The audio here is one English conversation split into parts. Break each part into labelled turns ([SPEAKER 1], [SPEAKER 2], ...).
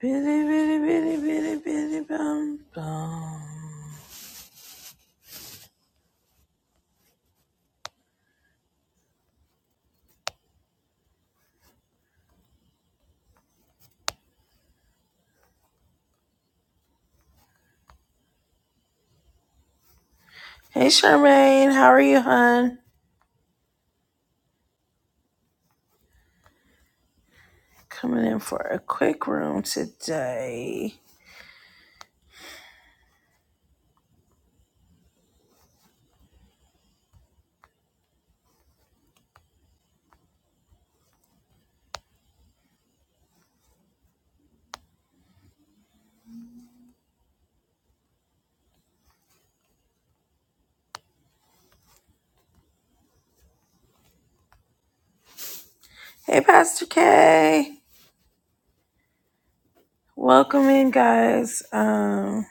[SPEAKER 1] Bitty, bitty, bitty, bitty, bitty, bum, bum. Hey, Charmaine, how are you, hun? Coming in for a quick room today. Hey, Pastor K, welcome in, guys. Um,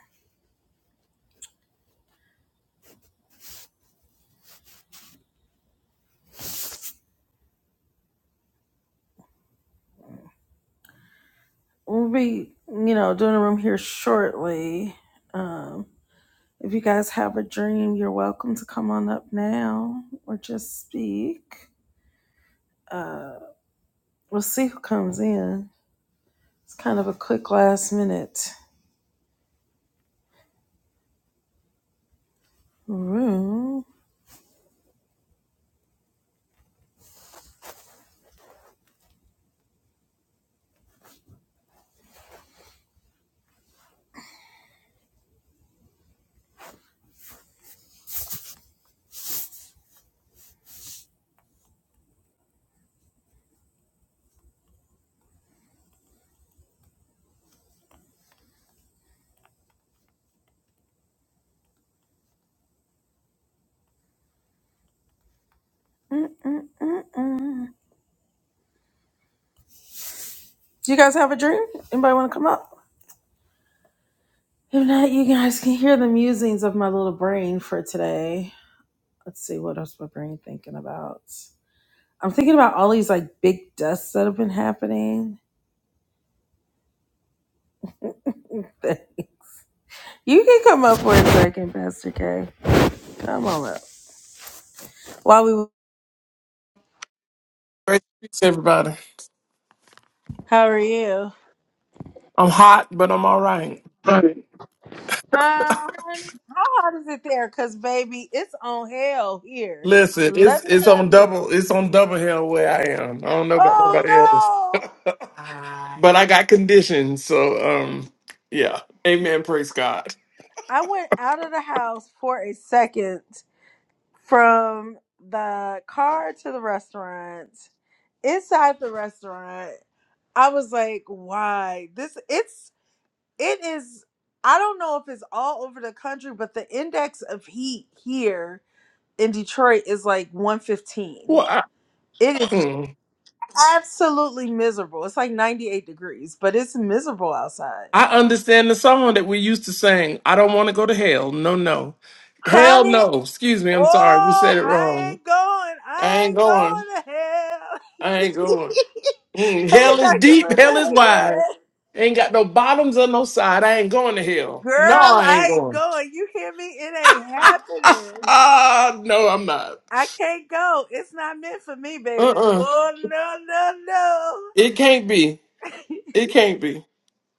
[SPEAKER 1] we'll be, you know, doing a room here shortly. Um, if you guys have a dream, you're welcome to come on up now or just speak. We'll see who comes in. It's kind of a quick last minute room. Mm-mm-mm-mm. Do you guys have a dream? Anybody want to come up? If not, you guys can hear the musings of my little brain for today. Let's see, what else my brain thinking about? I'm thinking about all these like big dusts that have been happening. you can come up for a second, Pastor K. Come on up. While we,
[SPEAKER 2] Great speaks, everybody.
[SPEAKER 1] how are you?
[SPEAKER 2] I'm hot, but I'm all right.
[SPEAKER 1] Fine. Uh, honey, how hot is it there? Cause baby, it's on hell here.
[SPEAKER 2] Listen, it's
[SPEAKER 1] Let me
[SPEAKER 2] it's on
[SPEAKER 1] tell you.
[SPEAKER 2] double it's on double hell where I am. I don't know about nobody else,
[SPEAKER 1] Oh
[SPEAKER 2] but I got conditions. So um, yeah, amen. Praise God.
[SPEAKER 1] I went out of the house for a second from the car to the restaurant. Inside the restaurant, I was like, why? This it's it is I don't know if it's all over the country, but the index of heat here in Detroit is like 115.
[SPEAKER 2] Well, I,
[SPEAKER 1] It is
[SPEAKER 2] mm.
[SPEAKER 1] absolutely miserable. It's like 98 degrees, but it's miserable outside.
[SPEAKER 2] I understand the song that we used to sing. I don't want to go to hell. No, no, hell
[SPEAKER 1] honey."
[SPEAKER 2] no. Excuse me. I'm sorry. We
[SPEAKER 1] Oh,
[SPEAKER 2] said it
[SPEAKER 1] I
[SPEAKER 2] wrong.
[SPEAKER 1] ain't going.
[SPEAKER 2] I
[SPEAKER 1] I
[SPEAKER 2] ain't
[SPEAKER 1] ain't
[SPEAKER 2] going.
[SPEAKER 1] going
[SPEAKER 2] I ain't
[SPEAKER 1] to hell.
[SPEAKER 2] going. Mm, hell
[SPEAKER 1] hey,
[SPEAKER 2] is
[SPEAKER 1] Dr.
[SPEAKER 2] deep,
[SPEAKER 1] Linda.
[SPEAKER 2] hell is
[SPEAKER 1] Hey,
[SPEAKER 2] wide.
[SPEAKER 1] Carla.
[SPEAKER 2] Ain't got no bottoms or no side. I ain't going to hell. No,
[SPEAKER 1] Girl,
[SPEAKER 2] I ain't
[SPEAKER 1] I ain't
[SPEAKER 2] going.
[SPEAKER 1] going. You hear me? It ain't happening.
[SPEAKER 2] Ah, no, I'm not.
[SPEAKER 1] I can't go. It's not meant for me, baby.
[SPEAKER 2] Uh-uh.
[SPEAKER 1] Oh, no, no, no.
[SPEAKER 2] It can't be. It can't be.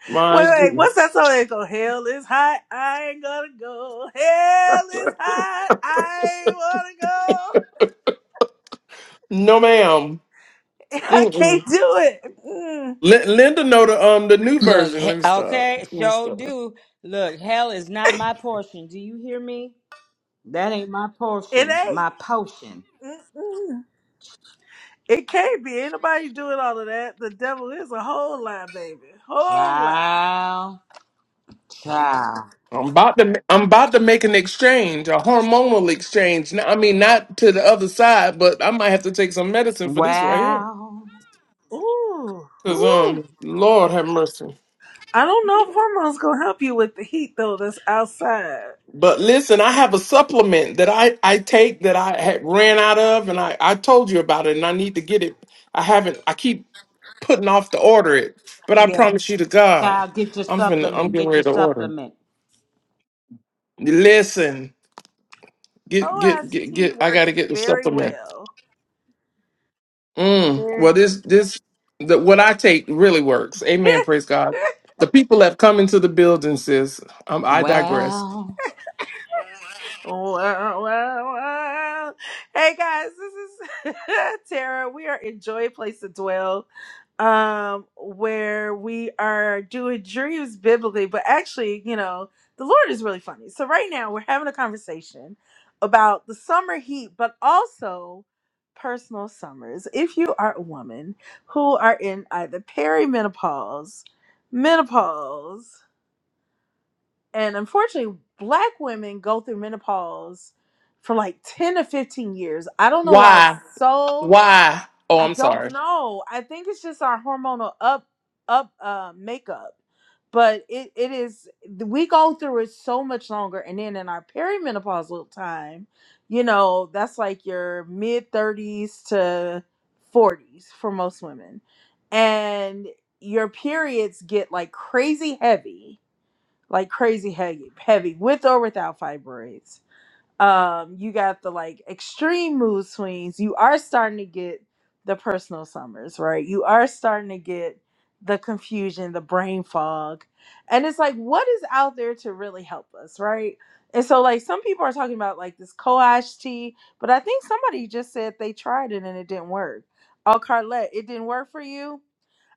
[SPEAKER 2] My
[SPEAKER 1] wait, wait. What's
[SPEAKER 2] goodness.
[SPEAKER 1] that song? They go, Hell is hot. I ain't gonna go. Hell is hot. I ain't wanna
[SPEAKER 2] No, ma'am.
[SPEAKER 1] go. I
[SPEAKER 2] Mm-mm.
[SPEAKER 1] can't do it. Mm,
[SPEAKER 2] Lin- Linda know the um the new
[SPEAKER 3] Look,
[SPEAKER 2] version. Let
[SPEAKER 3] he-
[SPEAKER 2] me stop.
[SPEAKER 3] okay,
[SPEAKER 2] Let me
[SPEAKER 3] sure
[SPEAKER 2] stop.
[SPEAKER 3] do. Look, hell is not my portion. Do you hear me? That ain't my
[SPEAKER 1] it
[SPEAKER 3] portion.
[SPEAKER 1] ain't.
[SPEAKER 3] My potion.
[SPEAKER 1] Mm-mm. It can't be. Ain't nobody doing all of that. The devil is a whole lie, baby. Whole lie.
[SPEAKER 3] Child, child.
[SPEAKER 2] I'm about to I'm about to make an exchange, a hormonal exchange. N- I mean, not to the other side, but I might have to take some medicine for this right here.
[SPEAKER 3] Wow.
[SPEAKER 1] Ooh,
[SPEAKER 2] Cause
[SPEAKER 1] ooh.
[SPEAKER 2] um, Lord have mercy.
[SPEAKER 1] I don't know if hormones gonna help you with the heat though. That's outside.
[SPEAKER 2] But listen, I have a supplement that I, I take that I had ran out of, and I, I told you about it, and I need to get it. I haven't. I keep putting off to order it, but I
[SPEAKER 1] Yeah.
[SPEAKER 2] promise you to God,
[SPEAKER 3] Child, get your
[SPEAKER 2] I'm finna, I'm
[SPEAKER 3] supplement.
[SPEAKER 2] getting
[SPEAKER 3] Get your
[SPEAKER 2] ready to order.
[SPEAKER 3] supplement.
[SPEAKER 2] Listen, get get get
[SPEAKER 1] OST
[SPEAKER 2] get. I got
[SPEAKER 1] works
[SPEAKER 2] to get the
[SPEAKER 1] very
[SPEAKER 2] supplement.
[SPEAKER 1] well.
[SPEAKER 2] Mm, well,
[SPEAKER 1] Very.
[SPEAKER 2] this this the, what I take really works. Amen. Praise God. The people have come into the building, sis. Um, I digress.
[SPEAKER 3] Well,
[SPEAKER 1] Well, well, well. Hey guys, this is Tara. We are in Joy Place to Dwell, um, where we are doing dreams biblically, but actually, you know, the Lord is really funny. So right now we're having a conversation about the summer heat, but also personal summers. If you are a woman who are in either perimenopause, menopause, and unfortunately black women go through menopause for like 10 to 15 years i don't know why it's
[SPEAKER 2] Why?
[SPEAKER 1] so
[SPEAKER 2] Why? Oh,
[SPEAKER 1] i
[SPEAKER 2] I'm sorry.
[SPEAKER 1] don't know i think it's just our hormonal up up uh makeup but it, it is we go through it so much longer and then in our perimenopausal time you know that's like your mid 30s to 40s for most women and your periods get like crazy heavy like crazy heavy, heavy with or without fibroids. Um, you got the like extreme mood swings. You are starting to get the personal summers, right? You are starting to get the confusion, the brain fog. And it's like, what is out there to really help us, right? And so, like, some people are talking about like this coash tea, but I think somebody just said they tried it and it didn't work. Oh, Carlette, it didn't work for you.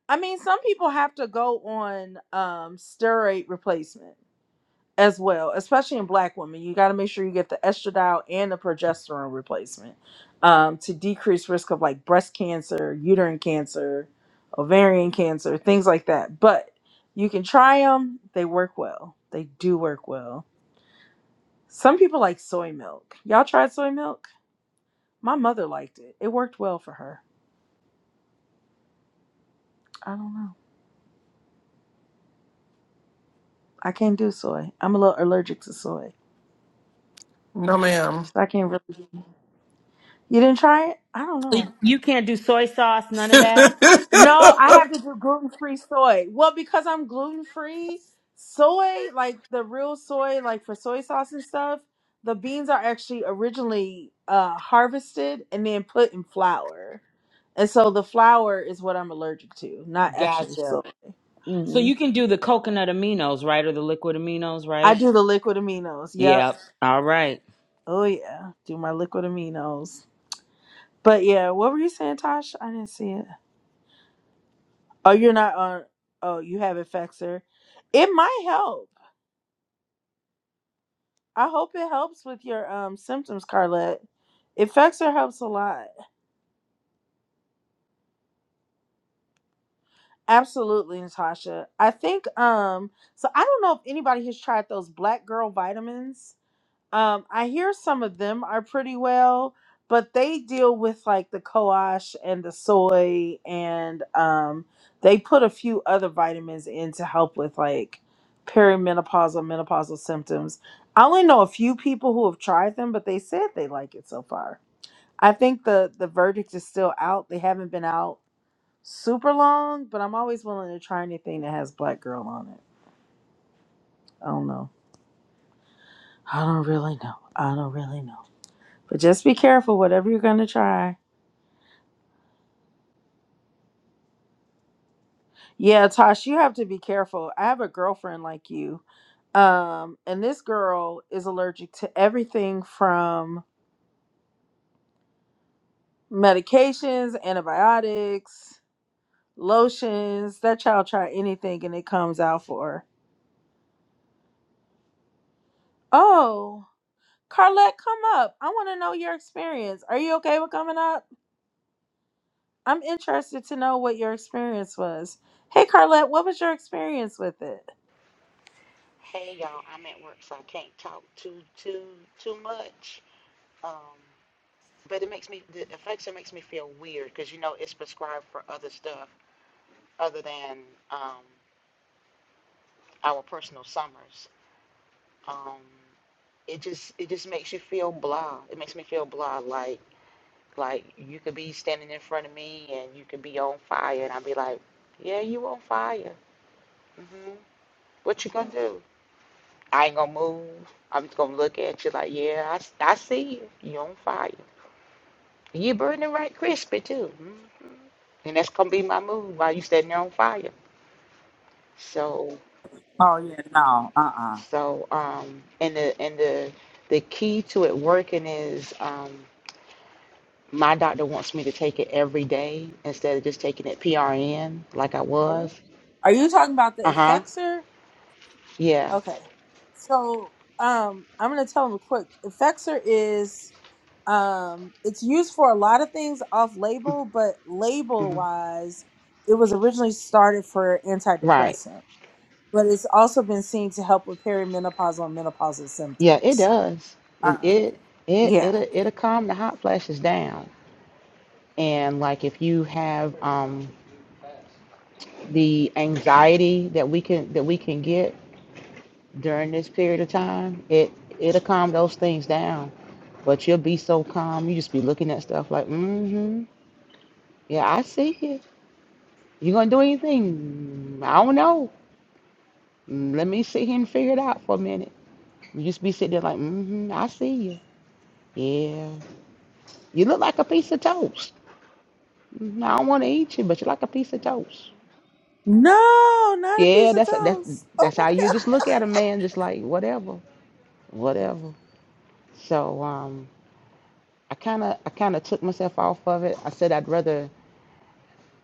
[SPEAKER 1] I mean, some people have to go on um, steroid replacement as well, especially in black women. You got to make sure you get the estradiol and the progesterone replacement um, to decrease risk of like breast cancer, uterine cancer, ovarian cancer, things like that. But you can try them. They work well. They do work well. Some people like soy milk. Y'all tried soy milk? My mother liked it. It worked well for her. I don't know. I can't do soy. I'm a little allergic to soy.
[SPEAKER 2] No, ma'am.
[SPEAKER 1] So I can't really. You didn't try it? I don't know.
[SPEAKER 3] you can't do soy sauce, none of that?
[SPEAKER 1] No, I have to do gluten free soy. Well, because I'm gluten free, soy, like the real soy, like for soy sauce and stuff, the beans are actually originally uh, harvested and then put in flour. And so the flour is what I'm allergic to, not actually soy.
[SPEAKER 3] Gotcha. So
[SPEAKER 1] hmm
[SPEAKER 3] you can do the coconut aminos, right? Or the liquid aminos,
[SPEAKER 1] I
[SPEAKER 3] right?
[SPEAKER 1] do the liquid aminos. Yep.
[SPEAKER 3] Yep. All right.
[SPEAKER 1] Oh, yeah. Do my liquid aminos. But yeah, what were you saying, Tosh? I didn't see it. Oh, you're not on. Oh, you have it, Fexer. It might help. I hope it helps with your um symptoms, Carlette. It affects or helps a lot. Absolutely, Natasha. I think um so I don't know if anybody has tried those black girl vitamins. Um I hear some of them are pretty well, but they deal with like the coash and the soy and um they put a few other vitamins in to help with like perimenopausal menopausal symptoms. I only know a few people who have tried them, but they said they like it so far. I think the the verdict is still out. They haven't been out super long, but I'm always willing to try anything that has black girl on it. I don't know. I don't really know. I don't really know. But just be careful whatever you're gonna try. Yeah, Tosh, you have to be careful. I have a girlfriend like you, um, and this girl is allergic to everything from medications, antibiotics, lotions. That child try anything and it comes out for her. Oh. Carlette, come up. I want to know your experience. Are you okay with coming up? I'm interested to know what your experience was. Hey, Carlette, what was your experience with it?
[SPEAKER 4] Hey y'all, I'm at work, so I can't talk too too too much. Um, but it makes me the affection makes me feel weird because you know it's prescribed for other stuff other than um, our personal summers. Um, it just it just makes you feel blah. It makes me feel blah. Like like you could be standing in front of me and you could be on fire, and I'd be like, yeah, you on fire. hmm What you gonna do? I ain't gonna move. I'm just gonna look at you like, yeah, I, I see you. You on fire. You burning right crispy too, mm. and that's gonna be my mood while you setting it on fire. So,
[SPEAKER 3] Oh, yeah, no. Uh uh
[SPEAKER 4] so um, and the and the the key to it working is um, my doctor wants me to take it every day instead of just taking it PRN like I Oh, was.
[SPEAKER 1] Are you talking about the
[SPEAKER 4] Uh huh.
[SPEAKER 1] Effexor?
[SPEAKER 4] Yeah.
[SPEAKER 1] Okay. So, um, I'm going to tell them quick. Effexor is, um, it's used for a lot of things off label, but label
[SPEAKER 4] hmm
[SPEAKER 1] wise, it was originally started for
[SPEAKER 4] Right.
[SPEAKER 1] antidepressant, but it's also been seen to help with perimenopausal and menopausal
[SPEAKER 4] Yeah. It
[SPEAKER 1] symptoms.
[SPEAKER 4] does. It
[SPEAKER 1] Uh,
[SPEAKER 4] it it
[SPEAKER 1] yeah.
[SPEAKER 4] it'll, it'll calm the hot flashes down. And like if you have um the anxiety that we can that we can get during this period of time, it it'll calm those things down. But you'll be so calm, you just be looking at stuff like, mm-hmm, yeah, I see it. You gonna do anything? Mm, I don't know. Mm, Let me sit here and figure it out for a minute. You just be sitting there like, mm-hmm, I see you. Yeah, you look like a piece of toast. Mhm, I don't want to eat you, but you are like a piece of toast.
[SPEAKER 1] No, not a
[SPEAKER 4] Yeah,
[SPEAKER 1] piece of
[SPEAKER 4] that's that's
[SPEAKER 1] toast. Oh,
[SPEAKER 4] that's how you just look at a man, just like whatever, whatever. So um, I kind of I kind of took myself off of it. I said I'd rather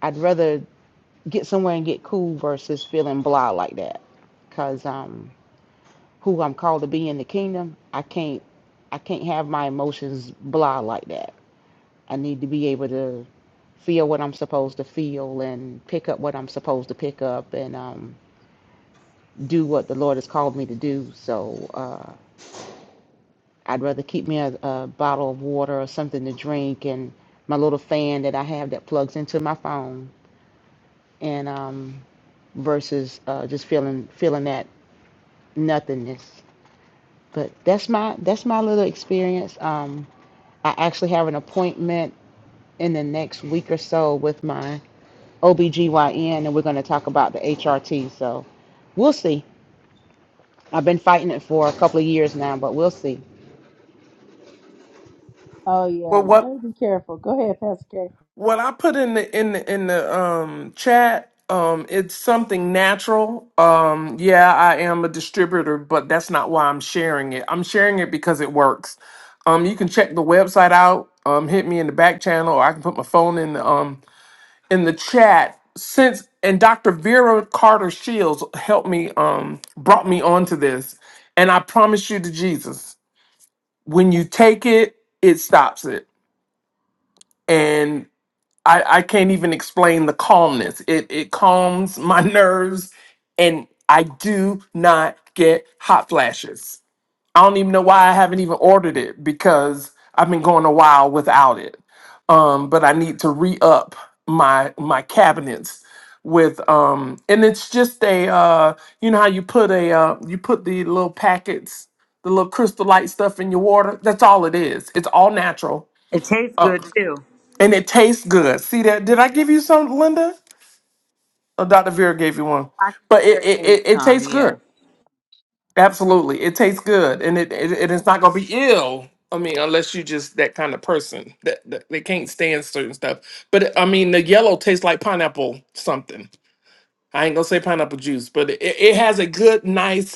[SPEAKER 4] I'd rather get somewhere and get cool versus feeling blah like that. Cause um, who I'm called to be in the kingdom, I can't, I can't have my emotions blah like that. I need to be able to feel what I'm supposed to feel and pick up what I'm supposed to pick up and um, do what the Lord has called me to do. So uh, I'd rather keep me a, a bottle of water or something to drink and my little fan that I have that plugs into my phone and um, versus uh, just feeling feeling that nothingness. But that's my that's my little experience. Um, I actually have an appointment in the next week or so with my OBGYN and we're going to talk about the HRT. So we'll see. I've been fighting it for a couple of years now, but we'll see.
[SPEAKER 1] Oh yeah,
[SPEAKER 2] Well,
[SPEAKER 1] you
[SPEAKER 2] what
[SPEAKER 1] gotta be careful. Go ahead, Pastor K.
[SPEAKER 2] what I put in the in the in the um chat, um, it's something natural. Um, yeah, I am a distributor, but that's not why I'm sharing it. I'm sharing it because it works. Um, you can check the website out. Um, hit me in the back channel, or I can put my phone in the um in the chat. Since and Dr. Vera Carter Shields helped me um brought me onto this, and I promise you to Jesus, when you take it, it stops it and I, I can't even explain the calmness. It it calms my nerves, and I do not get hot flashes. I don't even know why I haven't even ordered it because I've been going a while without it. Um, but I need to re up my my cabinets with um, and it's just a uh, you know how you put a uh, you put the little packets, the little crystal light stuff in your water. That's all it is. It's all natural.
[SPEAKER 3] It tastes
[SPEAKER 2] Uh,
[SPEAKER 3] good too.
[SPEAKER 2] and it tastes good. See that? Did I give you some, Linda? Or Dr. Vera gave you one.
[SPEAKER 3] I can
[SPEAKER 2] But
[SPEAKER 3] do
[SPEAKER 2] it
[SPEAKER 3] it,
[SPEAKER 2] it,
[SPEAKER 3] gave me
[SPEAKER 2] it, it
[SPEAKER 3] some,
[SPEAKER 2] tastes
[SPEAKER 3] yeah.
[SPEAKER 2] good. Absolutely, it tastes good, and it, it it is not gonna be ill. I mean, unless you just that kind of person that, that they can't stand certain stuff. But I mean, the yellow tastes like pineapple something. I ain't gonna say pineapple juice, but it, it has a good, nice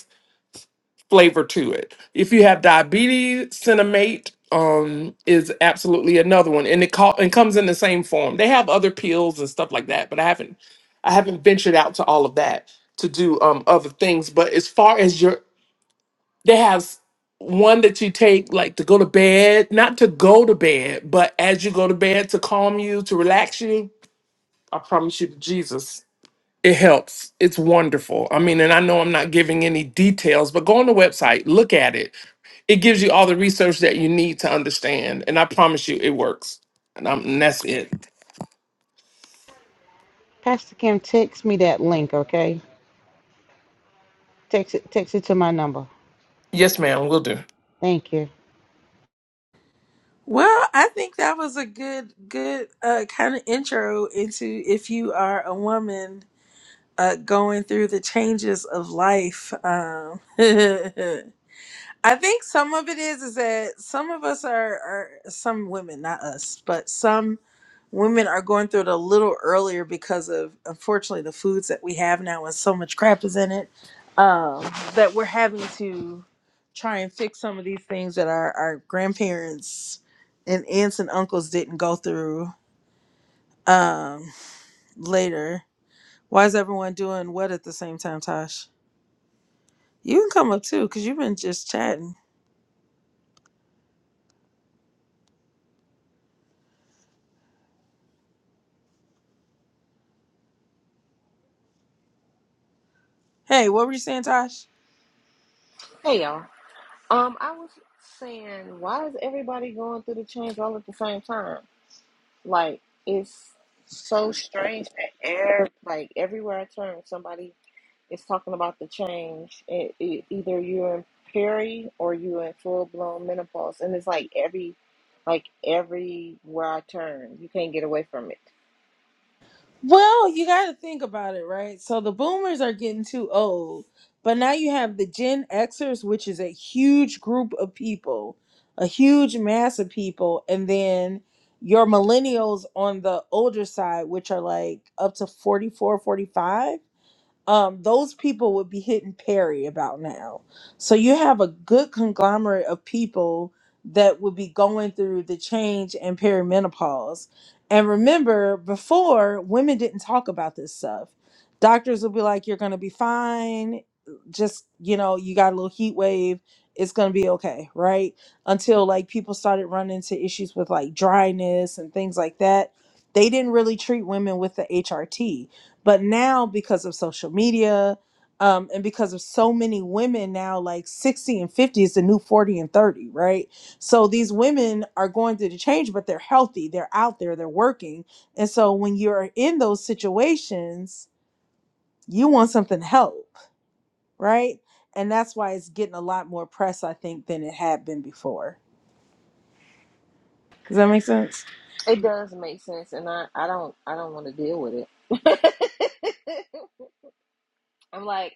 [SPEAKER 2] flavor to it. If you have diabetes, cinnamate um is absolutely another one and it call and comes in the same form. They have other pills and stuff like that, but I haven't I haven't ventured out to all of that to do um other things, but as far as your they have one that you take like to go to bed, not to go to bed, but as you go to bed to calm you, to relax you. I promise you to Jesus it helps. It's wonderful. I mean, and I know I'm not giving any details, but go on the website, look at it. It gives you all the research that you need to understand, and I promise you, it works. And, I'm, and that's it.
[SPEAKER 4] Pastor Kim, text me that link, okay? Text it text it to my number.
[SPEAKER 2] Yes, ma'am, we'll do.
[SPEAKER 4] Thank you.
[SPEAKER 1] well, I think that was a good, good uh, kind of intro into if you are a woman uh, going through the changes of life. Um, I think some of it is is that some of us are, are some women, not us, but some women are going through it a little earlier because of unfortunately the foods that we have now and so much crap is in it um, that we're having to try and fix some of these things that our, our grandparents and aunts and uncles didn't go through um, later. Why is everyone doing what at the same time, Tosh? You can come up too because you've been just chatting. Hey, what were you saying, Tosh?
[SPEAKER 5] Hey y'all. Um, I was saying, why is everybody going through the change all at the same time? Like, it's so strange that every, like everywhere I turn, somebody is talking about the change. It, it, either you're in peri or you're in full blown menopause, and it's like every, like everywhere I turn, you can't get away from it.
[SPEAKER 1] Well, you got to think about it, right? So the boomers are getting too old, but now you have the Gen Xers, which is a huge group of people, a huge mass of people, and then your millennials on the older side, which are like up to 44, 45 um, those people would be hitting Perry about now. So you have a good conglomerate of people that would be going through the change and perimenopause. And remember, before women didn't talk about this stuff. Doctors would be like, "You're gonna be fine. Just you know, you got a little heat wave. It's gonna be okay, right?" Until like people started running into issues with like dryness and things like that. They didn't really treat women with the HRT but now because of social media um, and because of so many women now like 60 and 50 is the new 40 and 30 right so these women are going through the change but they're healthy they're out there they're working and so when you're in those situations you want something to help right and that's why it's getting a lot more press i think than it had been before does that make sense
[SPEAKER 5] It does make sense, and I, I don't I don't want to deal with it. I'm like.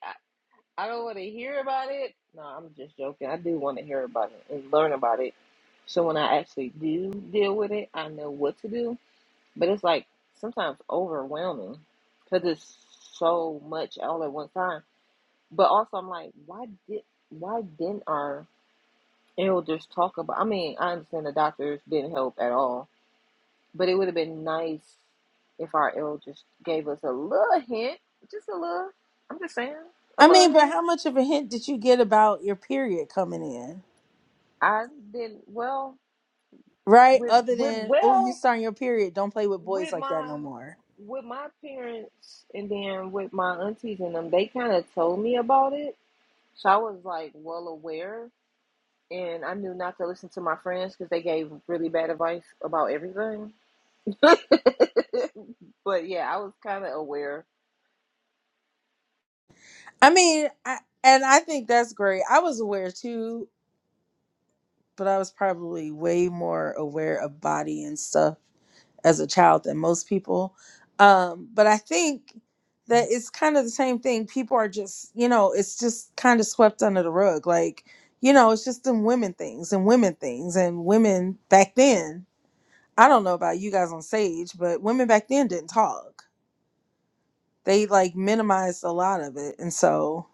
[SPEAKER 5] I don't want to hear about it. No, I'm just joking. I do want to hear about it and learn about it. So when I actually do deal with it, I know what to do. But it's like sometimes overwhelming because it's so much all at one time. But also, I'm like, why did why didn't our elders talk about? I mean, I understand the doctors didn't help at all, but it would have been nice if our elders gave us a little hint, just a little. I'm just saying, a
[SPEAKER 1] i
[SPEAKER 5] little
[SPEAKER 1] mean but
[SPEAKER 5] hint.
[SPEAKER 1] how much of a hint did you get about your period coming in
[SPEAKER 5] I didn't well.
[SPEAKER 1] right?
[SPEAKER 5] with
[SPEAKER 1] Other
[SPEAKER 5] with
[SPEAKER 1] than oh, you
[SPEAKER 5] well
[SPEAKER 1] starting your period, don't play with boys
[SPEAKER 5] with
[SPEAKER 1] like that
[SPEAKER 5] my
[SPEAKER 1] no more.
[SPEAKER 5] with my parents and then with my aunties and them they kind of told me about it so i was like well aware and i knew not to listen to my friends because they gave really bad advice about everything but yeah i was kind of aware
[SPEAKER 1] I mean, I, and I think that's great. I was aware too, but I was probably way more aware of body and stuff as a child than most people. Um, but I think that it's kind of the same thing. People are just, you know, it's just kind of swept under the rug. Like, you know, it's just them women things and women things and women back then. I don't know about you guys on stage, but women back then didn't talk They like minimized a lot of it. And so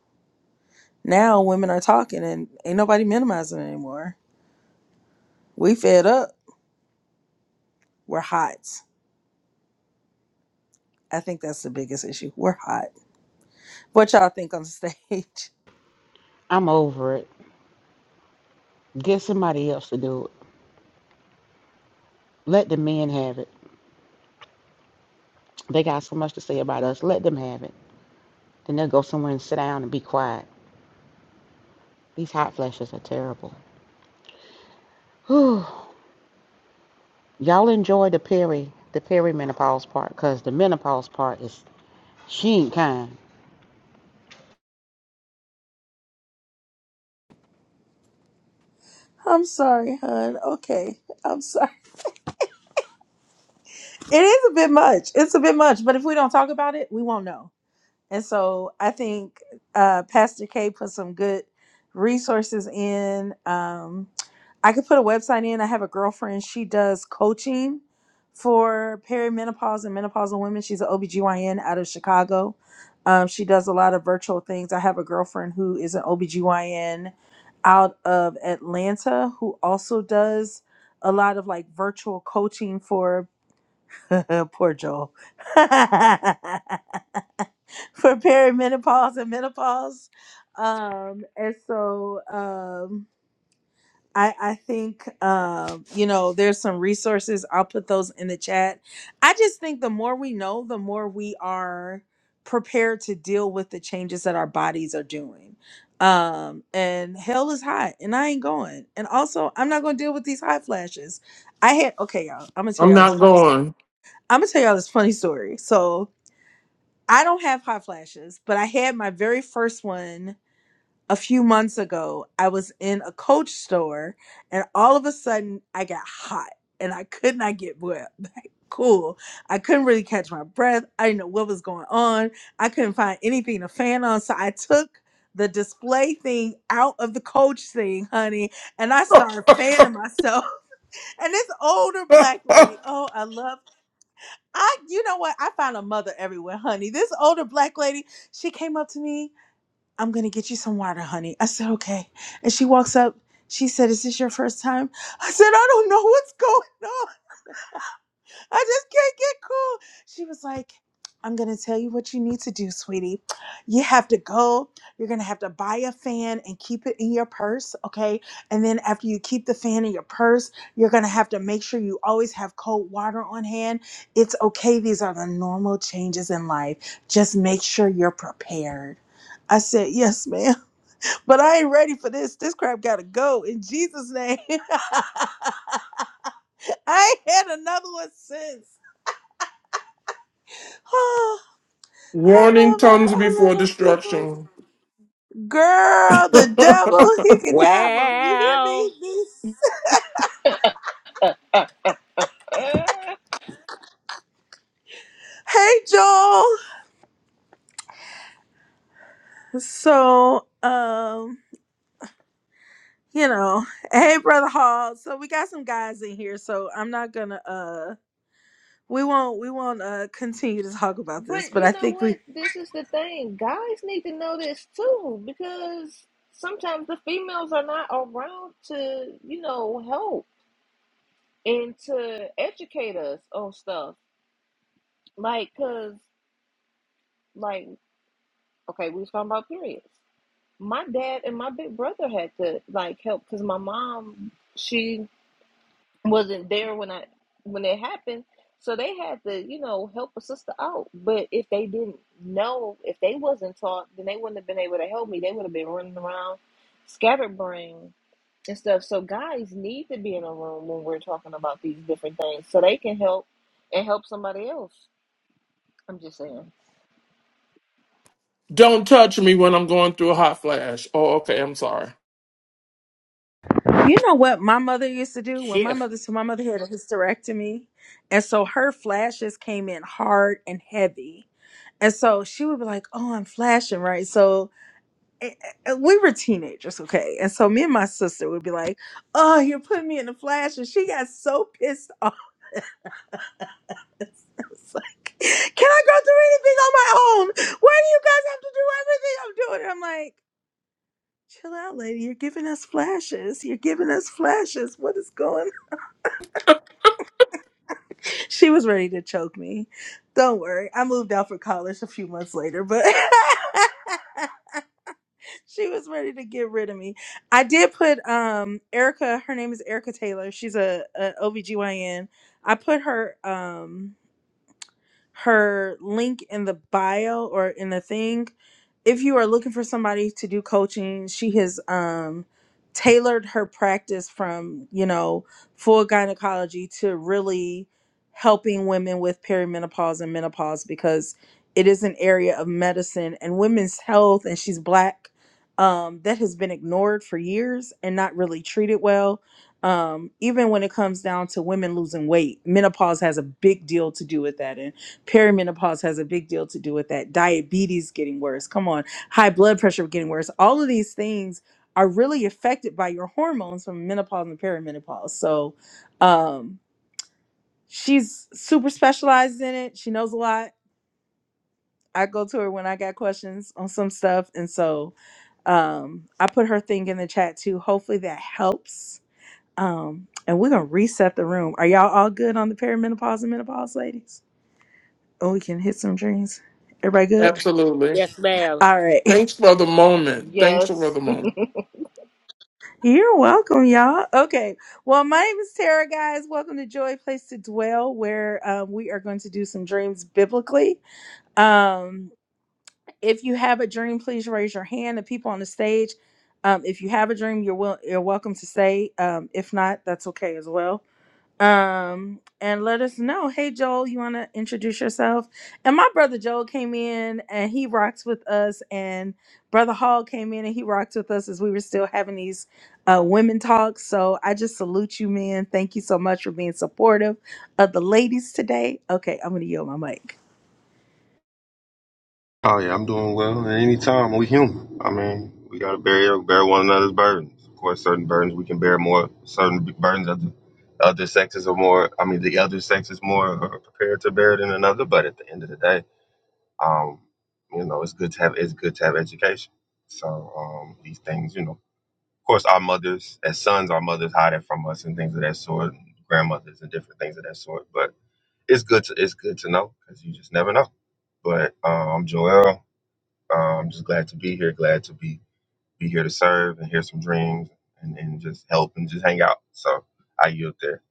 [SPEAKER 1] now women are talking and ain't nobody minimizing it anymore. We fed up. We're hot. I think that's the biggest issue. We're hot. What y'all think on the stage?
[SPEAKER 4] I'm over it. Get somebody else to do it. Let the men have it. They got so much to say about us. Let them have it. Then they'll go somewhere and sit down and be quiet. These hot flashes are terrible. Whew. Y'all enjoy the peri the perimenopause part because the menopause part is she ain't kind.
[SPEAKER 1] I'm sorry, hun. Okay. I'm sorry. It is a bit much. It's a bit much. But if we don't talk about it, we won't know. And so I think uh, Pastor K put some good resources in. Um, I could put a website in. I have a girlfriend. She does coaching for perimenopause and menopausal women. She's an OBGYN out of Chicago. Um, she does a lot of virtual things. I have a girlfriend who is an OBGYN out of Atlanta who also does a lot of like virtual coaching for poor Joel. for perimenopause and menopause. Um, and so um I, I think um, you know there's some resources. I'll put those in the chat. I just think the more we know, the more we are prepared to deal with the changes that our bodies are doing. Um, and hell is hot, and I ain't going. And also, I'm not gonna deal with these hot flashes. I had okay, y'all. I'm gonna tell
[SPEAKER 2] I'm
[SPEAKER 1] y'all this.
[SPEAKER 2] not
[SPEAKER 1] I'm
[SPEAKER 2] going.
[SPEAKER 1] gonna tell y'all this funny story. So I don't have hot flashes, but I had my very first one a few months ago, I was in a coach store and all of a sudden I got hot and I could not get wet. Cool. I couldn't really catch my breath. I didn't know what was going on. I couldn't find anything to fan on. So I took the display thing out of the coach thing, honey, and I started fanning myself. And this older black lady, oh, I love I you know what? I find a mother everywhere, honey. This older black lady, she came up to me I'm gonna get you some water, honey. I said, okay. And she walks up. She said, Is this your first time? I said, I don't know what's going on. I just can't get cool. She was like, I'm gonna tell you what you need to do, sweetie. You have to go. You're gonna have to buy a fan and keep it in your purse, okay? And then after you keep the fan in your purse, you're gonna have to make sure you always have cold water on hand. It's okay. These are the normal changes in life. Just make sure you're prepared. I said, Yes, ma'am. But I ain't ready for this. This crap gotta go in Jesus' name. I ain't had another one since. Oh, I
[SPEAKER 2] Warning
[SPEAKER 1] love her.
[SPEAKER 2] comes
[SPEAKER 1] I love
[SPEAKER 2] before
[SPEAKER 1] her people.
[SPEAKER 2] destruction.
[SPEAKER 1] Girl, the devil, he can have them. You hear me?
[SPEAKER 3] Well,
[SPEAKER 1] These-
[SPEAKER 5] uh,
[SPEAKER 1] Hey, Joel. So, um, you know, hey, brother Hall. So we got some guys in here. So I'm not gonna. Uh, we won't. We won't. Uh, continue to talk about this.
[SPEAKER 5] but
[SPEAKER 1] But I
[SPEAKER 5] you know
[SPEAKER 1] think we
[SPEAKER 5] what this is the thing guys need to know this too because sometimes the females are not around to you know help and to educate us on stuff like because like okay we was talking about periods my dad and my big brother had to like help because my mom she wasn't there when i when it happened so they had to you know help a sister out but if they didn't know if they wasn't taught then they wouldn't have been able to help me they would have been running around scatterbrained and stuff so guys need to be in a room when we're talking about these different things so they can help and help somebody else I'm just saying.
[SPEAKER 2] Don't touch me when I'm going through a hot flash. Oh, okay. I'm sorry.
[SPEAKER 1] You know what my mother used to do when my
[SPEAKER 3] shit.
[SPEAKER 1] mother so my mother had a hysterectomy, and so her flashes came in hard and heavy, and so she would be like, "Oh, I'm flashing right." So eh, eh, we were teenagers, okay, and so me and my sister would be like, "Oh, you're putting me in the flash," and she got so pissed off. I like, "Can I go through anything on my own? Why do you guys have to do everything I'm doing?" I'm like. Chill out, lady. You're giving us flashes. You're giving us flashes. What is going She was ready to choke me. Don't worry. I moved out for college a few months later, but she was ready to get rid of me. I did put um Erica, her name is Erica Taylor. She's a, a OBGYN. I put her um her link in the bio or in the thing. If you are looking for somebody to do coaching, she has um tailored her practice from, you know, full gynecology to really helping women with perimenopause and menopause because it is an area of medicine and women's health and she's black um, that has been ignored for years and not really treated well um, even when it comes down to women losing weight menopause has a big deal to do with that and perimenopause has a big deal to do with that diabetes getting worse come on high blood pressure getting worse all of these things are really affected by your hormones from menopause and perimenopause so um she's super specialized in it she knows a lot i go to her when i got questions on some stuff and so um i put her thing in the chat too hopefully that helps um and we're gonna reset the room are y'all all good on the perimenopause and menopause ladies oh we can hit some dreams everybody good
[SPEAKER 2] Absolutely.
[SPEAKER 3] Yes, ma'am.
[SPEAKER 1] All right.
[SPEAKER 2] Thanks for the moment. Thanks for
[SPEAKER 5] Yes,
[SPEAKER 2] the moment.
[SPEAKER 1] You're welcome, y'all. Okay. Well, my name is Tara, guys. Welcome to Joy Place to Dwell, where um, we are going to do some dreams biblically. Um, if you have a dream, please raise your hand. The people on the stage, um, if you have a dream, you're, will- you're welcome to say. Um, if not, that's okay as well. um and let us know hey joel you want to introduce yourself and my brother joel came in and he rocks with us and brother hall came in and he rocked with us as we were still having these uh women talks so i just salute you man thank you so much for being supportive of the ladies today okay i'm gonna yield my mic
[SPEAKER 6] Oh yeah, I'm doing well. At any time, we human. I mean, we gotta bear bear one another's burdens. Of course, certain burdens we can bear more. Certain b- burdens that the other sexes are more. I mean, the other sex is more uh, prepared to bear than another. But at the end of the day, um, you know, it's good to have it's good to have education. So um, these things, you know, of course, our mothers as sons, our mothers hide it from us and things of that sort, and grandmothers and different things of that sort. But it's good to it's good to know because you just never know. But uh, I'm Joel. Um, I'm just glad to be here. Glad to be be here to serve and hear some dreams and, and just help and just hang out. So I yield there.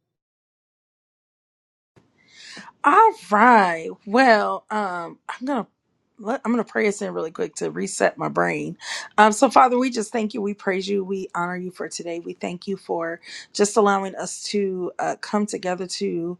[SPEAKER 1] All right. Well, um, I'm gonna let, I'm gonna pray us in really quick to reset my brain. Um, so Father, we just thank you. We praise you. We honor you for today. We thank you for just allowing us to uh, come together to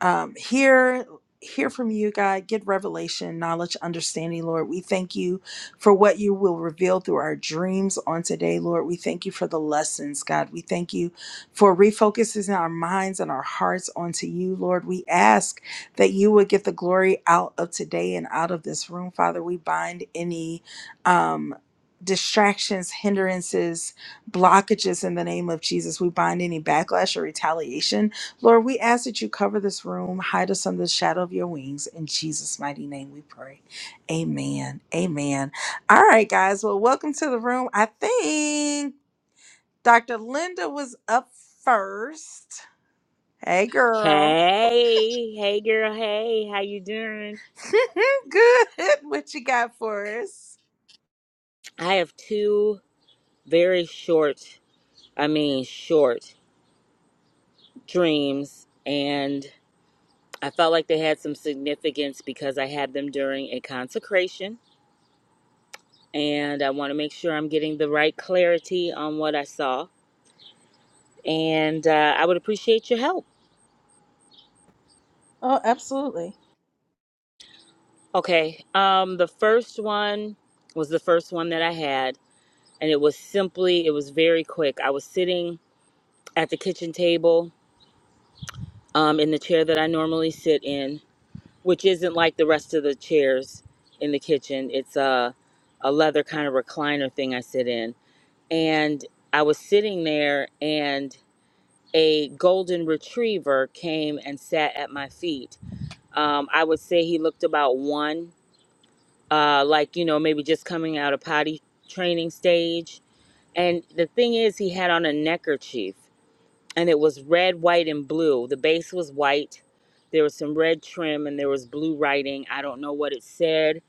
[SPEAKER 1] um, hear hear from you god get revelation knowledge understanding lord we thank you for what you will reveal through our dreams on today lord we thank you for the lessons god we thank you for refocusing our minds and our hearts onto you lord we ask that you would get the glory out of today and out of this room, Father. We bind any um, distractions, hindrances, blockages in the name of Jesus. We bind any backlash or retaliation. Lord, we ask that you cover this room, hide us under the shadow of your wings. In Jesus' mighty name we pray. Amen. Amen. All right, guys. Well, welcome to the room. I think Dr. Linda was up first. Hey, girl.
[SPEAKER 3] Hey, hey, girl. Hey, how you doing?
[SPEAKER 1] Good. What you got for us?
[SPEAKER 3] I have two very short, I mean, short dreams, and I felt like they had some significance because I had them during a consecration, and I want to make sure I'm getting the right clarity on what I saw, and uh, I would appreciate your help.
[SPEAKER 1] Oh, absolutely.
[SPEAKER 3] Okay. Um, the first one was the first one that I had and it was simply it was very quick i was sitting at the kitchen table um, in the chair that i normally sit in which isn't like the rest of the chairs in the kitchen it's a, a leather kind of recliner thing i sit in and i was sitting there and a golden retriever came and sat at my feet um, i would say he looked about one uh, like you know maybe just coming out of potty training stage and the thing is he had on a neckerchief and it was red, white, and blue. The base was white. There was some red trim and there was blue writing. I don't know what it said.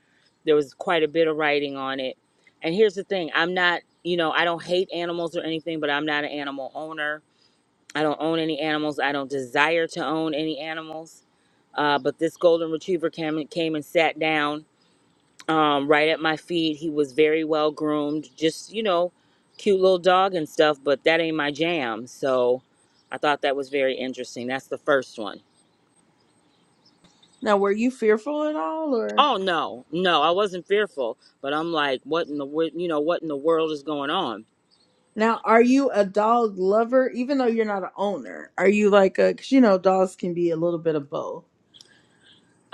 [SPEAKER 3] There was quite a bit of writing on it. And here's the thing I'm not, you know, I don't hate animals or anything, but I'm not an animal owner. I don't own any animals. I don't desire to own any animals. Uh, but this golden retriever came, came and sat down um, right at my feet. He was very well groomed, just, you know, cute little dog and stuff, but that ain't my jam. So I thought that was very interesting. That's the first one.
[SPEAKER 1] Now, were you fearful at all, or
[SPEAKER 3] Oh no, no, I wasn't fearful, but I'm like, what in the wor- you know, what in the world is going on?
[SPEAKER 1] now are you a dog lover? Even though you're not an owner, are you like a? Because you know, dogs can be a little bit of both.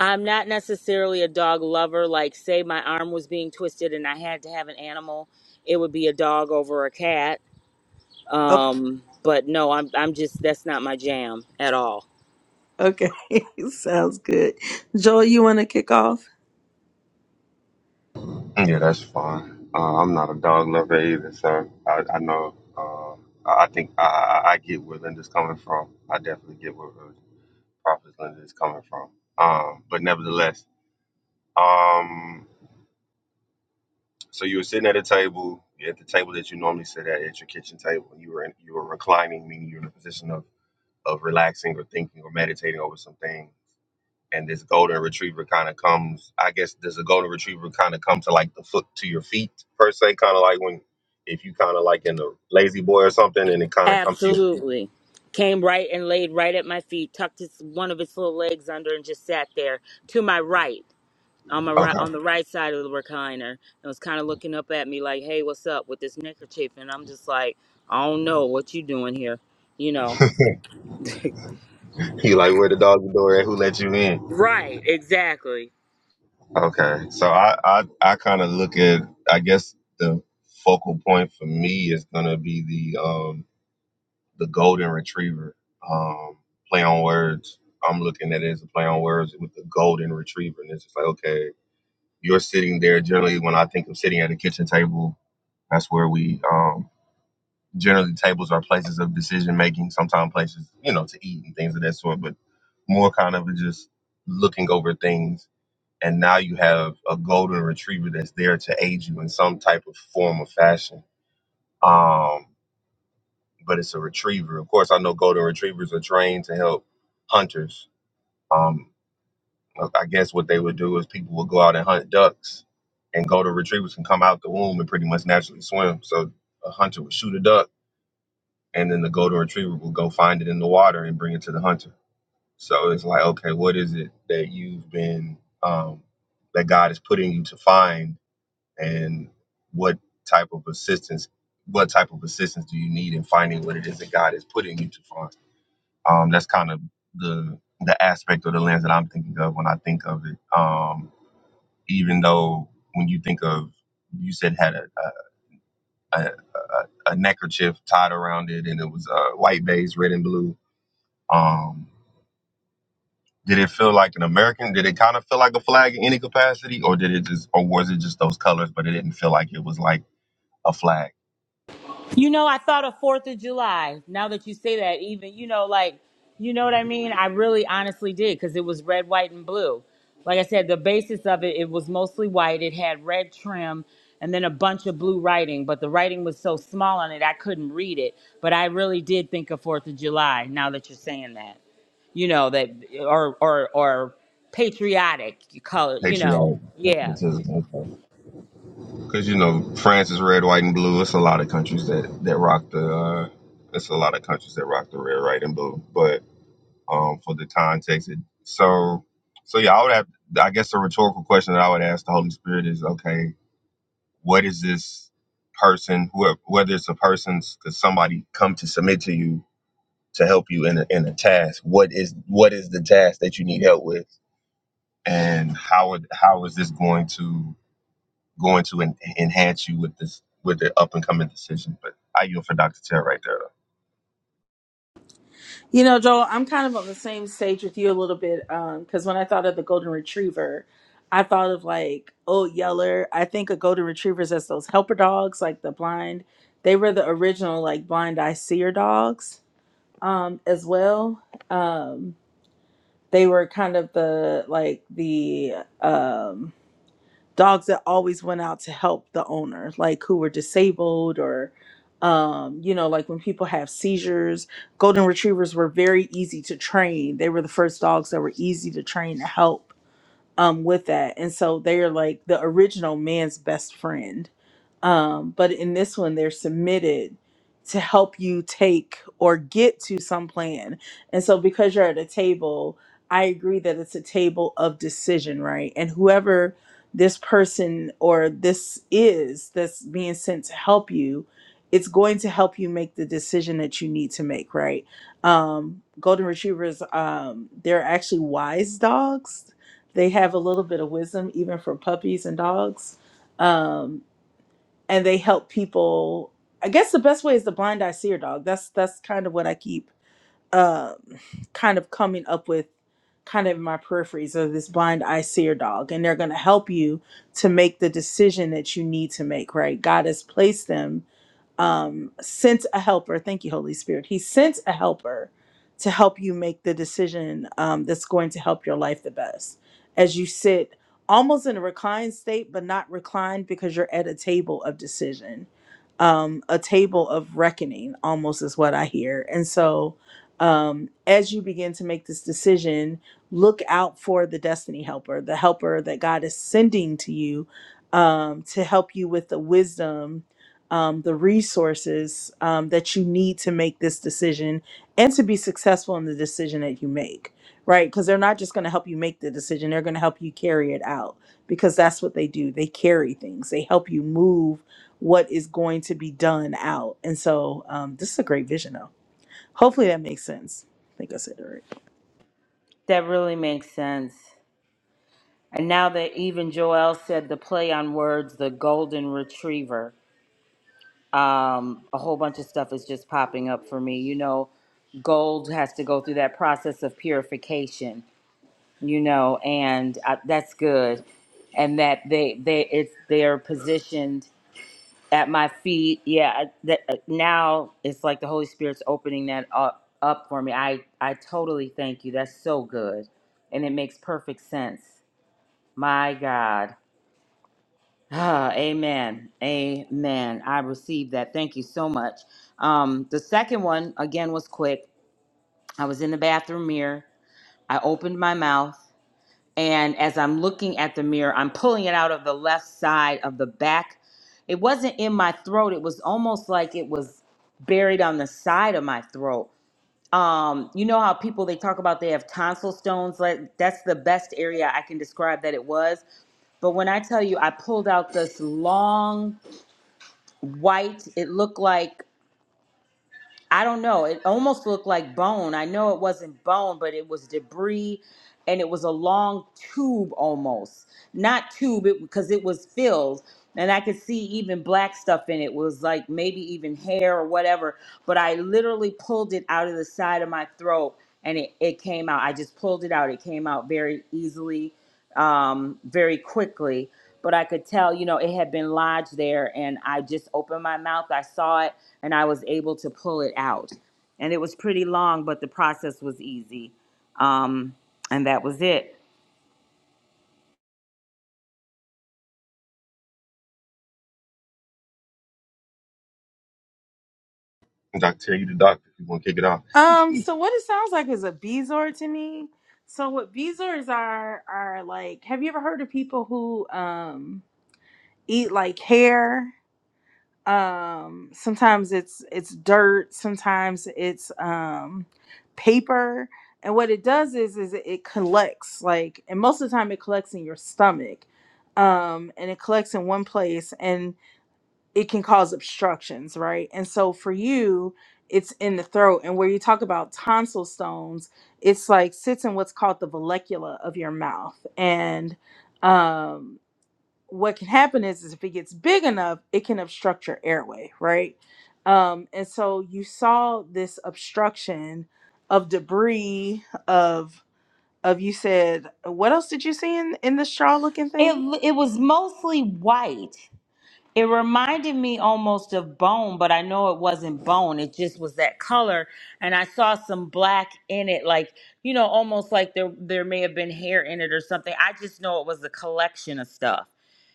[SPEAKER 3] I'm not necessarily a dog lover. Like, say my arm was being twisted and I had to have an animal, it would be a dog over a cat.
[SPEAKER 1] Okay.
[SPEAKER 3] Um, but no, I'm I'm just that's not my jam at all.
[SPEAKER 1] Okay, sounds good. Joel, you want to kick off?
[SPEAKER 6] Yeah, that's fine. Uh, I'm not a dog lover either, so I, I know. Uh, I I think I, I I get where Linda's coming from. I definitely get where uh, Prophet Linda is coming from. Um, but nevertheless, um, so you were sitting at a table, you're at the table that you normally sit at, at your kitchen table, and you were in, you were reclining, meaning you're in a position of of relaxing or thinking or meditating over something and this golden retriever kind of comes i guess does a golden retriever kind of come to like the foot to your feet per se kind of like when if you kind of like in the lazy boy or something and it kind of comes to you
[SPEAKER 3] Absolutely. Came right and laid right at my feet, tucked his, one of his little legs under, and just sat there to my right, on my right,
[SPEAKER 6] okay
[SPEAKER 3] on the right side of the recliner, and was kind of looking up at me like, "Hey, what's up with this neckerchief?" And I'm just like, "I don't know what you doing here," you know?
[SPEAKER 6] you like where the dog door at who let you in
[SPEAKER 3] Right, exactly.
[SPEAKER 6] okay so i i, I kind of look at i guess the focal point for me is gonna be the um the golden retriever um play on words i'm looking at it as a play on words with the golden retriever and it's just like okay you're sitting there generally when i think of sitting at a kitchen table that's where we um generally tables are places of decision making sometimes places you know to eat and things of that sort but more kind of just looking over things and now you have a golden retriever that's there to aid you in some type of form of fashion um but it's a retriever of course i know golden retrievers are trained to help hunters Um, I guess what they would do is people would go out and hunt ducks, and golden retrievers can come out the womb and pretty much naturally swim. So a hunter would shoot a duck, and then the golden retriever would go find it in the water and bring it to the hunter. So it's like, okay, what is it that you've been um, that God is putting you to find, and what type of assistance? What type of assistance do you need in finding what it is that God is putting you to find? Um, that's kind of the the aspect or the lens that I'm thinking of when I think of it. Um, even though when you think of you said had a a, a, a neckerchief tied around it and it was uh, white base red and blue um did it feel like an american did it kind of feel like a flag in any capacity or did it just or was it just those colors but it didn't feel like it was like a flag
[SPEAKER 3] You know, I thought of Fourth of July. Now that you say that, even you know, like you know what I mean. I really, honestly did because it was red, white, and blue. Like I said, the basis of it it was mostly white. It had red trim and then a bunch of blue writing, but the writing was so small on it I couldn't read it. But I really did think of Fourth of July. Now that you're saying that, you know that or or or patriotic color. You know,
[SPEAKER 6] patriotic
[SPEAKER 3] yeah,
[SPEAKER 6] patriotism because you know france is red white and blue it's a lot of countries that that rock the uh it's a lot of countries that rock the red white and blue but. um, for the context. It- So, so yeah, I would have. I guess a rhetorical question that I would ask the Holy Spirit is, okay, what is this person? Whoever, whether it's a person's, because somebody come to submit to you to help you in a, in a task. What is what is the task that you need help with, and how would, how is this going to going to en- enhance you with this with the up and coming decision? But I yield for Doctor Terry right there. though.
[SPEAKER 1] You know, Joel, I'm kind of on the same stage with you a little bit because when I thought of the golden retriever, I thought of like old Yeller. I think of golden retrievers as those helper dogs, like the blind. They were the original like blind eye seer dogs um, as well. Um, they were kind of the like the um, dogs that always went out to help the owner, like who were disabled or, um, you know, like when people have seizures. Golden retrievers were very easy to train. They were the first dogs that were easy to train to help um with that and so they're like the original man's best friend um but in this one they're submitted to help you take or get to some plan and so because you're at a table i agree that it's a table of decision right and whoever this person or this is that's being sent to help you it's going to help you make the decision that you need to make right um golden retrievers um they're actually wise dogs they have a little bit of wisdom, even for puppies and dogs. Um, and they help people. I guess the best way is the blind eye seer dog. That's that's kind of what I keep um, kind of coming up with, kind of in my peripheries of this blind eye seer dog. And they're going to help you to make the decision that you need to make, right? God has placed them um, sent a helper. Thank you, Holy Spirit. He sent a helper to help you make the decision um, that's going to help your life the best. As you sit almost in a reclined state, but not reclined because you're at a table of decision, um, a table of reckoning, almost is what I hear. And so, um, as you begin to make this decision, look out for the destiny helper, the helper that God is sending to you um, to help you with the wisdom um, the resources um, that you need to make this decision and to be successful in the decision that you make, right? Because they're not just going to help you make the decision, they're going to help you carry it out because that's what they do. They carry things, they help you move what is going to be done out. And so um, this is a great vision, though. Hopefully that makes sense. I think I said it right.
[SPEAKER 3] that really makes sense. And now that even Joel said the play on words, the golden retriever, um, a whole bunch of stuff is just popping up for me. You know, gold has to go through that process of purification. You know, and I, that's good. And that they they it's they're positioned at my feet. Yeah, I- that uh, now it's like the Holy Spirit's opening that up up for me. I I totally thank you. That's so good, and it makes perfect sense. My God. Ah, amen. Amen. I received that. Thank you so much. Um, the second one, again, was quick. I was in the bathroom mirror. I opened my mouth. And as I'm looking at the mirror, I'm pulling it out of the left side of the back. It wasn't in my throat. It was almost like it was buried on the side of my throat. Um, you know how people they talk about they have tonsil stones? Like that's the best area I can describe that it was. But when I tell you I pulled out this long white. It looked like I don't know. It almost looked like bone. I know it wasn't bone, but it was debris, and it was a long tube almost, not tube, it because it was filled, and I could see even black stuff in it. It was like maybe even hair or whatever but I literally pulled it out of the side of my throat and it, it came out. I just pulled it out. It came out very easily, um, very quickly. But I could tell, you know, it had been lodged there and I just opened my mouth. I saw it and I was able to pull it out. And it was pretty long, but the process was easy. Um, and that was it.
[SPEAKER 6] Dr. Terry, you the doctor. If you want to kick it off.
[SPEAKER 1] Um, so what it sounds like is a Bezor to me. So what Bezors are are like, have you ever heard of people who um eat like hair. Um, sometimes it's it's dirt. Sometimes it's um, paper. And what it does is is it collects like, and most of the time it collects in your stomach, um, and it collects in one place, and it can cause obstructions, right? And so for you, it's in the throat. And where you talk about tonsil stones, it's like sits in what's called the vallecula of your mouth, and um what can happen is, is if it gets big enough, it can obstruct your airway, right? Um, and so you saw this obstruction of debris of of you said what else did you see in in the straw looking thing?
[SPEAKER 3] It, it was mostly white. It reminded me almost of bone, but I know it wasn't bone. It just was that color, and I saw some black in it, like you know, almost like there there may have been hair in it or something. I just know it was a collection of stuff,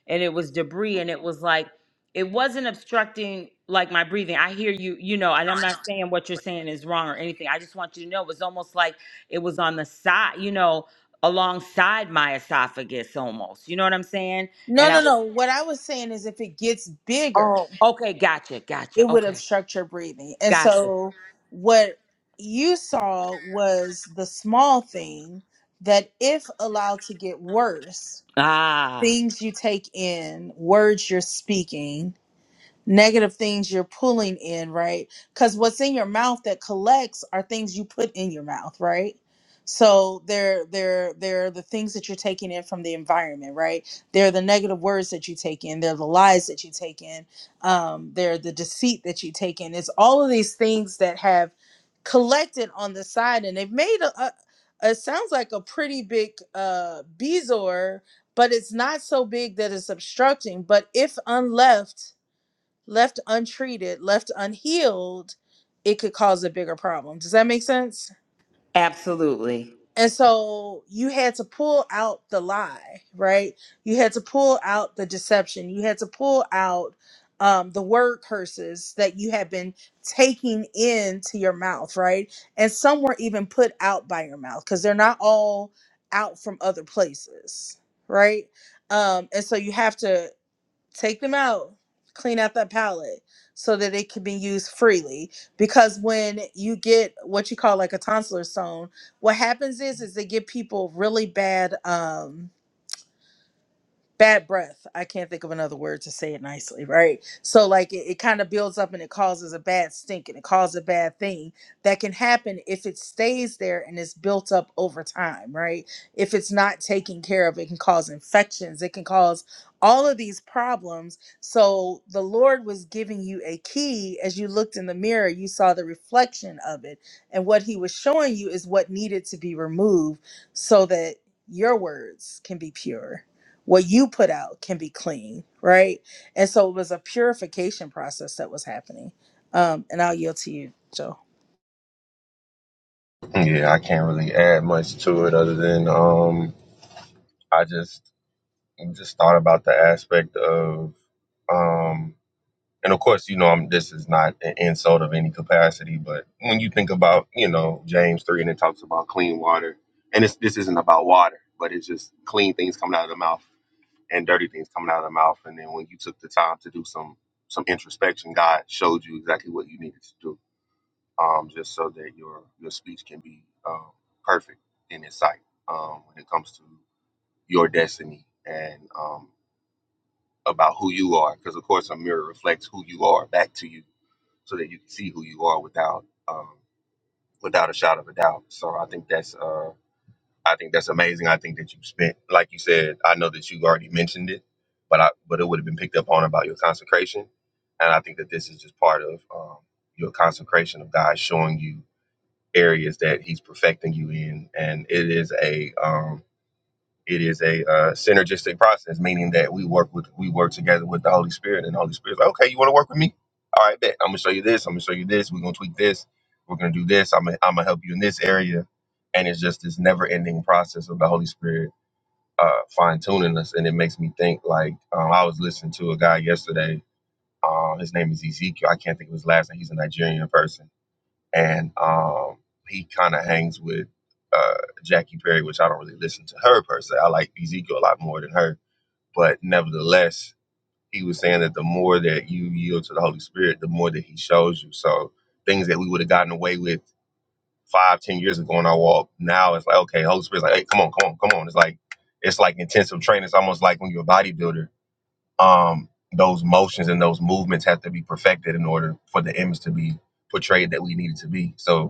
[SPEAKER 3] and it was debris, and it was like it wasn't obstructing like my breathing. I hear you, you know, and I'm not saying what you're saying is wrong or anything. I just want you to know it was almost like it was on the side, you know, alongside my esophagus almost. You know what I'm saying?
[SPEAKER 1] No,
[SPEAKER 3] And I
[SPEAKER 1] no,
[SPEAKER 3] was
[SPEAKER 1] no. What I was saying is if it gets bigger,
[SPEAKER 3] Oh, okay, gotcha, gotcha,
[SPEAKER 1] it would
[SPEAKER 3] okay,
[SPEAKER 1] obstruct your breathing. And
[SPEAKER 3] gotcha.
[SPEAKER 1] so what you saw was the small thing that if allowed to get worse
[SPEAKER 3] Ah,
[SPEAKER 1] things you take in, words you're speaking, negative things you're pulling in, right? Because what's in your mouth that collects are things you put in your mouth, right? So they're they're they're the things that you're taking in from the environment, right? They're the negative words that you take in. They're the lies that you take in. Um, they're the deceit that you take in. It's all of these things that have collected on the side, and they've made a. a it sounds like a pretty big uh, bezoar, but it's not so big that it's obstructing. But if unleft, left untreated, left unhealed, it could cause a bigger problem. Does that make sense?
[SPEAKER 3] absolutely.
[SPEAKER 1] And so you had to pull out the lie, right? You had to pull out the deception. You had to pull out um, the word curses that you had been taking into your mouth, right? And some were even put out by your mouth because they're not all out from other places, right? Um, and so you have to take them out, clean out that palette so that it can be used freely. Because when you get what you call like a tonsillar stone, what happens is is they give people really bad um bad breath. I can't think of another word to say it nicely, right? So like it, it kind of builds up and it causes a bad stink and it causes a bad thing that can happen if it stays there and is built up over time, right? If it's not taken care of, it can cause infections, it can cause all of these problems. So the Lord was giving you a key as you looked in the mirror, you saw the reflection of it. And what he was showing you is what needed to be removed so that your words can be pure what you put out can be clean, right? And so it was a purification process that was happening. Um, and I'll yield to you, Joe.
[SPEAKER 6] Yeah, I can't really add much to it other than um I just just thought about the aspect of, um, and of course, you know, I'm, this is not an insult of any capacity, but when you think about, you know, James three and it talks about clean water, and it's, this isn't about water, but it's just clean things coming out of the mouth and dirty things coming out of the mouth, and then when you took the time to do some some introspection, God showed you exactly what you needed to do, um, just so that your your speech can be um, perfect in His sight um, when it comes to your destiny and um, about who you are because of course a mirror reflects who you are back to you so that you can see who you are without um without a shot of a doubt so i think that's uh i think that's amazing i think that you spent like you said i know that you already mentioned it but i but it would have been picked up on about your consecration and i think that this is just part of um your consecration of god showing you areas that he's perfecting you in and it is a um it is a uh, synergistic process, meaning that we work with we work together with the Holy Spirit, and the Holy Spirit's like, okay, you want to work with me? All right, bet. I'm gonna show you this. I'm gonna show you this. We're gonna tweak this. We're gonna do this. I'm gonna, I'm gonna help you in this area, and it's just this never ending process of the Holy Spirit uh, fine tuning us, and it makes me think. Like um, I was listening to a guy yesterday. Uh, his name is Ezekiel. I can't think of his last name. He's a Nigerian person and um, he kind of hangs with uh, Jackie Perry, which I don't really listen to her personally. I like Ezekiel a lot more than her, but nevertheless, he was saying that the more that you yield to the Holy Spirit, the more that He shows you. So things that we would have gotten away with five, ten years ago on our walk, now it's like okay, Holy Spirit's like, hey, come on, come on, come on. It's like it's like intensive training. It's almost like when you're a bodybuilder. Um, those motions and those movements have to be perfected in order for the image to be portrayed that we need it to be. So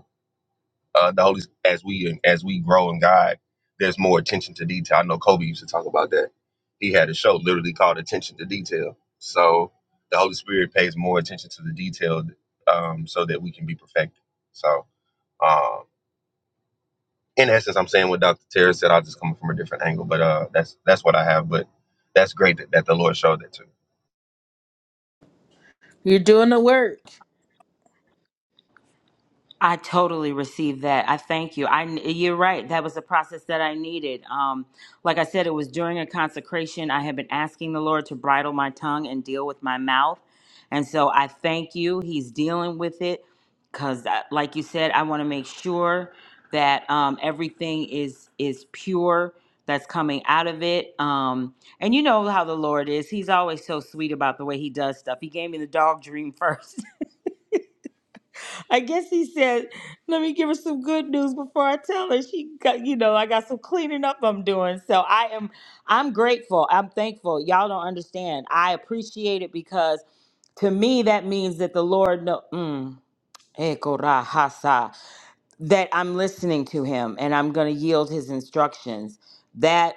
[SPEAKER 6] uh, the Holy as we as we grow in God, there's more attention to detail. I know Kobe used to talk about that. He had a show literally called Attention to Detail. So the Holy Spirit pays more attention to the detail, um, so that we can be perfected. So um, in essence, I'm saying what Dr. Terry said. I'll just come from a different angle, but uh, that's that's what I have. But that's great that, that the Lord showed that to
[SPEAKER 1] You're doing the work.
[SPEAKER 3] I totally received that. I thank you. I you're right. That was a process that I needed. Um, like I said, it was during a consecration. I had been asking the Lord to bridle my tongue and deal with my mouth, and so I thank you. He's dealing with it because, like you said, I want to make sure that um, everything is is pure that's coming out of it. Um, and you know how the Lord is. He's always so sweet about the way He does stuff. He gave me the dog dream first. I guess he said, "Let me give her some good news before I tell her she got, you know, I got some cleaning up I'm doing." So I am, I'm grateful. I'm thankful. Y'all don't understand. I appreciate it because to me that means that the Lord, know, mm, that I'm listening to him and I'm going to yield his instructions. That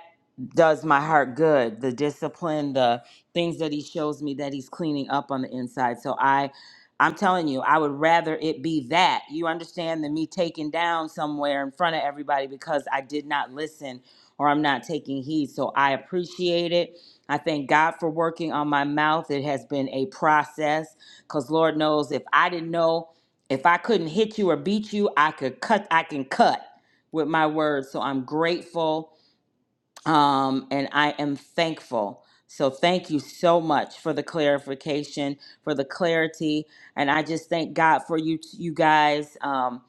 [SPEAKER 3] does my heart good. The discipline, the things that he shows me that he's cleaning up on the inside. So I I'm telling you, I would rather it be that. You understand than me taken down somewhere in front of everybody because I did not listen or I'm not taking heed. So I appreciate it. I thank God for working on my mouth. It has been a process because Lord knows if I didn't know if I couldn't hit you or beat you, I could cut, I can cut with my words. So I'm grateful um, and I am thankful. So thank you so much for the clarification, for the clarity, and I just thank God for you, you guys. Um,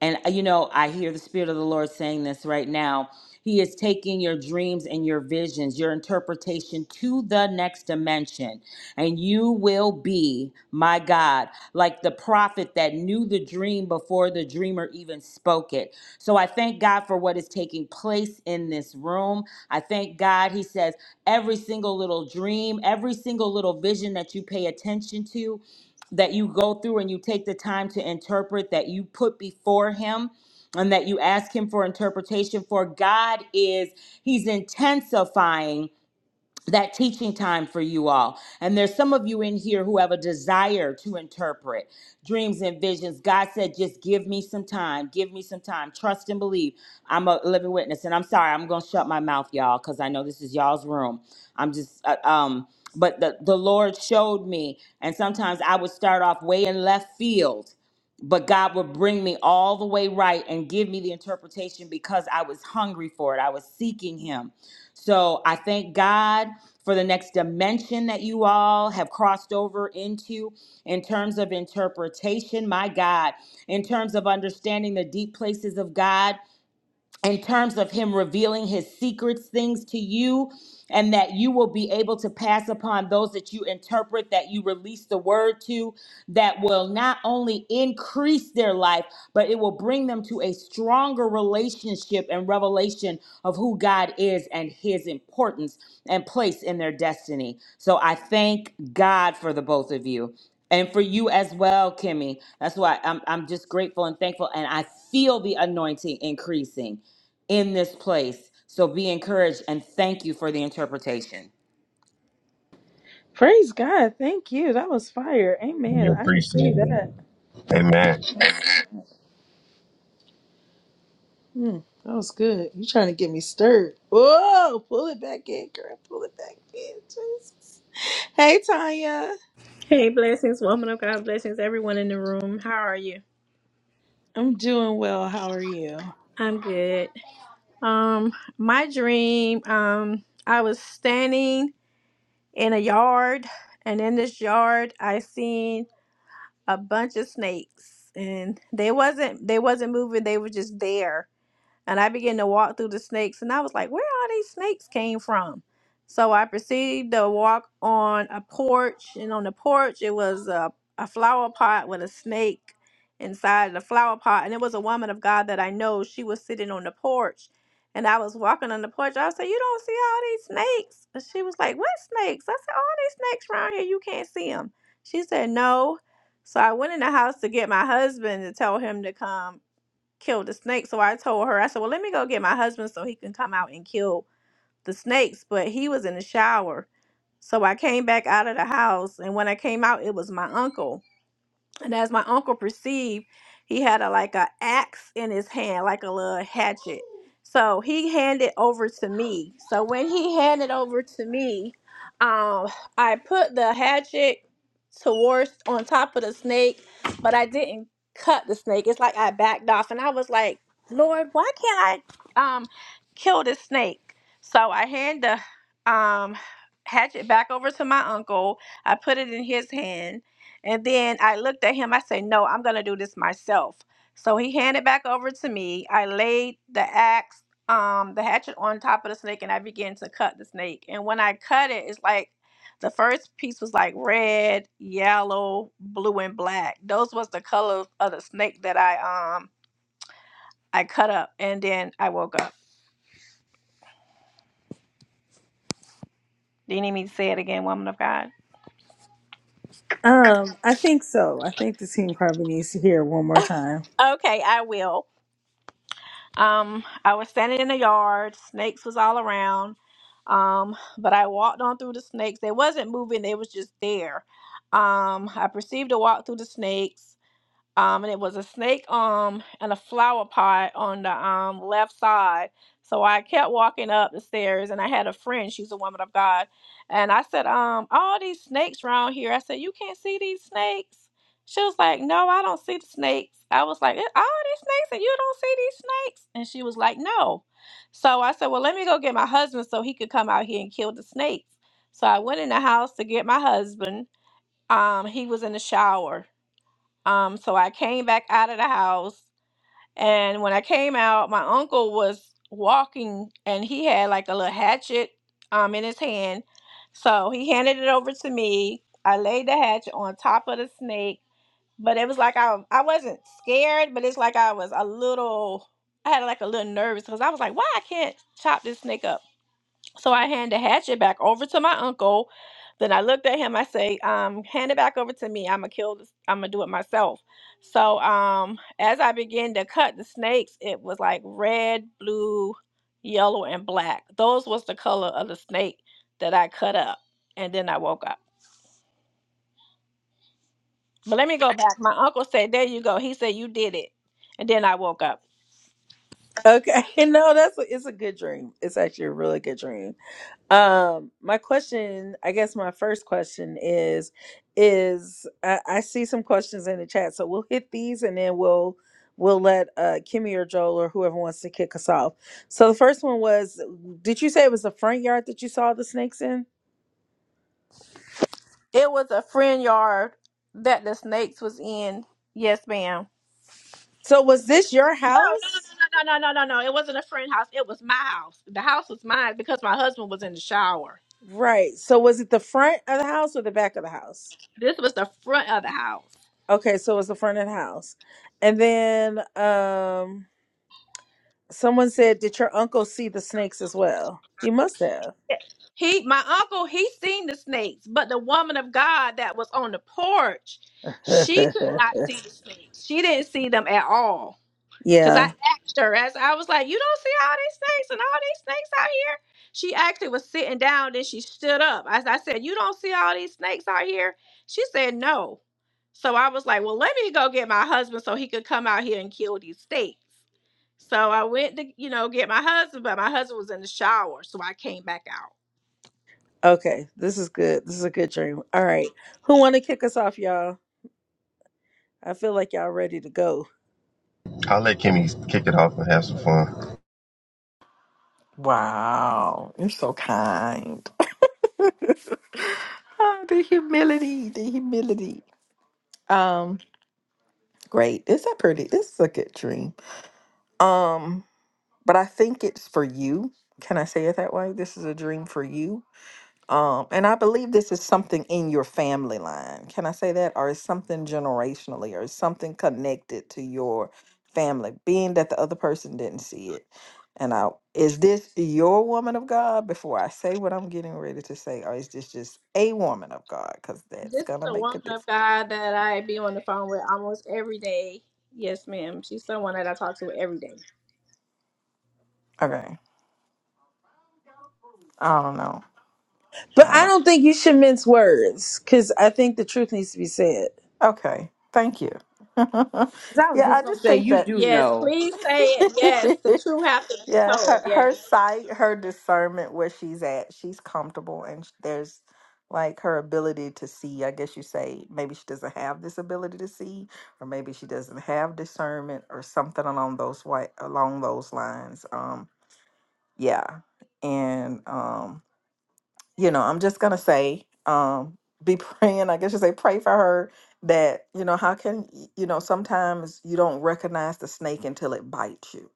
[SPEAKER 3] and uh, you know, I hear the Spirit of the Lord saying this right now. He is taking your dreams and your visions, your interpretation to the next dimension. And you will be, my God, like the prophet that knew the dream before the dreamer even spoke it. So I thank God for what is taking place in this room. I thank God, He says, every single little dream, every single little vision that you pay attention to that you go through and you take the time to interpret that you put before him and that you ask him for interpretation for God is he's intensifying that teaching time for you all. And there's some of you in here who have a desire to interpret dreams and visions. God said, just give me some time. Give me some time. Trust and believe. I'm a living witness. And I'm sorry, I'm going to shut my mouth, y'all, because I know this is y'all's room. I'm just, uh, um, but the, the Lord showed me. And sometimes I would start off way in left field but God would bring me all the way right and give me the interpretation because I was hungry for it. I was seeking Him. So I thank God for the next dimension that you all have crossed over into in terms of interpretation. My God, in terms of understanding the deep places of God in terms of him revealing his secrets things to you and that you will be able to pass upon those that you interpret that you release the word to that will not only increase their life but it will bring them to a stronger relationship and revelation of who God is and his importance and place in their destiny so i thank God for the both of you and for you as well, Kimmy. That's why I'm, I'm just grateful and thankful. And I feel the anointing increasing in this place. So be encouraged and thank you for the interpretation.
[SPEAKER 1] Praise God. Thank you. That was fire.
[SPEAKER 6] me. You
[SPEAKER 1] Amen. I
[SPEAKER 6] appreciate
[SPEAKER 1] received
[SPEAKER 6] it.
[SPEAKER 1] that.
[SPEAKER 6] Amen.
[SPEAKER 1] Hmm, that was good. You trying to get me stirred. Whoa, pull it back in, girl. Pull it back in. Jesus. Hey Tanya.
[SPEAKER 7] Hey, blessings, woman of God, blessings, everyone in the room. How are you?
[SPEAKER 1] I'm doing well. How are you?
[SPEAKER 7] I'm good. Um, my dream, um, I was standing in a yard, and in this yard, I seen a bunch of snakes, and they wasn't they wasn't moving. They were just there, And I began to walk through the snakes, and I was like, where all these snakes came from? So I proceeded to walk on a porch, and on the porch, it was a, a flower pot with a snake inside the flower pot. And it was a woman of God that I know. She was sitting on the porch, and I was walking on the porch. I said, You don't see all these snakes? And she was like, What snakes? I said, All these snakes around here, you can't see them. She said, No. So I went in the house to get my husband to tell him to come kill the snake. So I told her, I said, Well, let me go get my husband so he can come out and kill the snakes. But he was in the shower. So I came back out of the house. And when I came out, it was my uncle. And as my uncle perceived, he had a like a axe in his hand, like a little hatchet. So he handed over to me. So when he handed over to me, um, I put the hatchet towards on top of the snake, but I didn't cut the snake. It's like I backed off, and I was like, Lord, why can't I um kill this snake? So I hand the um hatchet back over to my uncle. I put it in his hand and then I looked at him. I said, No, I'm going to do this myself. So he handed back over to me. I laid the axe, um, the hatchet on top of the snake, and I began to cut the snake. And when I cut it, it's like the first piece was like red, yellow, blue, and black. Those was the colors of the snake that I um I cut up. And then I woke up. Do you need me to say it again, woman of God?
[SPEAKER 1] Um, I think so. I think the team probably needs to hear it one more time.
[SPEAKER 7] Okay, I will. Um, I was standing in the yard. Snakes was all around. Um, but I walked on through the snakes. They wasn't moving. They was just there. Um, I perceived a walk through the snakes um, and it was a snake um and a flower pot on the um left side. So I kept walking up the stairs, and I had a friend. She's a woman of God, and I said, um, all these snakes around here. I said, you can't see these snakes. She was like, no, I don't see the snakes. I was like, "Eh, all these snakes, and you don't see these snakes. And she was like, no. So I said, well, let me go get my husband so he could come out here and kill the snakes. So I went in the house to get my husband. Um, he was in the shower um, so I came back out of the house. And when I came out, my uncle was walking and he had like a little hatchet um, in his hand. So he handed it over to me. I laid the hatchet on top of the snake, but it was like I, I wasn't scared, but it's like I was a little, I had like a little nervous because I was like, why I can't chop this snake up? So I hand the hatchet back over to my uncle. Then I looked at him. I say, um, hand it back over to me. I'ma kill this. I'ma do it myself. So um, as I began to cut the snakes, it was like red, blue, yellow, and black. Those was the color of the snake that I cut up. And then I woke up. But let me go back. My uncle said, "There you go." He said, "You did it." And then I woke up.
[SPEAKER 1] Okay, no, that's a, it's a good dream. It's actually a really good dream. Um, my question, I guess, my first question is, is I, I see some questions in the chat, so we'll hit these and then we'll we'll let uh Kimmy or Joel or whoever wants to kick us off. So the first one was, did you say it was the front yard that you saw the snakes in?
[SPEAKER 7] It was a friend yard that the snakes was in. Yes, ma'am.
[SPEAKER 1] So was this your
[SPEAKER 7] No, no,
[SPEAKER 1] house?
[SPEAKER 7] no, no, no, no, no, no. no, no. It wasn't a friend house. It was my house. The house was mine because my husband was in the shower.
[SPEAKER 1] Right. So was it the front of the house or the back of the house?
[SPEAKER 7] This was the front of the house.
[SPEAKER 1] Okay, so it was the front of the house, and then um. Someone said, Did your uncle see the snakes as well? He must have.
[SPEAKER 7] He, my uncle, he seen the snakes, but the woman of God that was on the porch, she could not see the snakes. She didn't see them at all. Cause I
[SPEAKER 1] yeah.
[SPEAKER 7] asked her as I was like, "You don't see all these snakes and all these snakes out here." She actually was sitting down, then she stood up. As I said, "You don't see all these snakes out here?" She said, "No." So I was like, "Well, let me go get my husband so he could come out here and kill these snakes." So I went to, you know, get my husband, but my husband was in the shower, so I came back out.
[SPEAKER 1] Okay. This is good. This is a good dream. All right. Who wanna kick us off, y'all? I feel like y'all ready to go.
[SPEAKER 6] I'll let Kimmy kick it off and have some fun.
[SPEAKER 8] Wow, you're so kind. Ah, the humility, the humility. Um, great. This Is that pretty? This is a good dream. Um, but I think it's for you. Can I say it that way? This is a dream for you. Um, and I believe this is something in your family line. Can I say that? Or is something generationally or is something connected to your family, being that the other person didn't see it. And I is this your woman of God before I say what I'm getting ready to say, or is this just a woman of God? Because that's
[SPEAKER 7] This is
[SPEAKER 8] gonna
[SPEAKER 7] a
[SPEAKER 8] make a
[SPEAKER 7] woman of
[SPEAKER 8] difference.
[SPEAKER 7] God that I be on the phone with almost every day. Yes, ma'am. She's someone that I talk to every day.
[SPEAKER 8] Okay. I don't know.
[SPEAKER 1] But
[SPEAKER 8] I
[SPEAKER 1] I
[SPEAKER 8] don't
[SPEAKER 1] don't think you should mince words because I think the truth needs to be said.
[SPEAKER 8] okay. Thank you. yeah,
[SPEAKER 3] 'Cause I was just
[SPEAKER 8] I
[SPEAKER 3] gonna
[SPEAKER 8] just
[SPEAKER 3] say,
[SPEAKER 8] think
[SPEAKER 3] you
[SPEAKER 8] that
[SPEAKER 3] do
[SPEAKER 7] Yes,
[SPEAKER 3] know.
[SPEAKER 7] please say it. Yes, the truth have to be
[SPEAKER 8] Yeah, her
[SPEAKER 7] told. Yes.
[SPEAKER 8] her sight, her discernment, where she's at, she's comfortable, and sh- there's like her ability to see. I guess you say maybe she doesn't have this ability to see, or maybe she doesn't have discernment, or something along those way along those lines. Um, yeah, and um, you know, I'm just gonna say, um, be praying. I guess you say pray for her that you know how can y- you know sometimes you don't recognize the snake until it bites you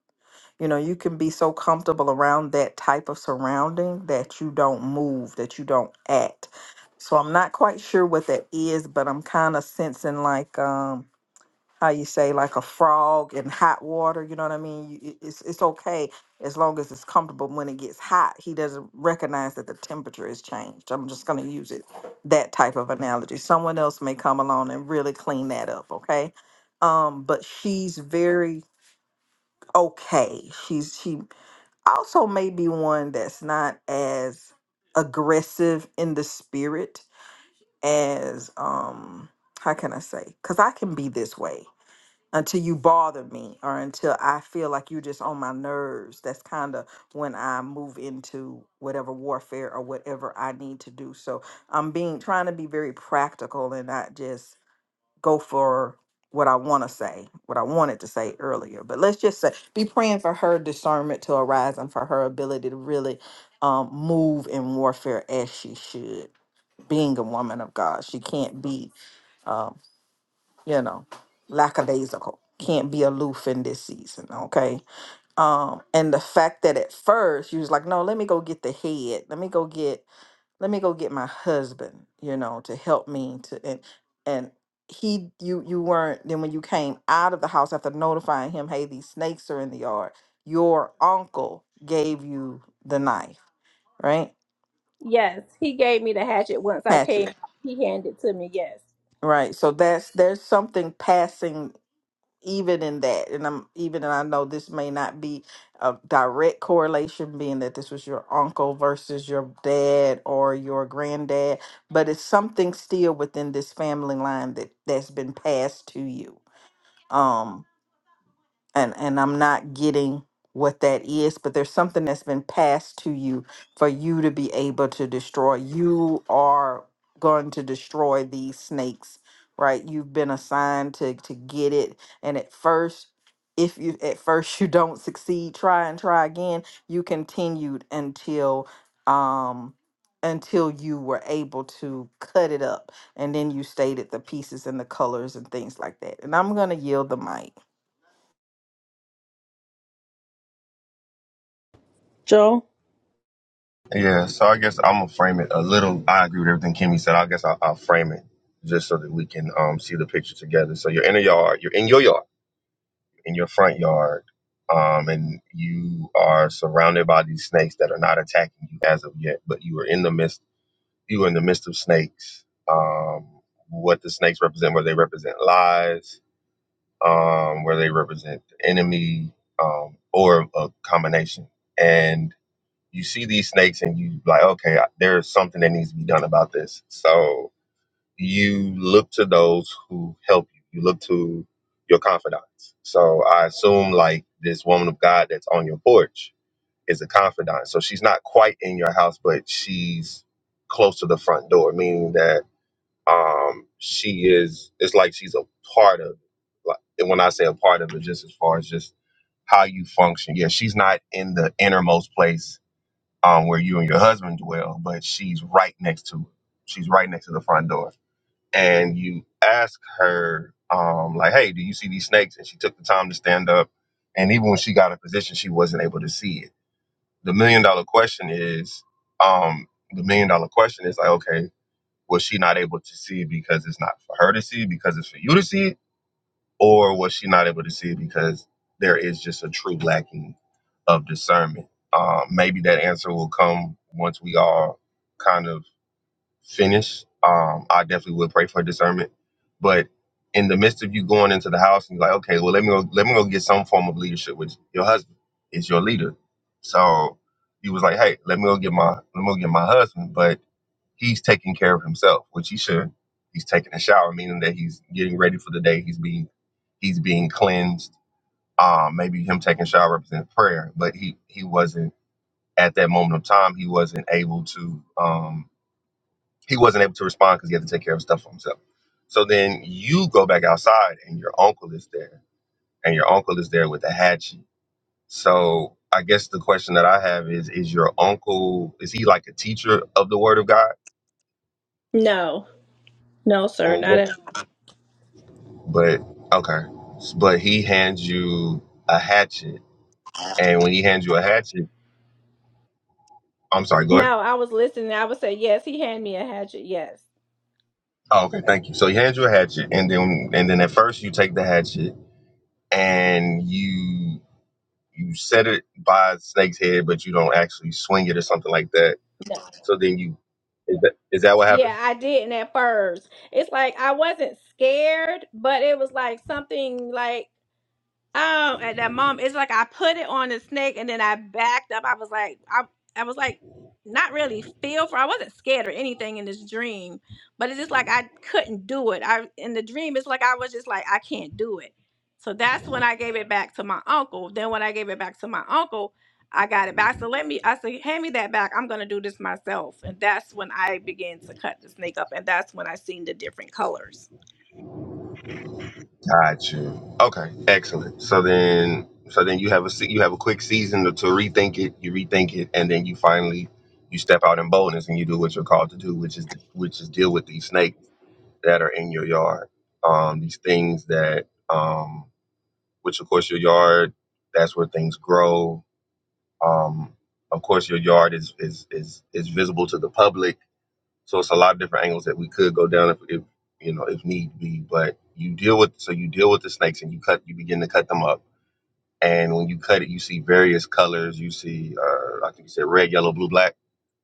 [SPEAKER 8] you know, you can be so comfortable around that type of surrounding that you don't move, that you don't act. So I'm not quite sure what that is, but I'm kind of sensing like um how you say like a frog in hot water, you know what I mean? You- it- It's it's okay as long as it's comfortable. When it gets hot, he doesn't recognize that the temperature has changed. I'm just going to use it that type of analogy. Someone else may come along and really clean that up, okay? Um but she's very okay. She's she also may be one that's not as aggressive in the spirit as um how can I say? Cuz I can be this way until you bother me or until I feel like you're just on my nerves. That's kind of when I move into whatever warfare or whatever I need to do. So I'm being trying to be very practical and not just go for what I want to say, what I wanted to say earlier. But let's just say, be praying for her discernment to arise and for her ability to really um, move in warfare as she should. Being a woman of God, she can't be, um, you know, lackadaisical. Can't be aloof in this season, okay? Um, and the fact that at first you was like, no, let me go get the head. Let me go get let me go get my husband, you know, to help me to and and he you you weren't then when you came out of the house after notifying him, hey, these snakes are in the yard, your uncle gave you the knife, right?
[SPEAKER 7] Yes, he gave me the hatchet once I came
[SPEAKER 8] Hatchet.
[SPEAKER 7] out. He handed it to me. Yes.
[SPEAKER 8] Right. So that's there's something passing even in that and i'm even and i know this may not be a direct correlation being that this was your uncle versus your dad or your granddad but it's something still within this family line that that's been passed to you Um, and and I'm not getting what that is, but there's something that's been passed to you for you to be able to destroy. You are going to destroy these snakes, right? You've been assigned to to get it, and at first if you at first you don't succeed try and try again you continued until um until you were able to cut it up and then you stated the pieces and the colors and things like that and i'm going to yield the mic
[SPEAKER 1] Joel?
[SPEAKER 6] Yeah, so I guess I'm gonna frame it a little. I agree with everything Kimmy said. I guess I'll, I'll frame it just so that we can um, see the picture together. So you're in a yard, you're in your yard, in your front yard, um, and you are surrounded by these snakes that are not attacking you as of yet, but you are in the midst. You are in the midst of snakes. Um, what the snakes represent, where they represent lies, um, where they represent the enemy, um, or a combination, and you see these snakes and you like, okay, I- there's something that needs to be done about this. So you look to those who help you. You look to your confidants. So I assume like this woman of God that's on your porch is a confidant. So she's not quite in your house, but she's close to the front door, meaning that um she is it's like she's a part of like and when I say a part of it, just as far as just how you function. Yeah, she's not in the innermost place um, where you and your husband dwell, but she's right next to it. She's right next to the front door. And you ask her, um, like, hey, do you see these snakes? And she took the time to stand up. And even when she got a position, she wasn't able to see it. The million dollar question is, um, the million dollar question is like, okay, was she not able to see it because it's not for her to see, because it's for you to see? or was she not able to see it because there is just a true lacking of discernment? Um, maybe that answer will come once we all kind of finish. Um, I definitely will pray for discernment, but in the midst of you going into the house and you're like, okay, well let me go, let me go get some form of leadership with your husband. Is your leader, so you was like, hey, let me go get my let me go get my husband, but he's taking care of himself, which he should. He's taking a shower, meaning that he's getting ready for the day. He's being he's being cleansed. Um, maybe him taking a shower represents prayer, but he he wasn't at that moment of time. He wasn't able to um, he wasn't able to respond because he had to take care of stuff for himself. So then you go back outside, and your uncle is there, and your uncle is there with a hatchet. So I guess the question that I have is: Is your uncle is he like a teacher of the Word of God,
[SPEAKER 7] No. No, sir,
[SPEAKER 6] or what?
[SPEAKER 7] not at all.
[SPEAKER 6] But okay, but he hands you a hatchet, and when he hands you a hatchet, I'm sorry, go ahead.
[SPEAKER 7] No, I was listening. I would say, yes, he handed me a hatchet. Yes.
[SPEAKER 6] Oh, okay, thank you. So he hands you a hatchet, and then and then at first you take the hatchet and you you set it by the snake's head, but you don't actually swing it or something like that.
[SPEAKER 7] No.
[SPEAKER 6] So then you is that is that what happened?
[SPEAKER 7] Yeah, I didn't at first. It's like I wasn't scared, but it was like something like Oh, at that moment, it's like I put it on the snake and then I backed up. I was like, I, I was like, not really feel for. I wasn't scared or anything in this dream, but it's just like I couldn't do it. I in the dream, it's like I was just like I can't do it. So that's when I gave it back to my uncle. Then when I gave it back to my uncle, I got it back. So let me, I said, hand me that back. I'm gonna do this myself. And that's when I began to cut the snake up, and that's when I seen the different colors.
[SPEAKER 6] Got you. Okay, excellent. So then, so then you have a se- you have a quick season to, to rethink it. You rethink it, and then you finally you step out in boldness and you do what you're called to do, which is which is deal with these snakes that are in your yard. Um, these things that, um, which of course your yard, that's where things grow. Um, of course your yard is is is is visible to the public so it's a lot of different angles that we could go down if, if you know if need be. But you deal with so you deal with the snakes and you cut you begin to cut them up. And when you cut it, you see various colors. You see, uh, I think you said red, yellow, blue, black.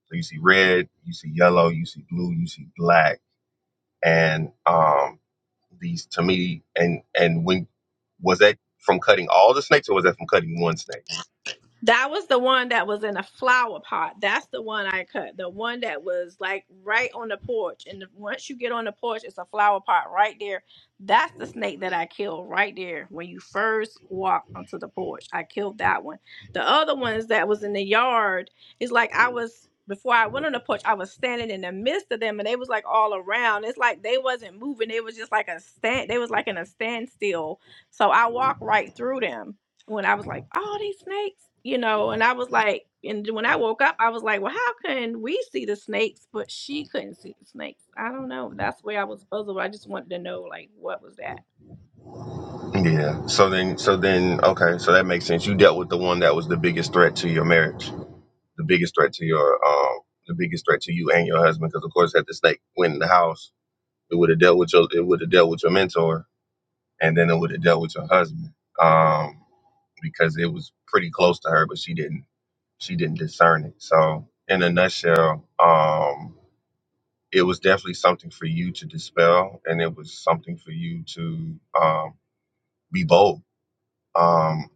[SPEAKER 6] So you see red, you see yellow, you see blue, you see black. And um, these to me, and and when was that from cutting all the snakes or was that from cutting one snake?
[SPEAKER 7] That was the one that was in a flower pot. That's the one I cut. The one that was like right on the porch. And the- once you get on the porch, it's a flower pot right there. That's the snake that I killed right there when you first walk onto the porch. I killed that one. The other ones that was in the yard is like I was before I went on the porch, I was standing in the midst of them and they was like all around. It's like they wasn't moving. They was just like a stand they was like in a standstill. So I walked right through them when I was like, "Oh, these snakes," you know, and I was like, and when I woke up, I was like, "Well, how can we see the snakes, but she couldn't see the snakes?" I don't know. That's where I was puzzled. I just wanted to know, like, what was that?
[SPEAKER 6] Yeah. So then, so then, okay. So that makes sense. You dealt with the one that was the biggest threat to your marriage. the biggest threat to your um the biggest threat to you and your husband because of course had the snake went in the house it would have dealt with your it would have dealt with your mentor and then it would have dealt with your husband um because it was pretty close to her but she didn't she didn't discern it so in a nutshell um it was definitely something for you to dispel and it was something for you to um be bold um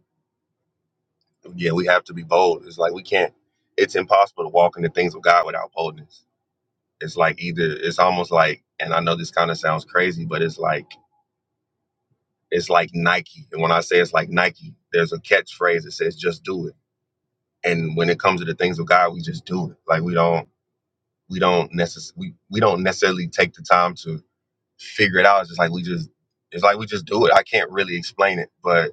[SPEAKER 6] yeah we have to be bold it's like we can't it's impossible to walk into things with god without boldness It's like either it's almost like, and I know this kind of sounds crazy, but it's like it's like Nike. And when I say it's like Nike, there's a catchphrase that says "just do it." And when it comes to the things of God, we just do it. Like we don't we don't necess- we, we don't necessarily take the time to figure it out. It's just like we just it's like we just do it. I can't really explain it, but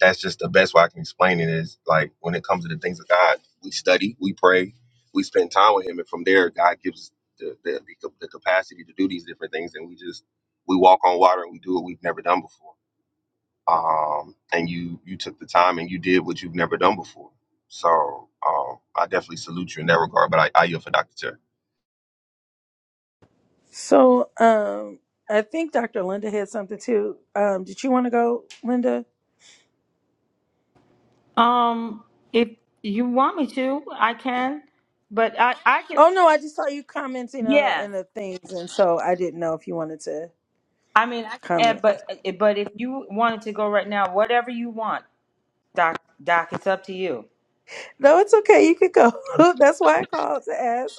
[SPEAKER 6] that's just the best way I can explain it is like when it comes to the things of God, we study, we pray, we spend time with Him, and from there, God gives the, the, the, cap- the capacity to do these different things, and we just we walk on water and we do what we've never done before. Um, and you you took the time and you did what you've never done before. So um, I definitely salute you in that regard. But I, I yield for Dr. Terry.
[SPEAKER 1] So um I think Dr. Linda had something too. Um, did you want to go, Linda?
[SPEAKER 3] Um, if you want me to, I can, but I I can.
[SPEAKER 1] Oh no, I just saw you commenting on the,
[SPEAKER 3] Yes,
[SPEAKER 1] in the things, and so I didn't know if you wanted to
[SPEAKER 3] I mean I can. add,
[SPEAKER 1] comment.
[SPEAKER 3] But eh, but if you wanted to go right now, whatever you want, Doc. Doc, it's up to you.
[SPEAKER 1] No, it's okay. You could go. That's why I called to ask.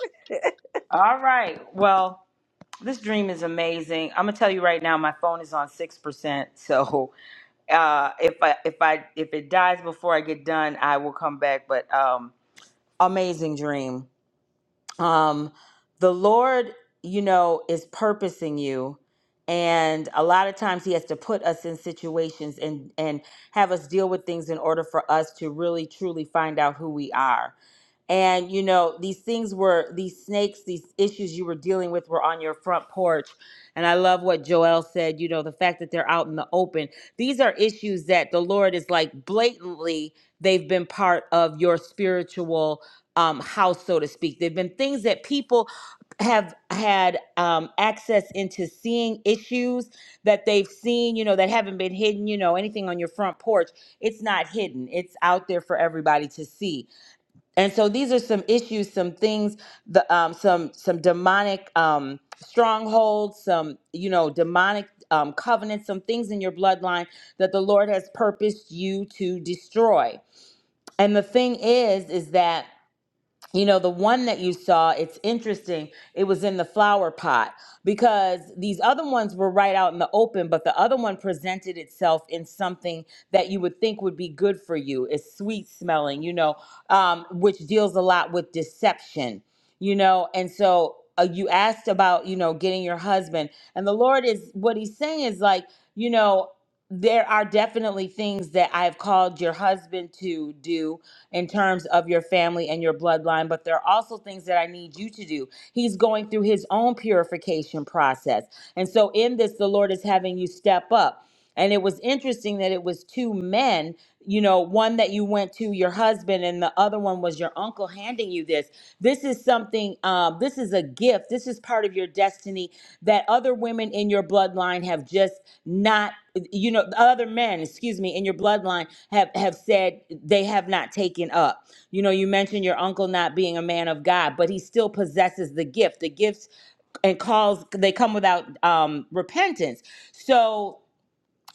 [SPEAKER 3] All right. Well. This dream is amazing. I'm gonna tell you right now, my phone is on six percent. So uh, if I if I if it dies before I get done, I will come back. But um, amazing dream um the lord you know is purposing you and a lot of times he has to put us in situations and and have us deal with things in order for us to really truly find out who we are and you know these things were these snakes these issues you were dealing with were on your front porch and i love what joel said you know the fact that they're out in the open these are issues that the lord is like blatantly they've been part of your spiritual um, house, so to speak. There have been things that people have had um, access into seeing issues that they've seen, you know, that haven't been hidden, you know, anything on your front porch. It's not hidden, it's out there for everybody to see. And so these are some issues, some things, the um, some some demonic um, strongholds, some you know demonic um, covenants, some things in your bloodline that the Lord has purposed you to destroy. And the thing is, is that you know the one that you saw it's interesting it was in the flower pot because these other ones were right out in the open but the other one presented itself in something that you would think would be good for you it's sweet smelling you know um, which deals a lot with deception you know and so uh, you asked about you know getting your husband and the lord is what he's saying is like you know there are definitely things that i've called your husband to do in terms of your family and your bloodline, but there are also things that I need you to do. He's going through his own purification process. And so in this, the Lord is having you step up. And it was interesting that it was two men, you know, one that you went to your husband and the other one was your uncle handing you this. This is something, um, this is a gift. This is part of your destiny that other women in your bloodline have just not you know the other men excuse me in your bloodline have have said they have not taken up you know you mentioned your uncle not being a man of god but he still possesses the gift the gifts and calls they come without um repentance so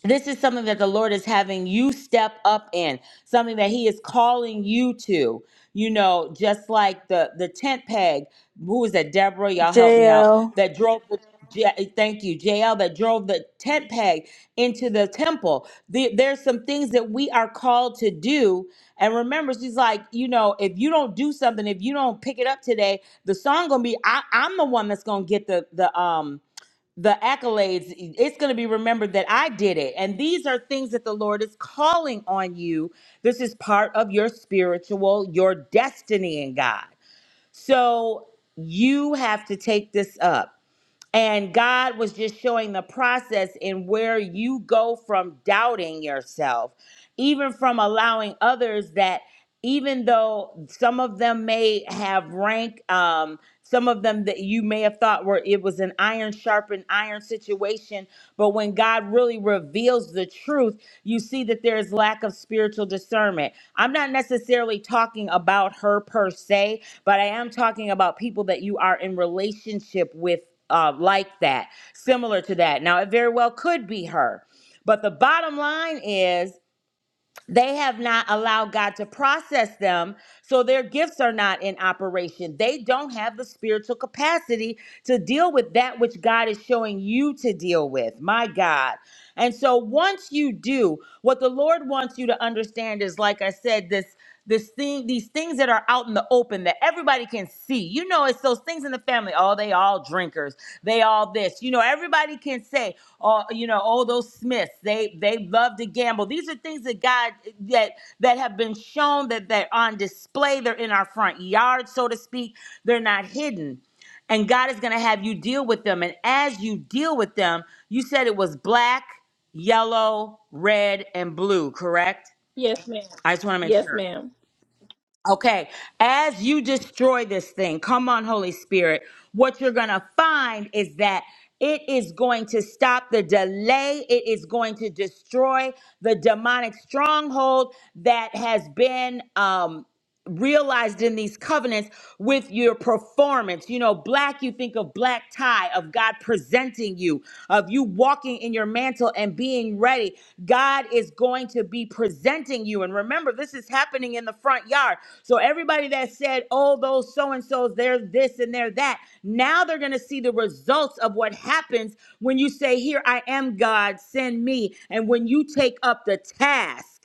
[SPEAKER 3] this is something that the Lord is having you step up in, something that He is calling you to. You know, just like the the tent peg. Who was that? Deborah, y'all help me out.
[SPEAKER 1] JL.
[SPEAKER 3] That drove the. J- thank you, JL. That drove the tent peg into the temple. The, there's some things that we are called to do. And remember, she's like, you know, if you don't do something, if you don't pick it up today, the song gonna be. I, I'm the one that's gonna get the the um the accolades, it's going to be remembered that I did it. And these are things that the Lord is calling on you. This is part of your spiritual, your destiny in God. So you have to take this up. And God was just showing the process in where you go from doubting yourself, even from allowing others that, even though some of them may have rank, um, some of them that you may have thought were it was an iron sharpened iron situation, but when God really reveals the truth, you see that there is lack of spiritual discernment. I'm not necessarily talking about her per se, but I am talking about people that you are in relationship with uh, like that, similar to that. Now, it very well could be her. But the bottom line is they have not allowed God to process them, so their gifts are not in operation. They don't have the spiritual capacity to deal with that which God is showing you to deal with. My God. And so once you do, what the Lord wants you to understand is, like I said, this this thing these things that are out in the open that everybody can see you know it's those things in the family oh they all drinkers they all this you know everybody can say oh you know oh those smiths they they love to gamble these are things that god that that have been shown that they're on display they're in our front yard so to speak they're not hidden and god is going to have you deal with them and as you deal with them you said it was black yellow red and blue correct
[SPEAKER 7] Yes, ma'am.
[SPEAKER 3] i just want to make
[SPEAKER 7] Yes,
[SPEAKER 3] sure
[SPEAKER 7] ma'am.
[SPEAKER 3] Okay, as you destroy this thing, come on, Holy Spirit, what you're going to find is that it is going to stop the delay. It is going to destroy the demonic stronghold that has been. Um, realized in these covenants with your performance. You know, black, you think of black tie, of God presenting you, of you walking in your mantle and being ready. God is going to be presenting you. And remember, this is happening in the front yard. So everybody that said, oh, those so and so's, they're this and they're that, now they're going to see the results of what happens when you say, Here I am, God, send me. And when you take up the task.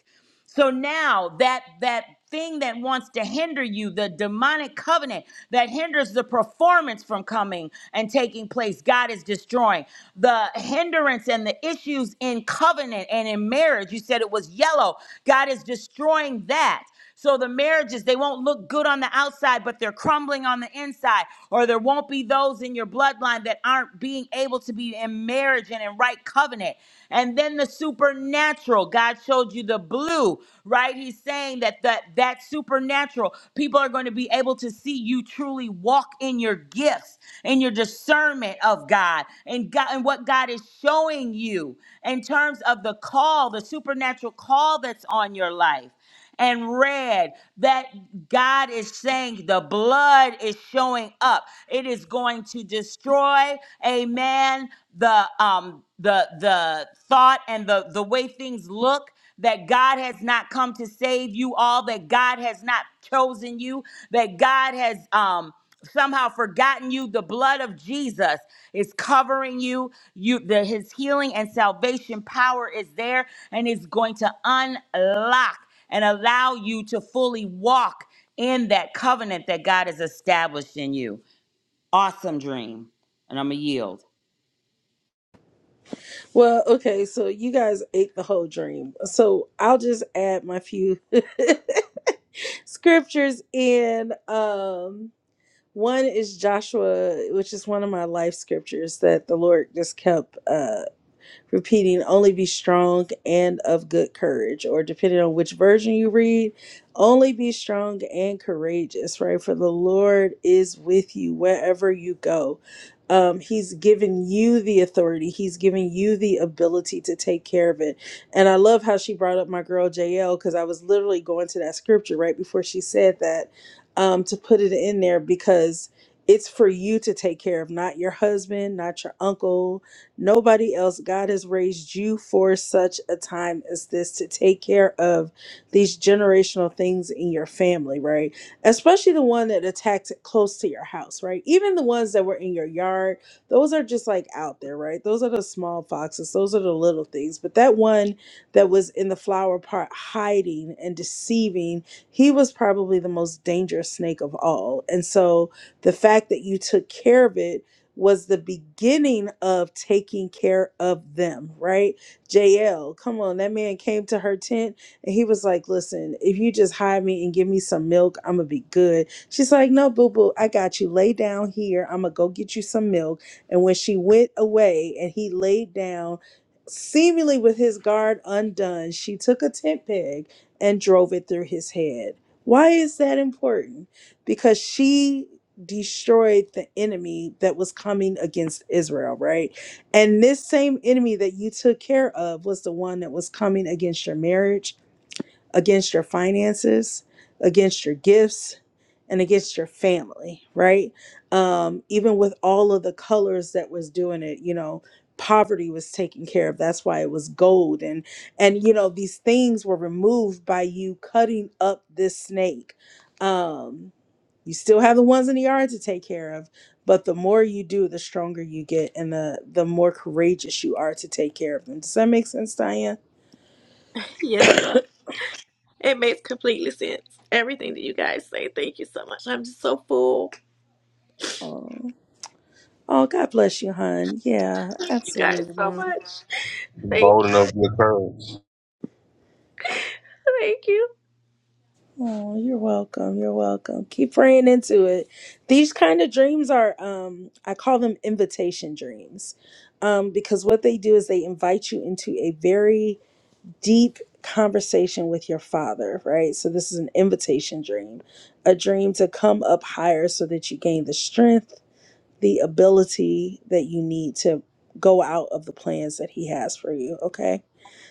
[SPEAKER 3] So now that that thing that wants to hinder you, the demonic covenant that hinders the performance from coming and taking place, God is destroying the hindrance and the issues in covenant and in marriage. You said it was yellow. God is destroying that. So the marriages, they won't look good on the outside, but they're crumbling on the inside. Or there won't be those in your bloodline that aren't being able to be in marriage and in right covenant. And then the supernatural, God showed you the blue, right? He's saying that that, that supernatural, people are going to be able to see you truly walk in your gifts, and your discernment of God, and God and what God is showing you in terms of the call, the supernatural call that's on your life and read that God is saying the blood is showing up. It is going to destroy, amen, the um the the thought and the the way things look that God has not come to save you all, that God has not chosen you, that God has um somehow forgotten you the blood of jesus is covering you you the his healing and salvation power is there and is going to unlock and allow you to fully walk in that covenant that God has established in you. Awesome dream. And I'm going to yield.
[SPEAKER 1] Well, okay, so you guys ate the whole dream. So I'll just add my few scriptures in. Um one is Joshua, which is one of my life scriptures that the Lord just kept. uh, repeating only be strong and of good courage or depending on which version you read only be strong and courageous right for the lord is with you wherever you go um, he's given you the authority he's given you the ability to take care of it and i love how she brought up my girl jl because i was literally going to that scripture right before she said that um, to put it in there because it's for you to take care of not your husband not your uncle Nobody else. God has raised you for such a time as this to take care of these generational things in your family, right? Especially the one that attacked close to your house, right? Even the ones that were in your yard, those are just like out there, right? Those are the small foxes, those are the little things. But that one that was in the flower pot hiding and deceiving, he was probably the most dangerous snake of all. And so the fact that you took care of it was the beginning of taking care of them, right? JL, come on, that man came to her tent and he was like, Listen, if you just hide me and give me some milk, I'm gonna be good. She's like, No, boo boo, I got you. Lay down here. I'm gonna go get you some milk. And when she went away and he laid down, seemingly with his guard undone, she took a tent peg and drove it through his head. Why is that important? Because she destroyed the enemy that was coming against Israel, right? And this same enemy that you took care of was the one that was coming against your marriage, against your finances, against your gifts, and against your family, right? Um, even with all of the colors that was doing it, you know, poverty was taken care of. That's why it was gold and and you know, these things were removed by you cutting up this snake. Um you still have the ones in the yard to take care of, but the more you do, the stronger you get and the the more courageous you are to take care of them. Does that make sense, Diane?
[SPEAKER 7] Yes, It makes completely sense. Everything that you guys say. Thank you so much. I'm just so full.
[SPEAKER 1] Oh. Oh, God bless you, hon. Yeah,
[SPEAKER 7] Thank you guys so
[SPEAKER 1] absolutely.
[SPEAKER 7] much.
[SPEAKER 6] Be
[SPEAKER 7] Thank
[SPEAKER 6] bold enough with courage.
[SPEAKER 7] you. Thank you.
[SPEAKER 1] Oh, you're welcome. You're welcome. Keep praying into it. These kind of dreams are um I call them invitation dreams. Um because what they do is they invite you into a very deep conversation with your father, right? So, this is an invitation dream, a dream to come up higher so that you gain the strength, the ability that you need to go out of the plans that he has for you, okay?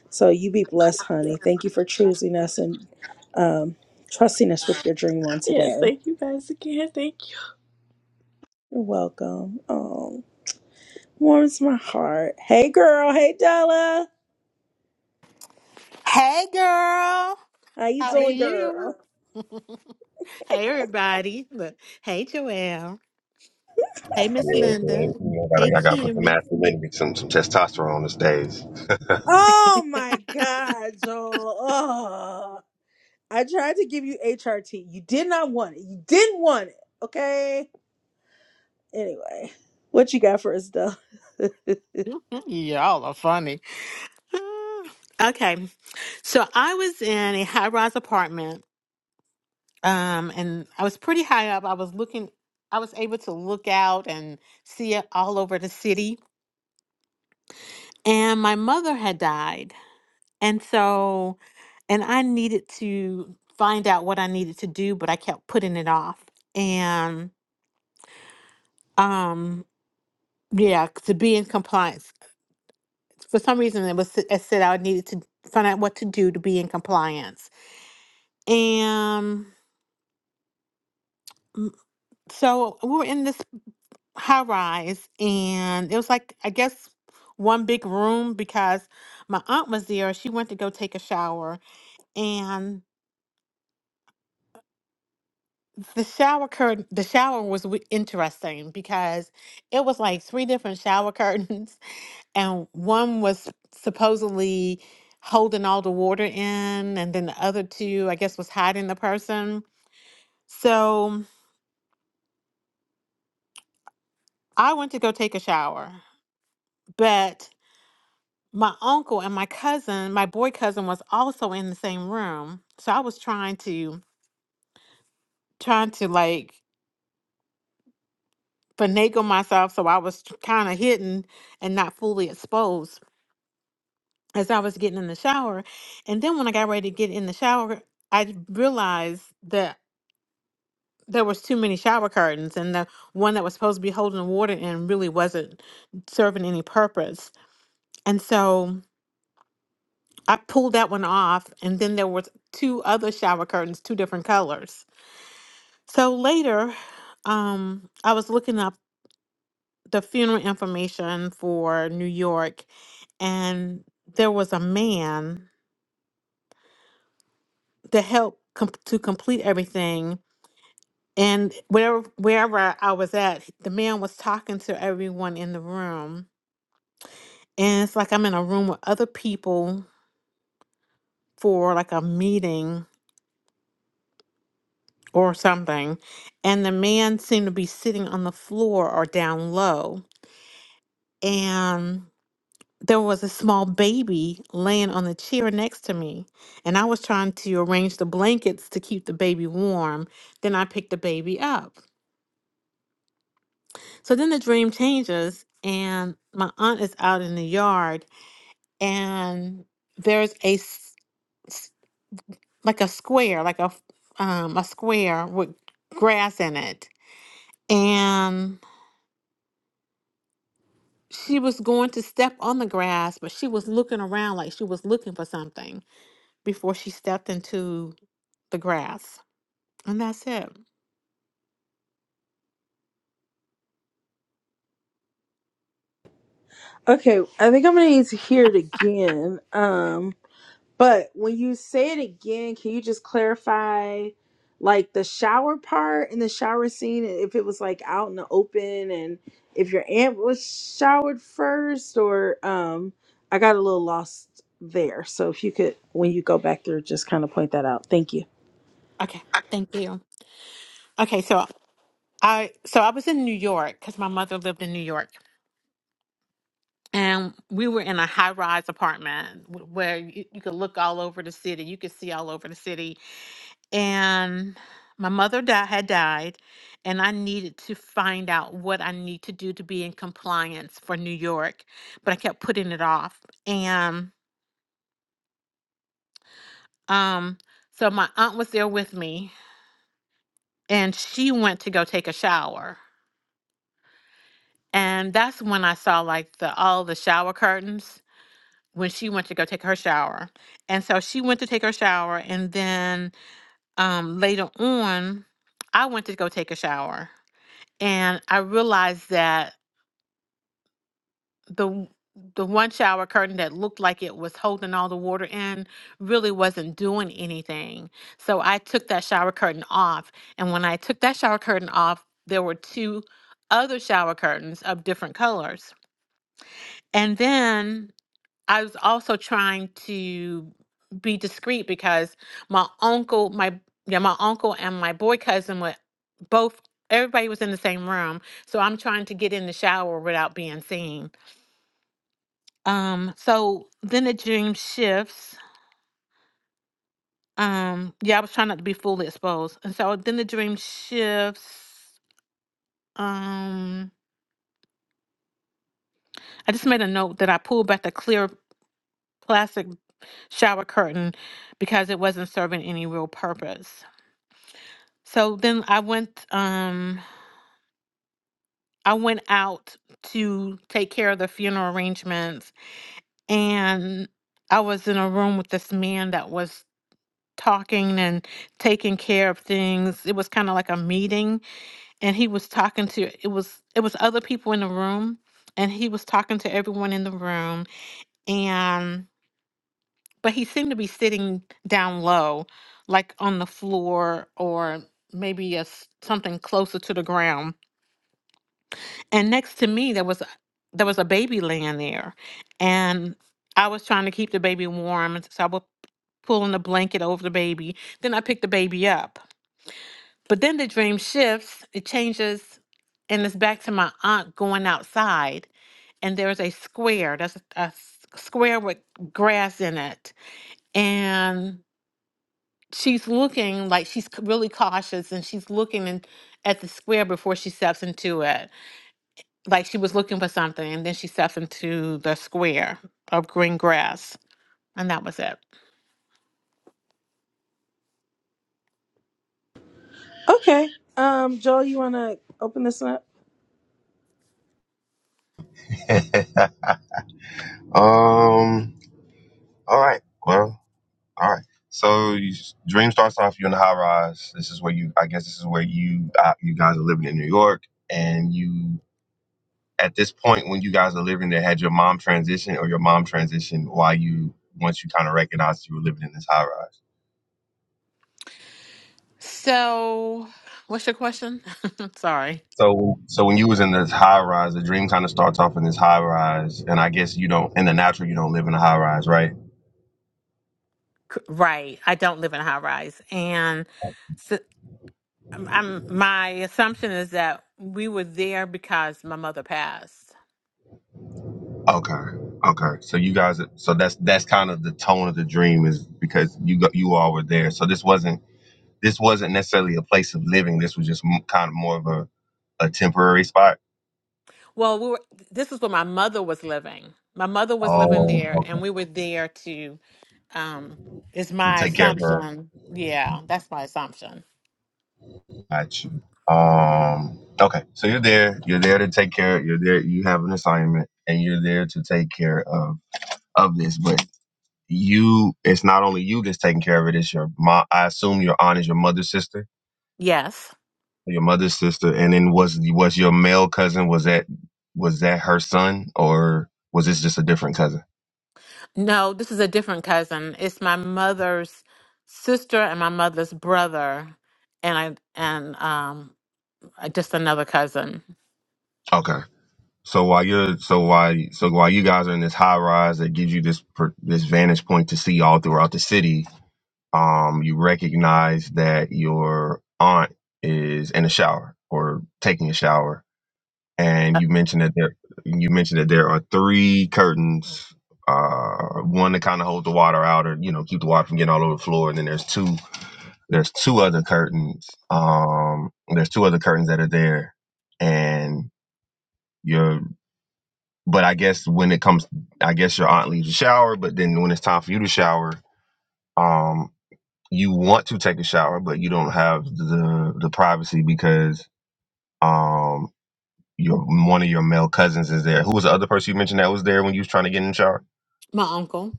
[SPEAKER 1] So, you be blessed, honey. Thank you for choosing us and um, trusting us with your dream on
[SPEAKER 7] Yes,
[SPEAKER 1] today.
[SPEAKER 7] thank you guys again. Thank you.
[SPEAKER 1] You're welcome. Oh, warms my heart. Hey, girl. Hey, Della.
[SPEAKER 9] Hey, girl. How
[SPEAKER 1] How you
[SPEAKER 9] are
[SPEAKER 1] doing,
[SPEAKER 9] you
[SPEAKER 1] girl?
[SPEAKER 9] you? Hey, everybody. Look. Hey, Joelle. Hey, Miss
[SPEAKER 6] Yeah,
[SPEAKER 9] Linda.
[SPEAKER 6] man. You know, I
[SPEAKER 9] Hey,
[SPEAKER 6] gotta, I gotta put some
[SPEAKER 9] Kimmy.
[SPEAKER 6] masculinity, some some testosterone on these days.
[SPEAKER 1] Oh my God, Joel. I tried to give you HRT. You did not want it. You didn't want it. Okay. Anyway, what you got for us, though?
[SPEAKER 9] Y'all are funny. Ah. okay. So I was in a high rise apartment um, and I was pretty high up. I was looking, I was able to look out and see it all over the city. And my mother had died. And so, and I needed to find out what I needed to do, but I kept putting it off. And um, yeah, to be in compliance. For some reason, it was it said I needed to find out what to do to be in compliance. And mm, so we were in this high rise, and it was like I guess one big room because my aunt was there. She went to go take a shower, The shower curtain, the shower was w- interesting because it was like three different shower curtains, and one was supposedly holding all the water in, and then the other two, I guess, was hiding the person. So I went to go take a shower, but my uncle and my cousin, my boy cousin, was also in the same room. So I was trying to, trying to like finagle myself, so I was kind of hidden and not fully exposed. as I was getting in the shower. And then when I got ready to get in the shower, I realized that there was too many shower curtains and the one that was supposed to be holding the water in really wasn't serving any purpose. And so I pulled that one off and then there was two other shower curtains, two different colors. So later, um, I was looking up the funeral information for New York and there was a man to help com- to complete everything And wherever wherever I was at, the man was talking to everyone in the room. And it's like I'm in a room with other people for like a meeting or something. And the man seemed to be sitting on the floor or down low. And there was a small baby laying on the chair next to me. And I was trying to arrange the blankets to keep the baby warm. Then I picked the baby up. So then the dream changes, and my aunt is out in the yard and there's a s- s- like a square, like a f- um a square with grass in it. And she was going to step on the grass, but she was looking around like she was looking for something before she stepped into the grass. And that's it.
[SPEAKER 1] okay, I think I'm gonna need to hear it again. Um. But when you say it again, can you just clarify like the shower part in the shower scene if it was like out in the open and if your aunt was showered first or um I got a little lost there. So if you could when you go back there, just kind of point that out. Thank you.
[SPEAKER 9] Okay, thank you. Okay, so I so I was in New York cuz my mother lived in New York. And we were in a high rise apartment wh- where you, you could look all over the city. You could see all over the city and my mother di- had died and i needed to find out what i need to do to be in compliance for new york but i kept putting it off and um so my aunt was there with me and she went to go take a shower and that's when i saw like the all the shower curtains when she went to go take her shower and so she went to take her shower and then um later on i went to go take a shower and i realized that the the one shower curtain that looked like it was holding all the water in really wasn't doing anything. So I took that shower curtain off, and when I took that shower curtain off, there were two other shower curtains of different colors. And then I was also trying to be discreet because my uncle, my yeah, my uncle and my boy cousin were both everybody was in the same room. So I'm trying to get in the shower without being seen. Um, so then the dream shifts. Um, yeah, I was trying not to be fully exposed. And so then the dream shifts. Um, I just made a note that I pulled back the clear plastic shower curtain because it wasn't serving any real purpose. So then I went um I went out to take care of the funeral arrangements and I was in a room with this man that was talking and taking care of things. It was kind of like a meeting and he was talking to it was it was other people in the room and he was talking to everyone in the room and but he seemed to be sitting down low like on the floor or maybe a, s- something closer to the ground and next to me there was a- there was a baby laying there and i was trying to keep the baby warm and so i was pulling the blanket over the baby then i picked the baby up But then the dream shifts, it changes, and it's back to my aunt going outside. And there's a square, that's a, a s- square with grass in it. And she's looking like she's c- really cautious and she's looking in, at the square before she steps into it. Like she was looking for something, and then she steps into the square of green grass. And that was it.
[SPEAKER 1] Okay. Um Joel, you want to open this one up?
[SPEAKER 6] um. All right. Well, all right. So you, dream starts off. You're in a high rise. This is where you. I guess this is where you uh, you guys are living in New York, and you at this point when you guys are living there, had your mom transition or your mom transition while you once you kind of recognized you were living in this high rise.
[SPEAKER 9] So, what's your question? Sorry.
[SPEAKER 6] So so when you was in this high rise, the dream kind of starts off in this high rise, and I guess you don't in the natural you don't live in a high rise, right?
[SPEAKER 9] Right. I don't live in a high rise. And so um, I'm, my assumption is that we were there because my mother passed.
[SPEAKER 6] Okay. Okay, so you guys, so that's that's kind of the tone of the dream is because you got you all were there. So this wasn't this wasn't necessarily a place of living. This was just m- kind of more of a, a temporary spot.
[SPEAKER 9] Well, we were, this is where my mother was living. My mother was living
[SPEAKER 6] Oh,
[SPEAKER 9] there, and
[SPEAKER 6] okay.
[SPEAKER 9] we were there to, um, it's
[SPEAKER 6] To
[SPEAKER 9] my
[SPEAKER 6] take care of her.
[SPEAKER 9] assumption. Yeah, that's my assumption.
[SPEAKER 6] Got you. Um, okay. So you're there. You're there to take care. You're there. You have an assignment, and you're there to take care of of this. But you, it's not only you that's taking care of it. It's your mom. I assume your aunt is your mother's sister.
[SPEAKER 9] Yes.
[SPEAKER 6] Your mother's sister, and then was was your male cousin? Was that was that her son, or was this just a different cousin?
[SPEAKER 9] No, this is a different cousin. It's my mother's sister and my mother's brother, and I, and, um, just another cousin,
[SPEAKER 6] Okay. So while you're so while so while you guys are in this high rise that gives you this per, this vantage point to see all throughout the city, um, you recognize that your aunt is in a shower or taking a shower, and
[SPEAKER 9] Uh,
[SPEAKER 6] you mentioned that there you mentioned that there are three curtains, uh, one to kind of hold the water out or you know keep the water from getting all over the floor, and then there's two there's two other curtains, um, there's two other curtains that are there, and. your but I guess when it comes, I guess your aunt leaves a shower, but then when it's time for you to shower, um, you want to take a shower, but you don't have the the privacy because um, your one of your male cousins is there. Who was the other person you mentioned that was there when you was trying to get in the shower?
[SPEAKER 9] my uncle.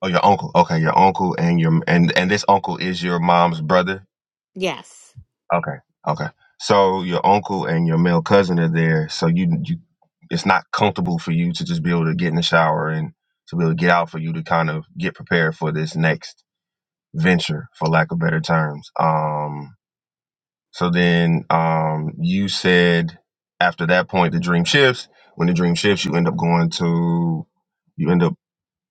[SPEAKER 6] Oh, your uncle. Okay, your uncle and your and and this uncle is your mom's brother
[SPEAKER 9] Yes.
[SPEAKER 6] Okay. Okay. So your uncle and your male cousin are there. So you you it's not comfortable for you to just be able to get in the shower and to be able to get out for you to kind of get prepared for this next venture for lack of better terms. Um so then um you said after that point the dream shifts. When the dream shifts you end up going to you end up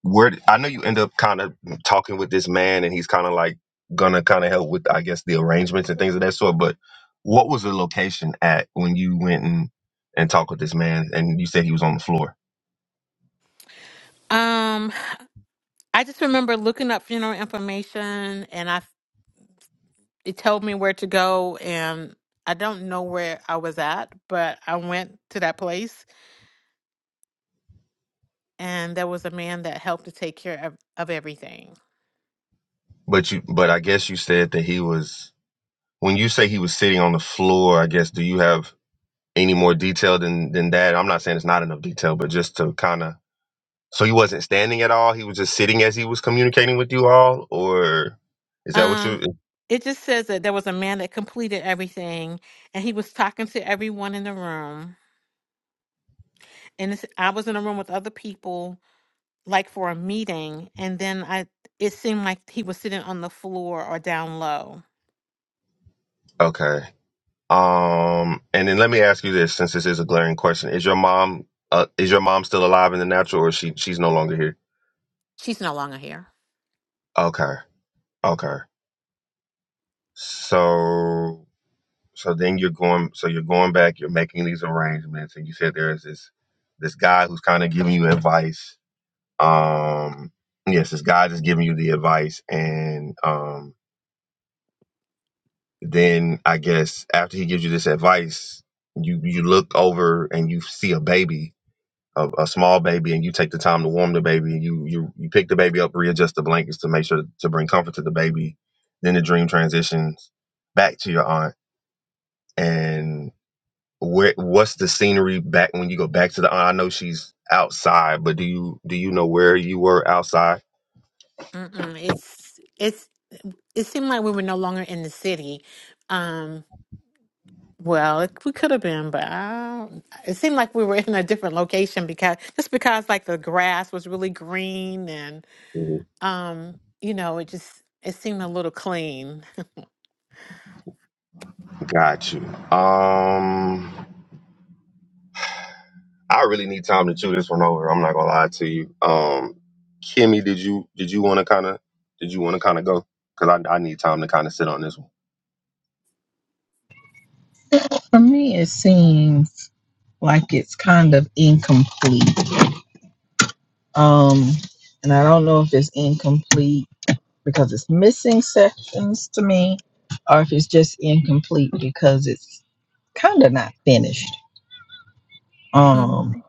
[SPEAKER 6] where I know you end up kind of talking with this man, and he's kind of like gonna kind of help with, I guess, the arrangements and things of that sort. But what was the location at when you went and and talked with this man, and you said he was on the floor?
[SPEAKER 9] Um, I just remember looking up funeral information, and I it told me where to go, and I don't know where I was at, but I went to that place, and there was a man that helped to take care of of everything.
[SPEAKER 6] But you, but I guess you said that he was. When you say he was sitting on the floor, I guess do you have any more detail than than that? I'm not saying it's not enough detail, but just to kind of. So he wasn't standing at all. He was just sitting as he was communicating with you all, or is that what
[SPEAKER 9] Um,
[SPEAKER 6] you?
[SPEAKER 9] it just says that there was a man that completed everything, and he was talking to everyone in the room, and it's, I was in a room with other people, like for a meeting and then I it seemed like he was sitting on the floor or down low.
[SPEAKER 6] Okay. Um, and then let me ask you this, since this is a glaring question: Is your mom, uh, is your mom still alive in the natural, or is she she's no longer here?
[SPEAKER 9] She's no longer here.
[SPEAKER 6] Okay, okay. So, so then you're going, so you're going back. You're making these arrangements, and you said there is this this guy who's kind of giving you advice. Um, yes, this guy is giving you the advice, and um, then I guess after he gives you this advice, you you look over and you see a baby a, a small baby and you take the time to warm the baby you you you pick the baby up readjust the blankets to make sure to bring comfort to the baby then the dream transitions back to your aunt and where what's the scenery back when you go back to the aunt i know she's outside but do you do you know where you were outside
[SPEAKER 9] Mm-mm. It's it's it seemed like we were no longer in the city. Um well, it, we could have been, but I don't, it seemed like we were in a different location because just because like the grass was really green and
[SPEAKER 6] Mhm.
[SPEAKER 9] um you know, it just it seemed a little clean.
[SPEAKER 6] got you um I really need time to chew this one over. I'm not gonna lie to you. Um, Kimmy, did you did you want to kind of did you want to kind of go? Because I I need time to kind of sit on this one.
[SPEAKER 8] For me, it seems like it's kind of incomplete. Um, and I don't know if it's incomplete because it's missing sections to me, or if it's just incomplete because it's kind of not finished. Um,
[SPEAKER 9] Mm.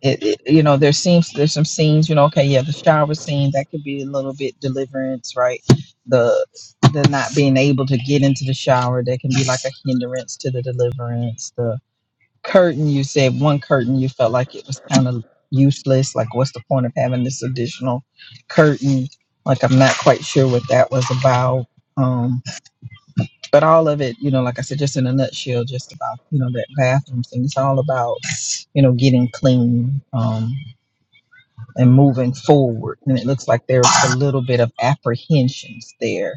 [SPEAKER 8] it, it you know there seems there's some scenes you know okay yeah the shower scene that could be a little bit deliverance right the the not being able to get into the shower that can be like a hindrance to the deliverance The curtain you said one curtain you felt like it was kind of useless like what's the point of having this additional curtain like i'm not quite sure what that was about um but all of it you know like i said just in a nutshell just about you know that bathroom thing it's all about you know getting clean um and moving forward and it looks like there's a little bit of apprehensions there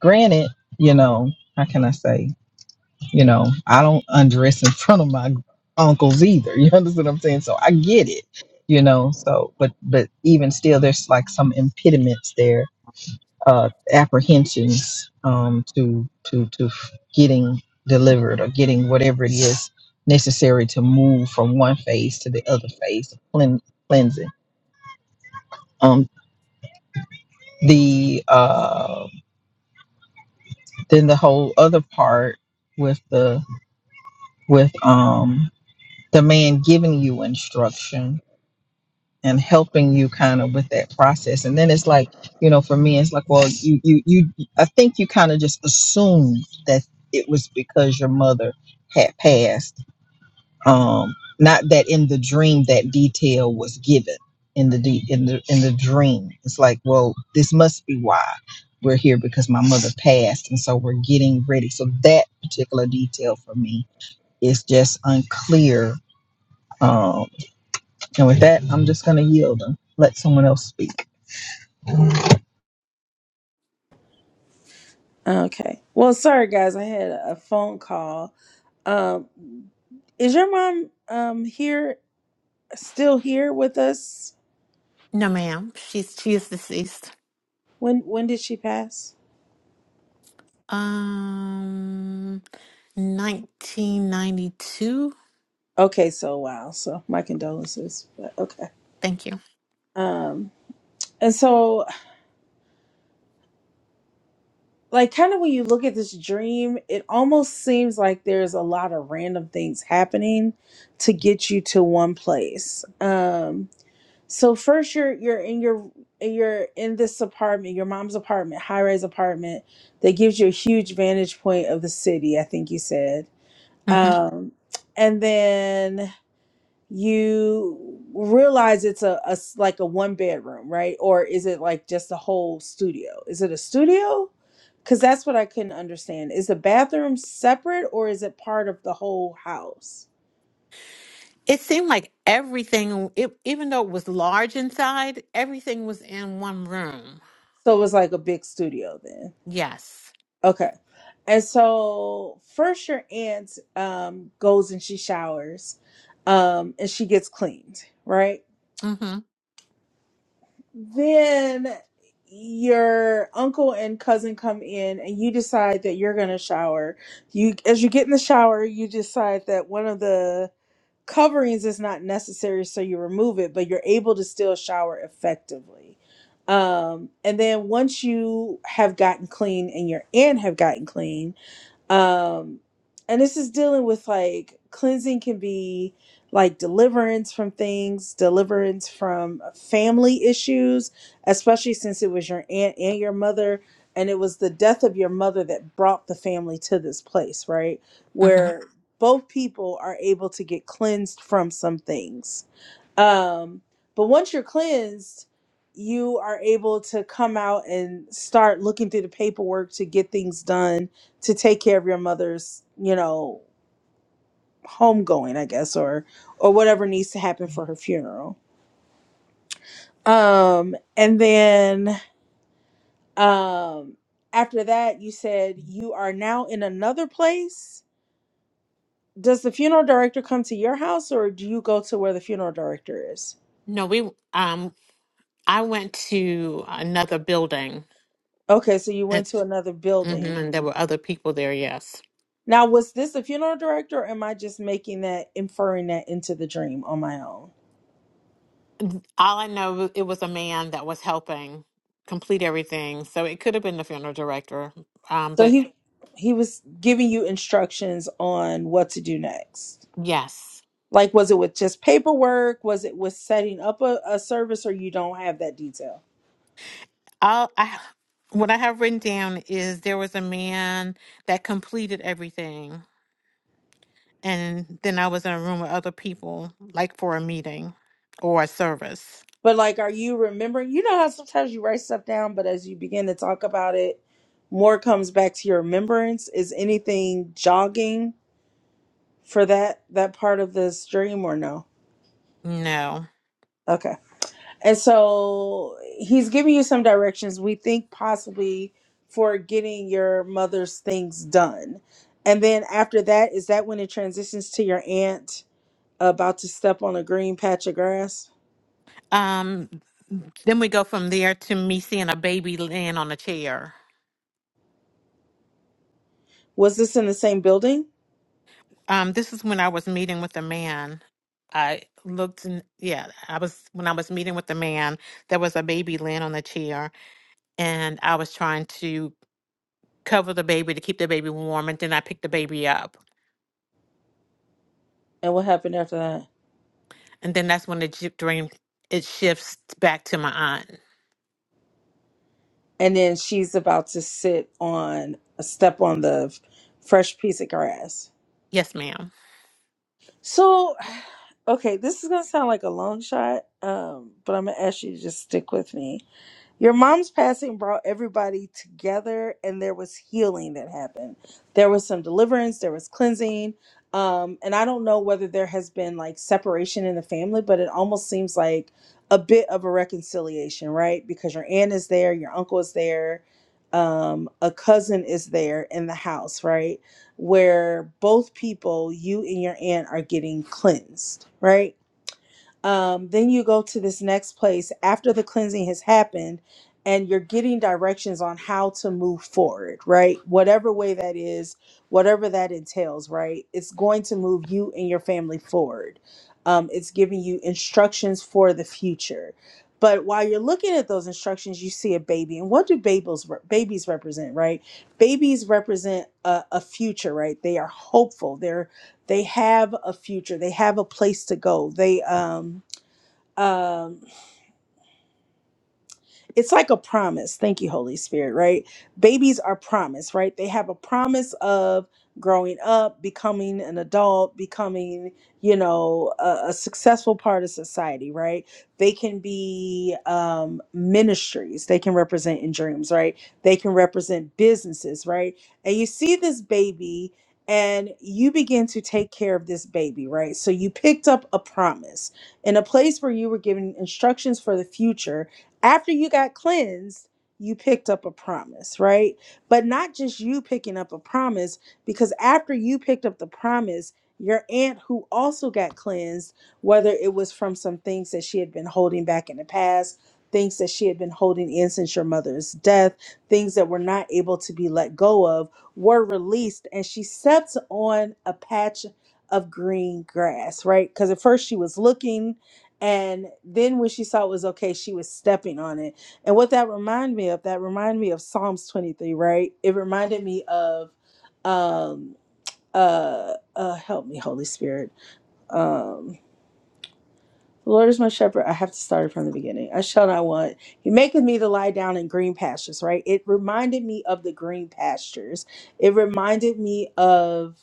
[SPEAKER 8] granted you know how can i say You know, I don't undress in front of my uncles either. You understand what I'm saying? So I get it. You know, so but but even still, there's like some impediments there, uh, apprehensions um, to to to getting delivered or getting whatever it is necessary to move from one phase to the other phase of clean, cleansing. Um, the uh, then the whole other part with the with um the man giving you instruction and helping you kind of with that process. And then it's like, you know, for me, it's like, well, you, you, you, I think you kind of just assumed that it was because your mother had passed. Um, not that in the dream that detail was given in the de- in the in the dream. It's like, well, this must be why we're here because my mother passed, and so we're getting ready. So that particular detail for me is just unclear. Um, and with that, I'm just gonna yield and let someone else speak.
[SPEAKER 1] Okay. Well, sorry guys, I had a phone call. Um is your mom um here still here with us?
[SPEAKER 9] No, ma'am. She's she is deceased.
[SPEAKER 1] When when did she pass?
[SPEAKER 9] Um, 1992.
[SPEAKER 1] Okay, so wow. So my condolences. But okay.
[SPEAKER 9] Thank you.
[SPEAKER 1] Um and so like kind of when you look at this dream, it almost seems like there's a lot of random things happening to get you to one place. Um so first you're you're in your you're in this apartment, your mom's apartment, high-rise apartment that gives you a huge vantage point of the city, I think you said.
[SPEAKER 9] hmm
[SPEAKER 1] Um and then you realize it's a, a s- like a one bedroom right or is it like just a whole studio is it a studio because that's what i couldn't understand is the bathroom separate or is it part of the whole house
[SPEAKER 9] It seemed like everything, it, even though it was large inside, everything was in one room.
[SPEAKER 1] so it was like a big studio then
[SPEAKER 9] Yes.
[SPEAKER 1] okay and so first your aunt um goes and she showers um and she gets cleaned right
[SPEAKER 9] Mm-hmm.
[SPEAKER 1] Then your uncle and cousin come in and you decide that you're going to shower. You as you get in the shower, you decide that one of the coverings is not necessary so you remove it, but you're able to still shower effectively. Um and then once you have gotten clean and your aunt have gotten clean, um and this is dealing with like cleansing can be like deliverance from things deliverance from family issues especially since it was your aunt and your mother and it was the death of your mother that brought the family to this place right
[SPEAKER 9] Mm-hmm.
[SPEAKER 1] where both people are able to get cleansed from some things um, but once you're cleansed, you are able to come out and start looking through the paperwork to get things done to take care of your mother's, you know, homegoing, I guess, or or whatever needs to happen for her funeral. Um, and then um after that you said you are now in another place. Does the funeral director come to your house or do you go to where the funeral director is?
[SPEAKER 9] No, we, um, I went to another building
[SPEAKER 1] Okay, so you
[SPEAKER 9] and,
[SPEAKER 1] went to another
[SPEAKER 9] mhm,
[SPEAKER 1] building.
[SPEAKER 9] and there were other people there. Yes.
[SPEAKER 1] Now, was this a funeral director, or am I just making that, inferring that into the dream on my own?
[SPEAKER 9] All I know, it was a man that was helping complete everything. So it could have been the funeral director. Um,
[SPEAKER 1] So
[SPEAKER 9] but
[SPEAKER 1] he he was giving you instructions on what to do next.
[SPEAKER 9] yes.
[SPEAKER 1] Like, was it with just paperwork? Was it with setting up a, a service, or you don't have that detail?
[SPEAKER 9] i I what I have written down is there was a man that completed everything, and then I was in a room with other people, like for a meeting or a service.
[SPEAKER 1] But like, are you remembering? You know how sometimes you write stuff down, but as you begin to talk about it, more comes back to your remembrance. Is anything jogging for that that part of this dream, or no?
[SPEAKER 9] No.
[SPEAKER 1] Okay. And so he's giving you some directions. We think possibly for getting your mother's things done. And then after that, is that when it transitions to your aunt about to step on a green patch of grass?
[SPEAKER 9] Um. Then we go from there to me seeing a baby laying on a chair.
[SPEAKER 1] Was this in the same building?
[SPEAKER 9] Um. This is when I was meeting with a man. I looked and yeah, I was when I was meeting with the man, there was a baby laying on the chair, and I was trying to cover the baby to keep the baby warm, and then I pick the baby up,
[SPEAKER 1] And what happened after that?
[SPEAKER 9] and then that's when the j- dream it shifts back to my aunt.
[SPEAKER 1] And then she's about to sit on a step on the f- fresh piece of grass.
[SPEAKER 9] Yes, madam
[SPEAKER 1] So, okay, this is going to sound like a long shot, um, but I'm going to ask you to just stick with me Your mom's passing brought everybody together, and there was healing that happened. There was some deliverance, there was cleansing. Um, and I don't know whether there has been like separation in the family, but it almost seems like a bit of a reconciliation, right? Because your aunt is there, your uncle is there, um, a cousin is there in the house, right? Where both people, you and your aunt, are getting cleansed, right? Um, then you go to this next place after the cleansing has happened and you're getting directions on how to move forward, right? Whatever way that is, whatever that entails, right? It's going to move you and your family forward. Um, it's giving you instructions for the future. But while you're looking at those instructions, you see a baby. And what do babies, babies represent, right? Babies represent a, a future, right? They are hopeful. They're they have a future. They have a place to go. They um um it's like a promise thank you holy spirit right babies are promised right they have a promise of growing up becoming an adult becoming you know a, a successful part of society right they can be um ministries they can represent in dreams right they can represent businesses right and you see this baby and you begin to take care of this baby right so you picked up a promise in a place where you were given instructions for the future after you got cleansed, you picked up a promise, right? But not just you picking up a promise, because after you picked up the promise, your aunt who also got cleansed, whether it was from some things that she had been holding back in the past, things that she had been holding in since your mother's death, things that were not able to be let go of, were released. And she stepped on a patch of green grass, right? Because at first she was looking and then when she saw it was okay she was stepping on it and what that reminded me of that reminded me of psalms 23 right it reminded me of um uh uh help me holy spirit um the lord is my shepherd i have to start it from the beginning i shall not want he maketh me to lie down in green pastures right it reminded me of the green pastures it reminded me of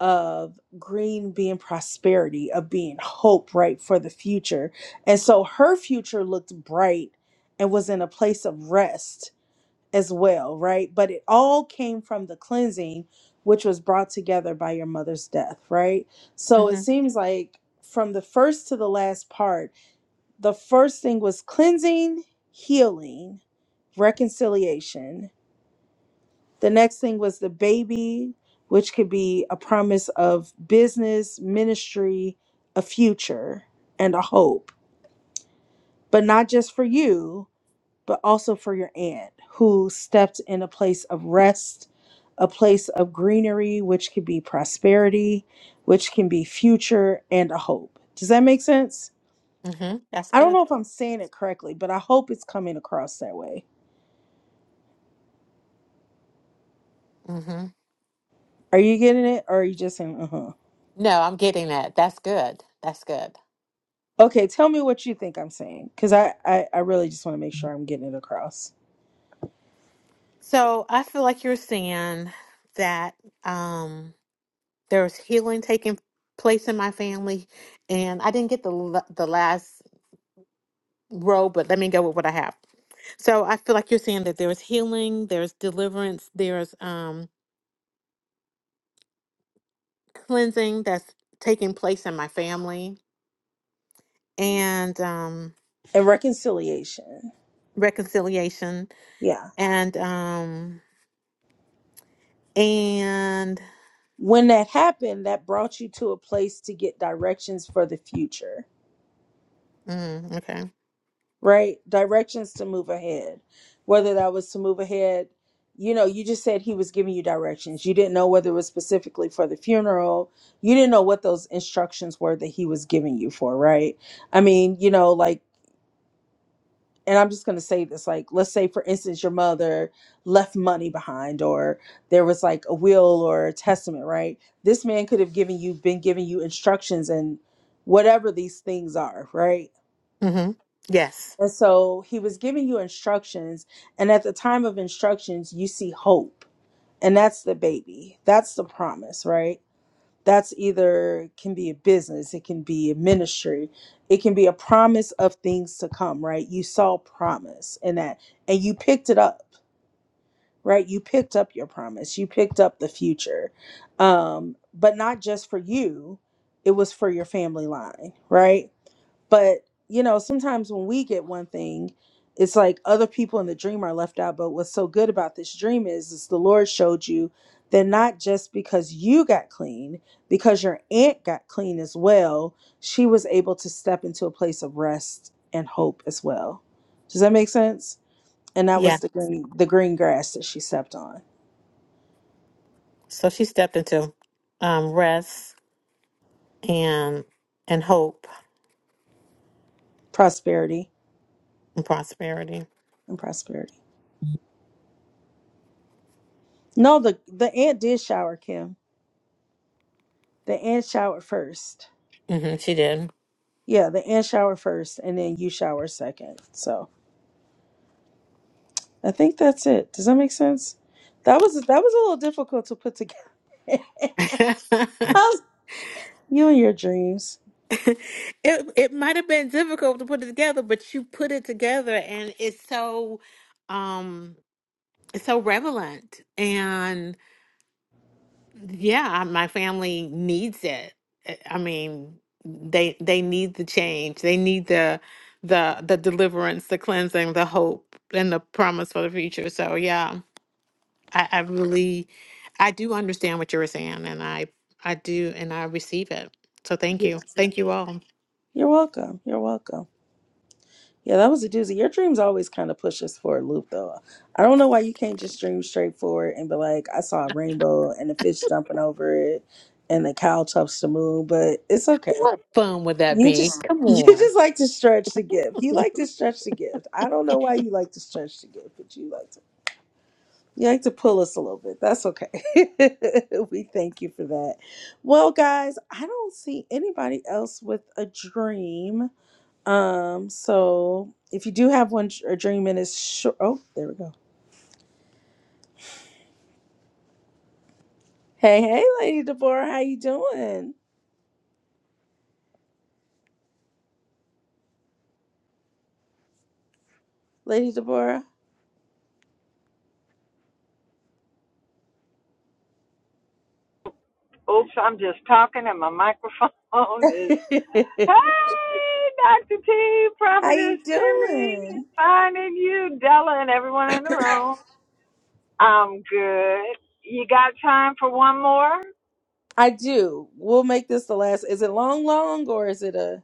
[SPEAKER 1] of green being prosperity, of being hope, right, for the future. And so her future looked bright and was in a place of rest as well, right? But it all came from the cleansing, which was brought together by your mother's death, right? So it
[SPEAKER 9] Mm-hmm.
[SPEAKER 1] seems like from the first to the last part, the first thing was cleansing, healing, reconciliation, the next thing was the baby, which could be a promise of business, ministry, a future, and a hope, but not just for you, but also for your aunt who stepped in a place of rest, a place of greenery, which could be prosperity, which can be future and a hope. Does that make sense?
[SPEAKER 9] Mm-hmm. That's
[SPEAKER 1] I don't
[SPEAKER 9] good.
[SPEAKER 1] know if I'm saying it correctly, but I hope it's coming across that way.
[SPEAKER 9] Mm-hmm.
[SPEAKER 1] Are you getting it or are you just saying, uh huh?
[SPEAKER 9] No, I'm getting that. That's good. That's good.
[SPEAKER 1] Okay, tell me what you think I'm saying, because I, I I really just want to make sure I'm getting it across.
[SPEAKER 9] So I feel like you're saying that um, there's healing taking place in my family, and I didn't get the l- the last row, but let me go with what I have. So I feel like you're saying that there's healing, there's deliverance, there's um cleansing that's taking place in my family and um
[SPEAKER 1] And reconciliation,
[SPEAKER 9] reconciliation
[SPEAKER 1] yeah.
[SPEAKER 9] and um and
[SPEAKER 1] When that happened, that brought you to a place to get directions for the future,
[SPEAKER 9] mm, okay
[SPEAKER 1] right? Directions to move ahead. Whether that was to move ahead, you know, you just said he was giving you directions. You didn't know whether it was specifically for the funeral. You didn't know what those instructions were that he was giving you for, right? I mean, you know, like and I'm just going to say this like let's say for instance your mother left money behind or there was like a will or a testament, right? This man could have given you been giving you instructions and whatever these things are, right?
[SPEAKER 9] hmm yes
[SPEAKER 1] And so he was giving you instructions and at the time of instructions you see hope. And that's the baby. That's the promise, right? that's either can be a business it can be a ministry it can be a promise of things to come right you saw promise in that and you picked it up right you picked up your promise you picked up the future um but not just for you it was for your family line right but you know, sometimes when we get one thing, it's like other people in the dream are left out. But what's so good about this dream is, is the Lord showed you that not just because you got clean, because your aunt got clean as well, she was able to step into a place of rest and hope as well. Does that make sense? And that
[SPEAKER 9] yeah
[SPEAKER 1] was the green the green grass that she stepped on.
[SPEAKER 9] so she stepped into um rest and and hope
[SPEAKER 1] Prosperity
[SPEAKER 9] and prosperity
[SPEAKER 1] and prosperity. No, the the aunt did shower Kim. The aunt showered first
[SPEAKER 9] hmm she did
[SPEAKER 1] Yeah, the ant shower first and then you shower second. So I think that's it. Does that make sense? That was that was a little difficult to put together.
[SPEAKER 9] it
[SPEAKER 1] you and your dreams.
[SPEAKER 9] it might have been difficult to put it together but you put it together and it's so um it's so relevant and Yeah, I- my family needs it. I I mean, they they need the change. They need the the the deliverance, the cleansing, the hope, and the promise for the future. So yeah, I, I really I do understand what you were saying, and I I do, and I receive it. So thank
[SPEAKER 1] Yeah.
[SPEAKER 9] you, thank you all.
[SPEAKER 1] You're welcome. You're welcome. Yeah, that was a doozy. Your dreams always kind of push us for a loop though. I don't know why you can't just dream straight forward and be like, I saw a rainbow and the fish jumping over it and the cow touched the moon, but it's okay.
[SPEAKER 9] What fun would that
[SPEAKER 1] You
[SPEAKER 9] be?
[SPEAKER 1] just
[SPEAKER 9] Come
[SPEAKER 1] you
[SPEAKER 9] on.
[SPEAKER 1] just like to stretch the gift. You like to stretch the gift. I don't know why you like to stretch the gift, but you like to. You like to pull us a little bit. That's okay. we thank you for that. Well, guys, I don't see anybody else with a dream. Um, so if you do have one, a dream and it's short. Oh, there we go. Hey, hey, Lady Deborah, how you doing, Lady Deborah?
[SPEAKER 10] Oops, I'm just talking and my microphone is.
[SPEAKER 1] how
[SPEAKER 10] Hey, Dr. T, Prophetess
[SPEAKER 1] you
[SPEAKER 10] Kimmy,
[SPEAKER 1] doing?
[SPEAKER 10] finding you, Della, and everyone in the room. I'm good. You got time for one more?
[SPEAKER 1] I do. We'll make this the last. Is it long, long, or is it a?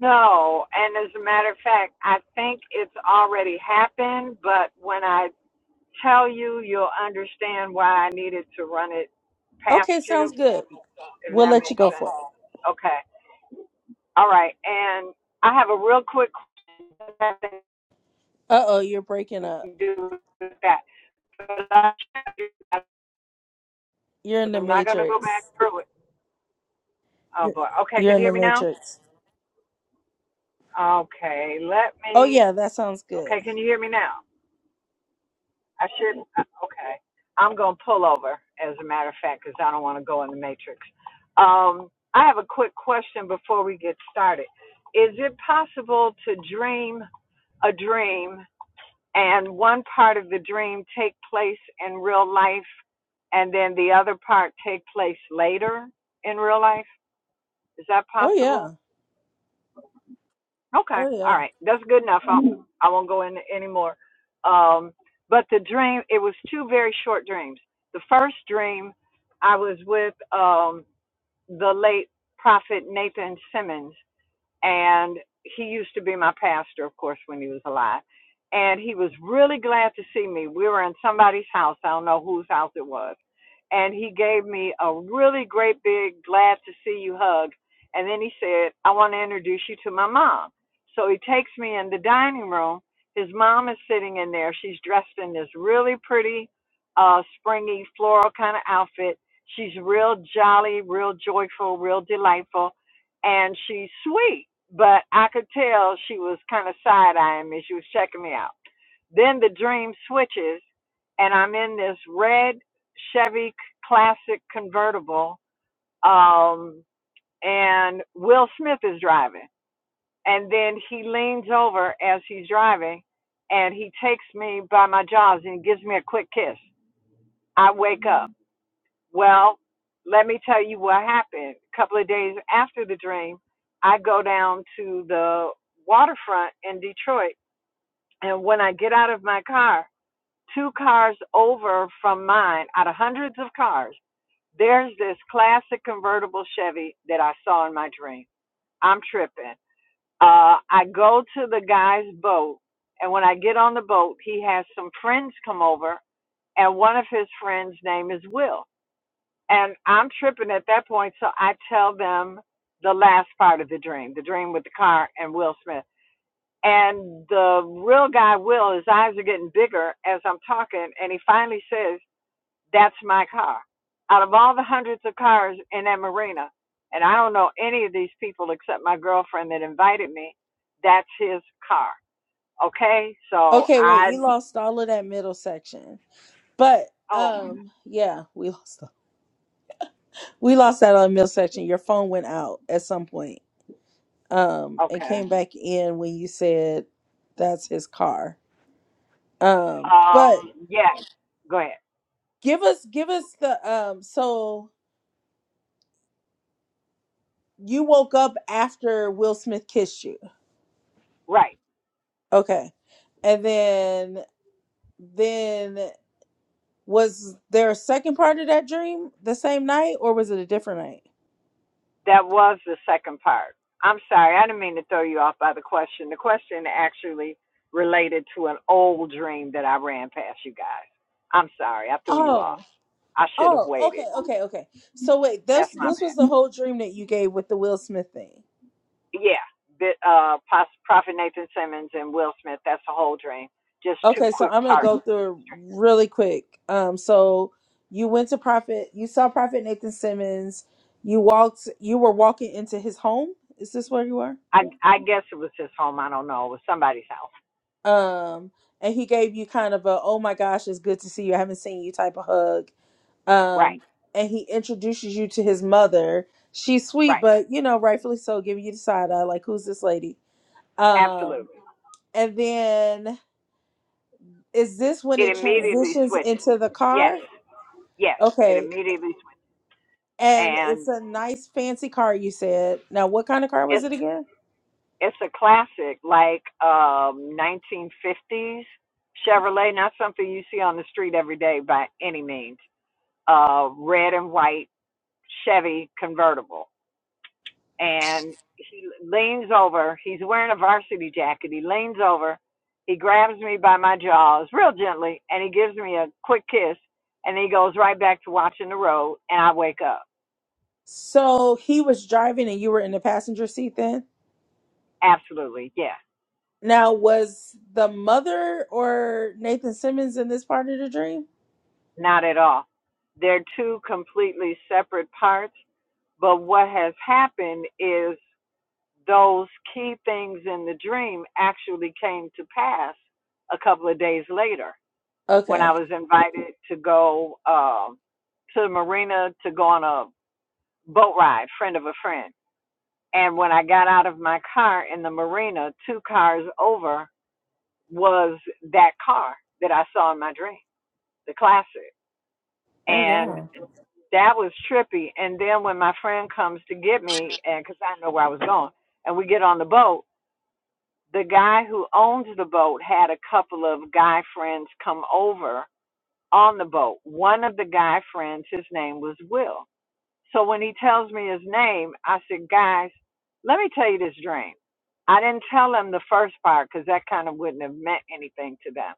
[SPEAKER 10] No. And as a matter of fact, I think it's already happened, but when I tell you, you'll understand why I needed to run it past
[SPEAKER 1] Okay, sounds
[SPEAKER 10] you,
[SPEAKER 1] good.
[SPEAKER 10] if
[SPEAKER 1] We'll
[SPEAKER 10] that
[SPEAKER 1] let you
[SPEAKER 10] makes
[SPEAKER 1] go for
[SPEAKER 10] sense.
[SPEAKER 1] it.
[SPEAKER 10] Okay. All right. And I have a real quick question
[SPEAKER 1] Uh oh, you're breaking up.
[SPEAKER 10] do with that. But I
[SPEAKER 1] You're in the
[SPEAKER 10] I'm not going to go back
[SPEAKER 1] matrix.
[SPEAKER 10] through it. Oh
[SPEAKER 1] You're
[SPEAKER 10] boy. Okay,
[SPEAKER 1] you're
[SPEAKER 10] can
[SPEAKER 1] in
[SPEAKER 10] you hear
[SPEAKER 1] the
[SPEAKER 10] me now?
[SPEAKER 1] matrix.
[SPEAKER 10] Okay, let
[SPEAKER 1] Oh
[SPEAKER 10] me.
[SPEAKER 1] yeah, that sounds good.
[SPEAKER 10] Okay, can you hear me now? I should. uh, Okay, I'm going to pull over. As a matter of fact, because I don't want to go in the matrix. Um, I have a quick question before we get started. Is it possible to dream a dream and one part of the dream take place in real life and then the other part take place later in real life is that
[SPEAKER 1] Oh
[SPEAKER 10] possible
[SPEAKER 1] yeah.
[SPEAKER 10] okay
[SPEAKER 1] Oh
[SPEAKER 10] all
[SPEAKER 1] yeah.
[SPEAKER 10] right that's good enough I'll, i won't go into any more um, but the dream it was two very short dreams the first dream i was with um, the late prophet nathan simmons and he used to be my pastor, of course, when he was alive. And he was really glad to see me. We were in somebody's house. I don't know whose house it was. And he gave me a really great big glad to see you hug. And then he said, I want to introduce you to my mom. So he takes me in the dining room. His mom is sitting in there. She's dressed in this really pretty, uh, springy floral kind of outfit. She's real jolly, real joyful, real delightful, and she's sweet but I could tell she was kind of side eyeing me. She was checking me out. Then the dream switches, and I'm in this red Chevy Classic convertible, um, and Will Smith is driving. And then he leans over as he's driving, and he takes me by my jaws and gives me a quick kiss. I wake up. Well, let me tell you what happened. A couple of days after the dream, I go down to the waterfront in Detroit. And when I get out of my car, two cars over from mine, out of hundreds of cars, there's this classic convertible Chevy that I saw in my dream. I'm tripping. Uh, I go to the guy's boat. And when I get on the boat, he has some friends come over. And one of his friends' name is Will. And I'm tripping at that point, so I tell them the last part of the dream, the dream with the car and Will Smith. And the real guy, Will, his eyes are getting bigger as I'm talking, and he finally says, That's my car. Out of all the hundreds of cars in that marina, and I don't know any of these people except my girlfriend that invited me, that's his car. Okay, so
[SPEAKER 1] Okay, wait,
[SPEAKER 10] I,
[SPEAKER 1] we lost all of that middle section. But
[SPEAKER 10] oh,
[SPEAKER 1] um yeah, we lost we lost that on middle section. Your phone went out at some point. Um and
[SPEAKER 10] okay.
[SPEAKER 1] came back in when you said that's his car. Um but
[SPEAKER 10] Um, yeah, go ahead.
[SPEAKER 1] give us give us the um so you woke up after Will Smith kissed you.
[SPEAKER 10] Right.
[SPEAKER 1] Okay. And then then Was there a second part of that dream the same night or was it a different night?
[SPEAKER 10] That was the second part. I'm sorry, I didn't mean to throw you off by the question. The question actually related to an old dream that I ran past you guys. I'm sorry, I threw you
[SPEAKER 1] Oh,
[SPEAKER 10] off. I should have
[SPEAKER 1] oh, okay,
[SPEAKER 10] waited.
[SPEAKER 1] okay, okay. So wait,
[SPEAKER 10] That's
[SPEAKER 1] this
[SPEAKER 10] my
[SPEAKER 1] this was the
[SPEAKER 10] bad.
[SPEAKER 1] whole dream that you gave with the Will Smith thing.
[SPEAKER 10] Yeah, bit, uh, Pos- Prophet Nathan Simmons and Will Smith. That's the whole dream. Just two
[SPEAKER 1] Okay, so
[SPEAKER 10] quick
[SPEAKER 1] I'm gonna
[SPEAKER 10] parts.
[SPEAKER 1] go through it really quick. Um, so you went to Prophet, you saw Prophet Nathan Simmons. You walked, you were walking into his home. Is this where you were?
[SPEAKER 10] I I guess it was his home. I don't know. It was somebody's house.
[SPEAKER 1] Um, and he gave you kind of a, oh my gosh, it's good to see you. I haven't seen you type of hug
[SPEAKER 10] Right,
[SPEAKER 1] um, and he introduces you to his mother. She's sweet,
[SPEAKER 10] right.
[SPEAKER 1] but you know, rightfully so, giving you the side eye, like, who's this lady? Um,
[SPEAKER 10] Absolutely.
[SPEAKER 1] and then is this when
[SPEAKER 10] It
[SPEAKER 1] it
[SPEAKER 10] immediately
[SPEAKER 1] transitions
[SPEAKER 10] switches.
[SPEAKER 1] into the
[SPEAKER 10] Yes,
[SPEAKER 1] car?
[SPEAKER 10] yes. It
[SPEAKER 1] Okay,
[SPEAKER 10] immediately switches.
[SPEAKER 1] and
[SPEAKER 10] And
[SPEAKER 1] it's a nice fancy car. You said. Now, what kind of car was
[SPEAKER 10] it's.
[SPEAKER 1] it again?
[SPEAKER 10] It's a classic, like um, 1950s Chevrolet. Not something you see on the street every day by any means. Uh, red and white Chevy convertible, and he leans over. He's wearing a varsity jacket. He leans over. He grabs me by my jaws real gently, and he gives me a quick kiss, and he goes right back to watching the road, and I wake up.
[SPEAKER 1] So he was driving, and you were in the passenger seat then.
[SPEAKER 10] Absolutely, yes.
[SPEAKER 1] Now, was the mother or Nathan Simmons in this part of the dream?
[SPEAKER 10] Not at all. They're two completely separate parts. But what has happened is those key things in the dream actually came to pass a couple of days later when I
[SPEAKER 1] Okay.
[SPEAKER 10] was invited to go um, to the marina to go on a boat ride, friend of a friend. And when I got out of my car in the marina, two cars over was that car that I saw in my dream, the classic.
[SPEAKER 1] Oh
[SPEAKER 10] And
[SPEAKER 1] wow.
[SPEAKER 10] that was trippy. And then when my friend comes to get me, and because I know where I was going, and we get on the boat, the guy who owns the boat had a couple of guy friends come over on the boat. One of the guy friends, his name was Will. So when he tells me his name, I said, guys, let me tell you this dream. I didn't tell them the first part because that kind of wouldn't have meant anything to them.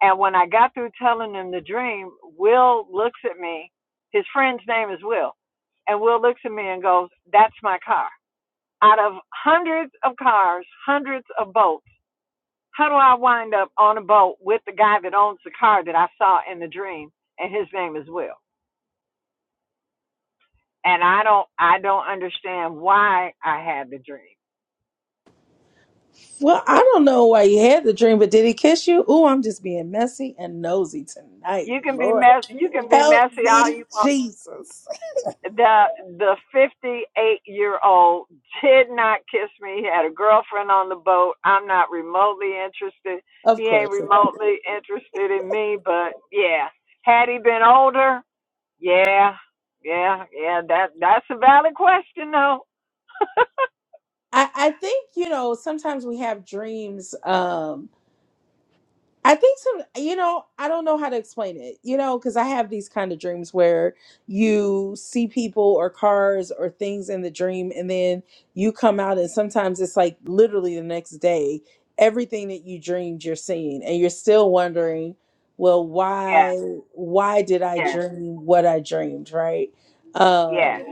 [SPEAKER 10] And when I got through telling him the dream, Will looks at me. His friend's name is Will. And Will looks at me and goes, That's my car. Out of hundreds of cars, hundreds of boats, how do I wind up on a boat with the guy that owns the car that I saw in the dream? And his name is Will. And I don't I don't understand why I had the dream.
[SPEAKER 1] Well, I don't know why you had the dream, but did he kiss you? Ooh, I'm just being messy and nosy tonight.
[SPEAKER 10] You can be
[SPEAKER 1] Lord,
[SPEAKER 10] messy you can be
[SPEAKER 1] help
[SPEAKER 10] messy all
[SPEAKER 1] me,
[SPEAKER 10] you want
[SPEAKER 1] Jesus.
[SPEAKER 10] the the 58 year old did not kiss me. He had a girlfriend on the boat. I'm not remotely interested. He
[SPEAKER 1] Of
[SPEAKER 10] ain't
[SPEAKER 1] course. Of course.
[SPEAKER 10] remotely interested in me. But yeah, had he been older, yeah, yeah, yeah. That that's a valid question though.
[SPEAKER 1] I, I think, you know, sometimes we have dreams. Um, I think some, you know, I don't know how to explain it, you know, because I have these kind of dreams where you see people or cars or things in the dream, and then you come out, and sometimes it's like literally the next day, everything that you dreamed you're seeing, and you're still wondering, well, why,
[SPEAKER 10] Yeah,
[SPEAKER 1] why did I
[SPEAKER 10] yeah,
[SPEAKER 1] dream what I dreamed, right?
[SPEAKER 10] yeah.
[SPEAKER 1] Um,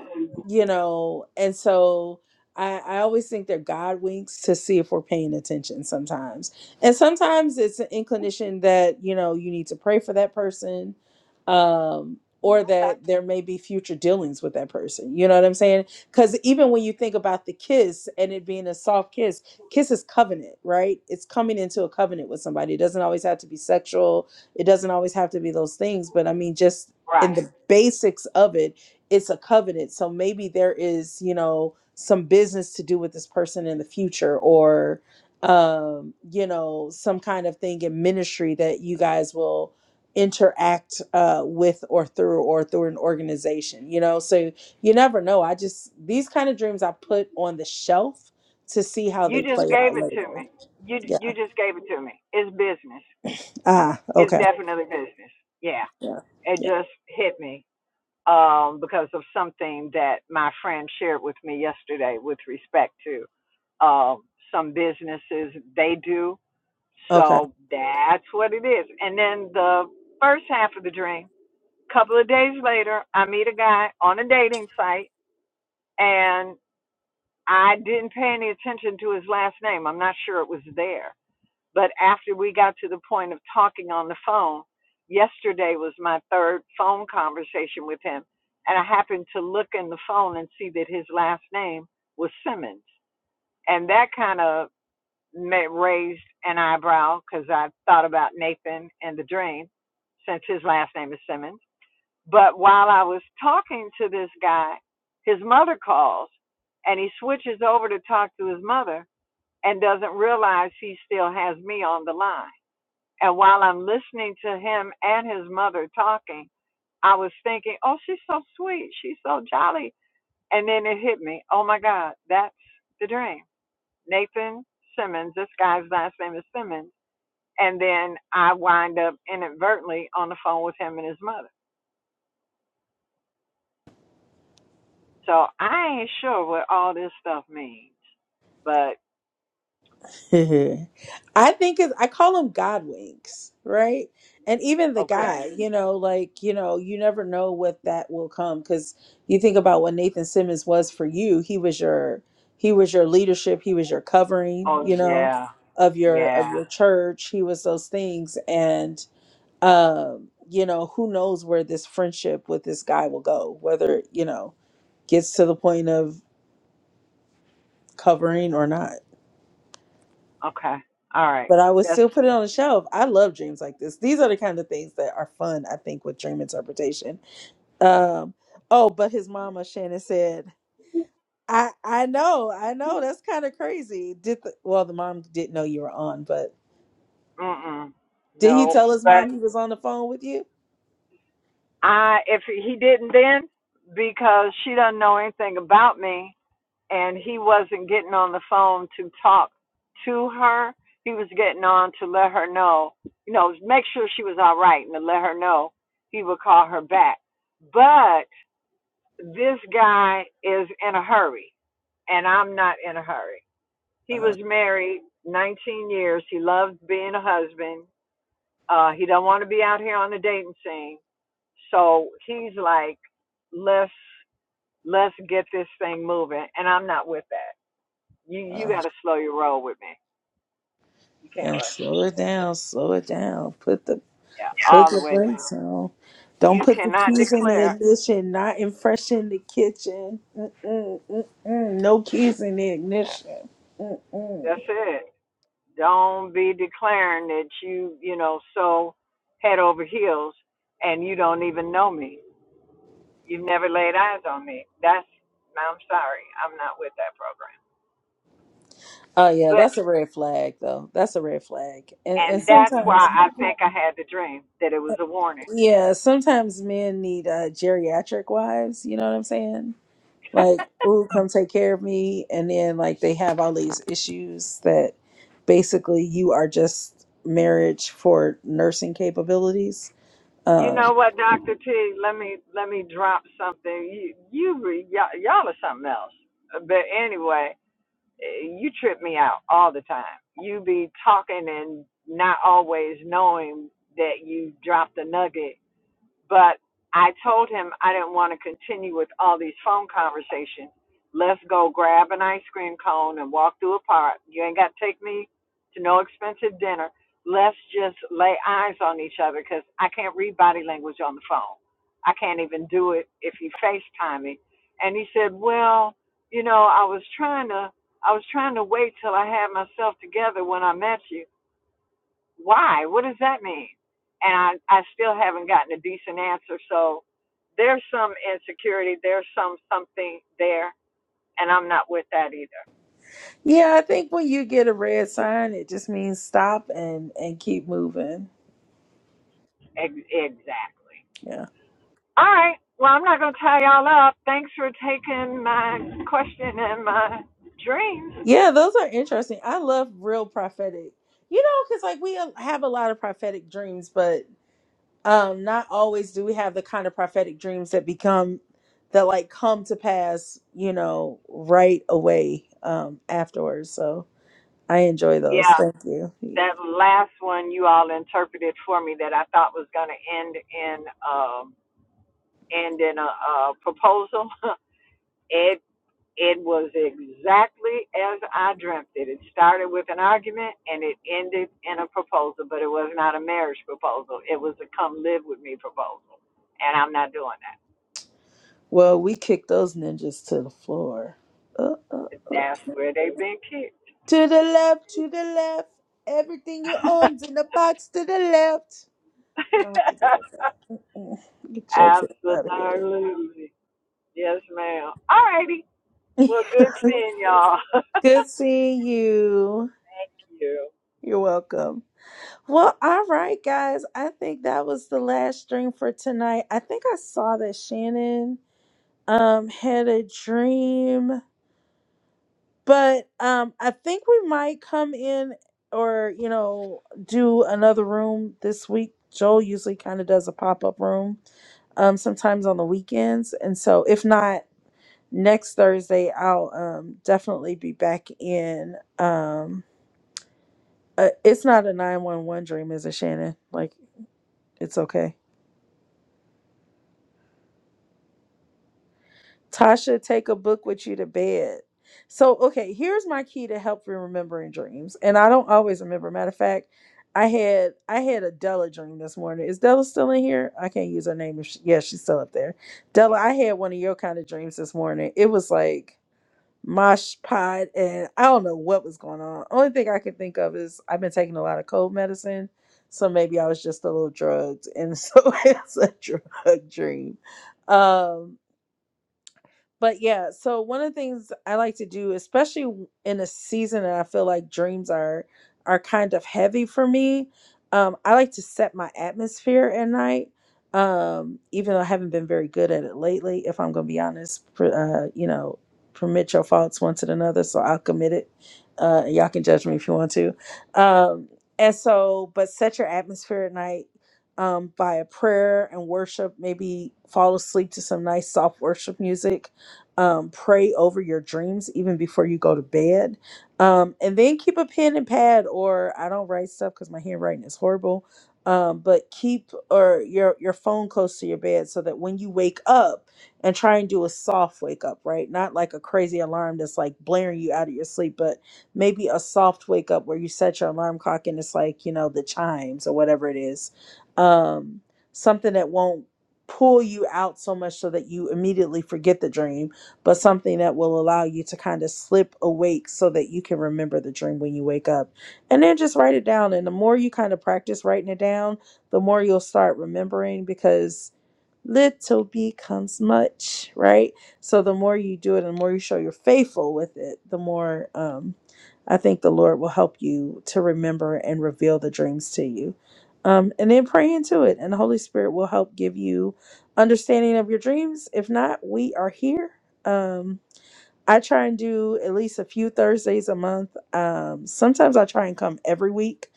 [SPEAKER 1] you know, and so I, I always think they're God winks to see if we're paying attention sometimes and sometimes it's an inclination that you know you need to pray for that person um or
[SPEAKER 10] Okay,
[SPEAKER 1] that there may be future dealings with that person you know what i'm saying because even when you think about the kiss and it being a soft kiss kiss is covenant right it's coming into a covenant with somebody it doesn't always have to be sexual it doesn't always have to be those things but i mean just in
[SPEAKER 10] right.
[SPEAKER 1] the basics of it it's a covenant so maybe there is you know some business to do with this person in the future or um, you know, some kind of thing in ministry that you guys will interact uh, with or through or through an organization, you know. So you never know. I just these kind of dreams I put on the shelf to see how
[SPEAKER 10] You
[SPEAKER 1] they
[SPEAKER 10] just
[SPEAKER 1] play out
[SPEAKER 10] gave it to
[SPEAKER 1] later.
[SPEAKER 10] me. You
[SPEAKER 1] Yeah.
[SPEAKER 10] you just gave it to me. It's business.
[SPEAKER 1] Ah,
[SPEAKER 10] It's
[SPEAKER 1] okay.
[SPEAKER 10] definitely business. Yeah,
[SPEAKER 1] Yeah.
[SPEAKER 10] it
[SPEAKER 1] Yeah.
[SPEAKER 10] just hit me um, because of something that my friend shared with me yesterday with respect to um, some businesses they do.
[SPEAKER 1] Okay.
[SPEAKER 10] So that's what it is. And then the first half of the dream, couple of days later, I meet a guy on a dating site and I didn't pay any attention to his last name. I'm not sure it was there but after we got to the point of talking on the phone, yesterday was my third phone conversation with him. And I happened to look in the phone and see that his last name was Simmons. And that kind of raised an eyebrow because I thought about Nathan and the dream since his last name is Simmons. But while I was talking to this guy, his mother calls and he switches over to talk to his mother and doesn't realize he still has me on the line. And while I'm listening to him and his mother talking, I was thinking, oh, she's so sweet. She's so jolly. And then it hit me, oh my God, that's the dream. Nathan Simmons, this guy's last name is Simmons. And then I wind up inadvertently on the phone with him and his mother. So I ain't sure what all this stuff means, but
[SPEAKER 1] I think it's, I call them God winks, right? And even the
[SPEAKER 10] Okay.
[SPEAKER 1] guy, you know, like, you know, you never know what that will come because you think about what Nathan Simmons was for you. He was your, he was your leadership. He was your covering, you
[SPEAKER 10] oh
[SPEAKER 1] know,
[SPEAKER 10] yeah,
[SPEAKER 1] of your,
[SPEAKER 10] yeah.
[SPEAKER 1] of your church. He was those things. And, um, you know, who knows where this friendship with this guy will go, whether, you know, gets to the point of covering or not.
[SPEAKER 10] Okay. All right.
[SPEAKER 1] but I would
[SPEAKER 10] That's
[SPEAKER 1] still put
[SPEAKER 10] good.
[SPEAKER 1] it on the shelf. I love dreams like this. These are the kind of things that are fun, I think, with dream interpretation. Um, oh, but his mama Shannon said, "I I know, I know. That's kind of crazy." Did the, well, the mom didn't know you were on, but
[SPEAKER 10] Mm-mm.
[SPEAKER 1] did he
[SPEAKER 10] No,
[SPEAKER 1] tell his
[SPEAKER 10] but
[SPEAKER 1] mom he was on the phone with you?
[SPEAKER 10] I if he didn't then because she doesn't know anything about me and he wasn't getting on the phone to talk to her. He was getting on to let her know, you know, make sure she was all right and to let her know he would call her back. But this guy is in a hurry and I'm not in a hurry. He
[SPEAKER 1] Uh,
[SPEAKER 10] was married 19 years. He loved being a husband. Uh, he don't want to be out here on the dating scene so he's like, let's let's get this thing moving, and I'm not with that. You you got
[SPEAKER 1] uh,
[SPEAKER 10] to slow your roll with me. You can't
[SPEAKER 1] yeah,
[SPEAKER 10] rush me.
[SPEAKER 1] slow it down, slow it down. Put the
[SPEAKER 10] Yeah, all the
[SPEAKER 1] Sugar
[SPEAKER 10] way down.
[SPEAKER 1] breaks on. Don't
[SPEAKER 10] You
[SPEAKER 1] put the
[SPEAKER 10] cannot
[SPEAKER 1] keys in the
[SPEAKER 10] declare.
[SPEAKER 1] ignition. Not in fresh in the kitchen. Mm-mm, mm-mm. No keys in the ignition.
[SPEAKER 10] That's
[SPEAKER 1] Mm-mm.
[SPEAKER 10] it. Don't be declaring that you you know so head over heels, and you don't even know me. You've never laid eyes on me. That's I'm sorry. I'm not with that program.
[SPEAKER 1] Oh yeah,
[SPEAKER 10] But
[SPEAKER 1] that's a red flag though. That's a red flag. And and
[SPEAKER 10] and that's why
[SPEAKER 1] sometimes,
[SPEAKER 10] I think I had the dream that it was a warning.
[SPEAKER 1] yeah, sometimes men need uh, geriatric wives. You know what I'm saying? Like, ooh, come take care of me, and then like they have all these issues that basically you are just marriage for nursing capabilities.
[SPEAKER 10] You
[SPEAKER 1] Um,
[SPEAKER 10] know what, Doctor T? Let me let me drop something. You you re, y'all, y'all are something else. But anyway, eh, you trip me out all the time. You be talking and not always knowing that you dropped a nugget but I told him I didn't want to continue with all these phone conversations. Let's go grab an ice cream cone and walk through a park. You ain't got to take me to no expensive dinner. Let's just lay eyes on each other because I can't read body language on the phone. I can't even do it if you FaceTime me. And he said, Well, you know, I was trying to I was trying to wait till I had myself together when I met you why? What does that mean? And I, I still haven't gotten a decent answer. So there's some insecurity, there's some something there, and I'm not with that either.
[SPEAKER 1] Yeah, I think when you get a red sign, it just means stop and and keep moving.
[SPEAKER 10] Ex- exactly.
[SPEAKER 1] Yeah.
[SPEAKER 10] All right. Well, I'm not going to tie y'all up. Thanks for taking my question and my dreams.
[SPEAKER 1] Yeah, those are interesting. I love real prophetic. You know, cuz like we uh, have a lot of prophetic dreams, but um not always do we have the kind of prophetic dreams that become that like come to pass, you know, right away um afterwards. So, I enjoy those.
[SPEAKER 10] Yeah,
[SPEAKER 1] Thank you.
[SPEAKER 10] that last one you all interpreted for me that I thought was going to end in um, end in a, a proposal. It was exactly as I dreamt it. It started with an argument and it ended in a proposal, but it was not a marriage proposal. It was a come live with me proposal. And I'm not doing that.
[SPEAKER 1] Well, we kick those ninjas to the floor. Uh, uh, uh.
[SPEAKER 10] That's where they've been kicked.
[SPEAKER 1] To the left, to the left. Everything you own's in the box to the left. You don't have to deal with that. Get your tip out of here.
[SPEAKER 10] Absolutely. Yes, ma'am. All righty. Well, good seeing y'all. Thank
[SPEAKER 1] Good seeing you.
[SPEAKER 10] you.
[SPEAKER 1] You're welcome. Well, all right, guys. I think that was the last dream for tonight. I think I saw that Shannon um had a dream. but um i think we might come in or you know do another room this week joel usually kind of does a pop-up room um sometimes on the weekends and so if not next thursday i'll um definitely be back in um uh, it's not a 911 dream is it shannon like it's okay Tasha, take a book with you to bed. So, okay, here's my key to help you remembering dreams. And I don't always remember. Matter of fact, I had I had a Della dream this morning. Is Della still in here? I can't use her name. If she, yeah, she's still up there. Della, I had one of your kind of dreams this morning. It was like mosh pod, and I don't know what was going on. Only thing I can think of is I've been taking a lot of cold medicine, so maybe I was just a little drugged, and so it's a drug dream. Um, but yeah, so one of the things I like to do, especially w- in a season that I feel like dreams are are kind of heavy for me, um, I like to set my atmosphere at night. Um, even though I haven't been very good at it lately, if I'm gonna be honest, pr- uh, you know, permit your faults one to another, so I'll commit it. Uh, and y'all can judge me if you want to. Um, and so, but set your atmosphere at night um, by a prayer and worship. Maybe fall asleep to some nice soft worship music um, pray over your dreams even before you go to bed. Um, and then keep a pen and pad, or I don't write stuff because my handwriting is horrible. Um, but keep or your your phone close to your bed so that when you wake up and try and do a soft wake up, right? Not like a crazy alarm that's like blaring you out of your sleep, but maybe a soft wake up where you set your alarm clock and it's like you know the chimes or whatever it is um something that won't pull you out so much so that you immediately forget the dream but something that will allow you to kind of slip awake so that you can remember the dream when you wake up. And then just write it down. And the more you kind of practice writing it down, the more you'll start remembering because little becomes much, right? So the more you do it and the more you show you're faithful with it, the more um, I think the Lord will help you to remember and reveal the dreams to you. Um, and then pray into it, and the Holy Spirit will help give you understanding of your dreams. If not, we are here. Um, I try and do at least a few Thursdays a month. Um, sometimes I try and come every week.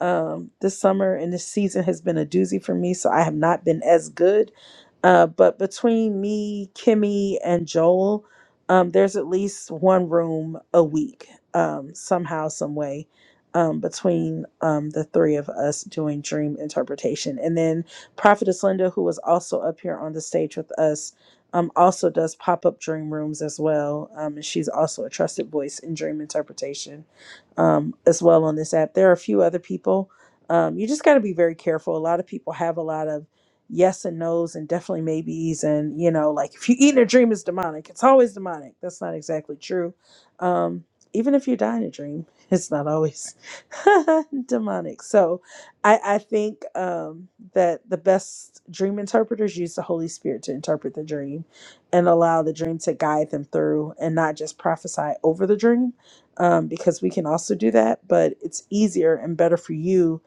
[SPEAKER 1] Um, this summer and this season has been a doozy for me, so I have not been as good. Uh, but between me, Kimmy, and Joel, um, there's at least one room a week, um, somehow, some way, um, between um, the three of us doing dream interpretation. And then Prophetess Linda, who was also up here on the stage with us um, also does pop up dream rooms as well. Um, and she's also a trusted voice in dream interpretation um, as well on this app. There are a few other people. Um, you just got to be very careful. A lot of people have a lot of yes and no's and definitely maybes. And, you know, like if you eat in a dream, it's demonic. It's always demonic. That's not exactly true. Um, even if you die in a dream, it's not always demonic. So I, I think um, that the best dream interpreters use the Holy Spirit to interpret the dream and allow the dream to guide them through and not just prophesy over the dream um, because we can also do that but it's easier and better for you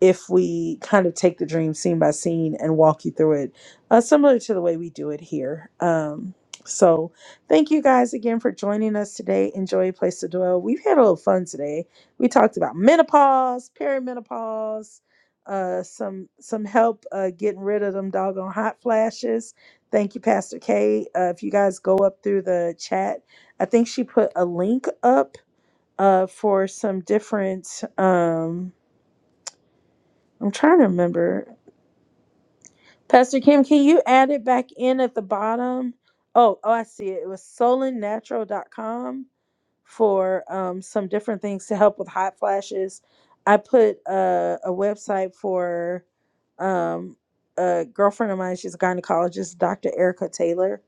[SPEAKER 1] if we kind of take the dream scene by scene and walk you through it uh, similar to the way we do it here um, so thank you guys again for joining us today enjoy a place to dwell we've had a little fun today we talked about menopause perimenopause uh, some some help uh, getting rid of them doggone hot flashes Thank you, Pastor K. Uh, if you guys go up through the chat, I think she put a link up uh, for some different. Um, I'm trying to remember. Pastor Kim, can you add it back in at the bottom? Oh, oh, I see it. It was solennatural.com for um, some different things to help with hot flashes. I put uh, a website for um, a girlfriend of mine. She's a gynecologist, Dr. Erica Taylor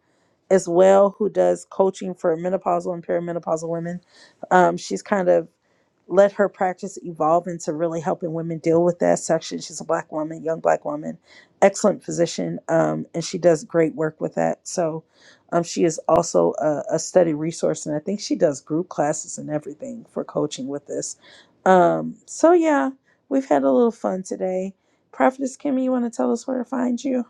[SPEAKER 1] as well who does coaching for menopausal and perimenopausal women. Um, she's kind of let her practice evolve into really helping women deal with that section. She's a black woman, young black woman, excellent physician, um, and she does great work with that. So um, she is also a, a study resource, and I think she does group classes and everything for coaching with this. Um, so, yeah, we've had a little fun today. Prophetess Kimmy, you want to tell us where to find you?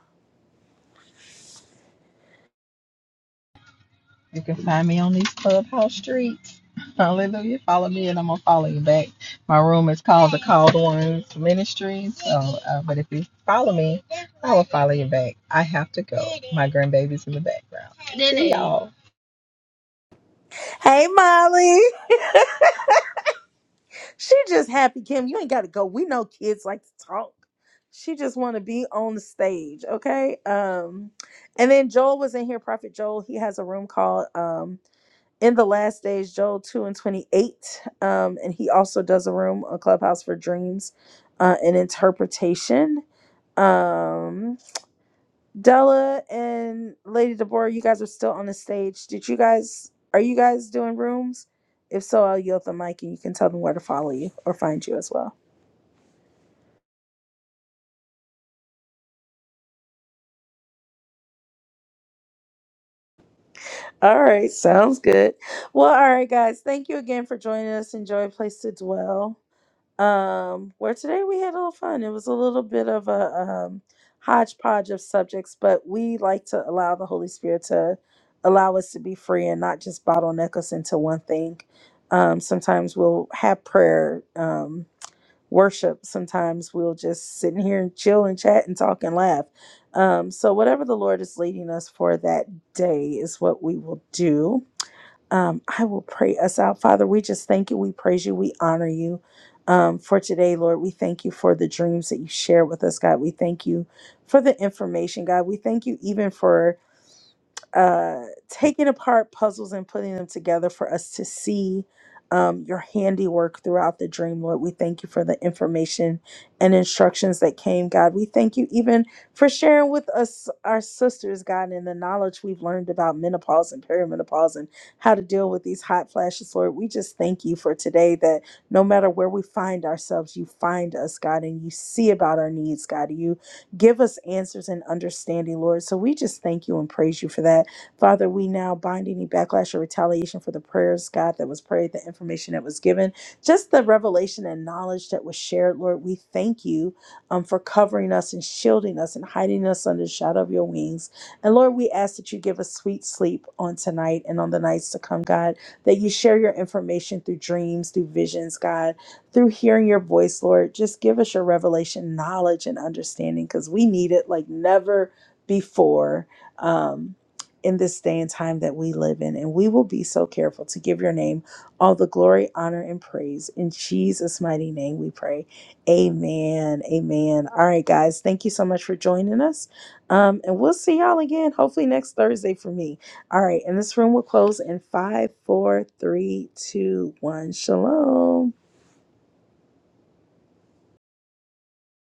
[SPEAKER 8] You can find me on these clubhouse streets. Hallelujah. Follow me and I'm going to follow you back. My room is called the Called Ones Ministries. So, uh, but if you follow me, I will follow you back. I have to go. My grandbaby's in the background. See y'all.
[SPEAKER 1] Hey, Molly. She just happy, Kim. You ain't got to go. We know kids like to talk. She just want to be on the stage, okay? Um, and then Joel was in here. Prophet Joel. He has a room called um, "In the Last Days." Joel two and twenty eight. Um, and he also does a room, a clubhouse for dreams, uh, and interpretation. Um, Della and Lady Deborah, you guys are still on the stage. Did you guys are you guys doing rooms? If so, I'll yield the mic and you can tell them where to follow you or find you as well. All right, sounds good. Well, all right, guys, thank you again for joining us. Enjoy Place to Dwell. um, where today we had a little fun. It was a little bit of a um, hodgepodge of subjects, but we like to allow the Holy Spirit to allow us to be free and not just bottleneck us into one thing. Um, sometimes we'll have prayer, um, worship. Sometimes we'll just sit in here and chill and chat and talk and laugh. Um, so, whatever the Lord is leading us for that day is what we will do. Um, I will pray us out. Father, we just thank you. We praise you. We honor you um, for today, Lord. We thank you for the dreams that you share with us, God. We thank you for the information, God. We thank you even for uh, taking apart puzzles and putting them together for us to see um, your handiwork throughout the dream, Lord. We thank you for the information and instructions that came, God. We thank you even for sharing with us, our sisters, God, and the knowledge we've learned about menopause and perimenopause and how to deal with these hot flashes, Lord. We just thank you for today that no matter where we find ourselves, you find us, God, and you see about our needs, God. You Give us answers and understanding, Lord. So we just thank you and praise you for that. Father, we now bind any backlash or retaliation for the prayers, God, that was prayed, the information that was given, just the revelation and knowledge that was shared, Lord. We thank you um, for covering us and shielding us and hiding us under the shadow of your wings. And Lord, we ask that you give us sweet sleep on tonight and on the nights to come, God, that you share your information through dreams, through visions, God through hearing your voice, Lord. Just give us your revelation, knowledge, and understanding because we need it like never before um, in this day and time that we live in. And we will be so careful to give your name all the glory, honor, and praise. In Jesus' mighty name we pray. Amen. Amen. All right, guys. Thank you so much for joining us. Um, and we'll see y'all again, hopefully next Thursday for me. All right. And this room will close in five, four, three, two, one. Shalom.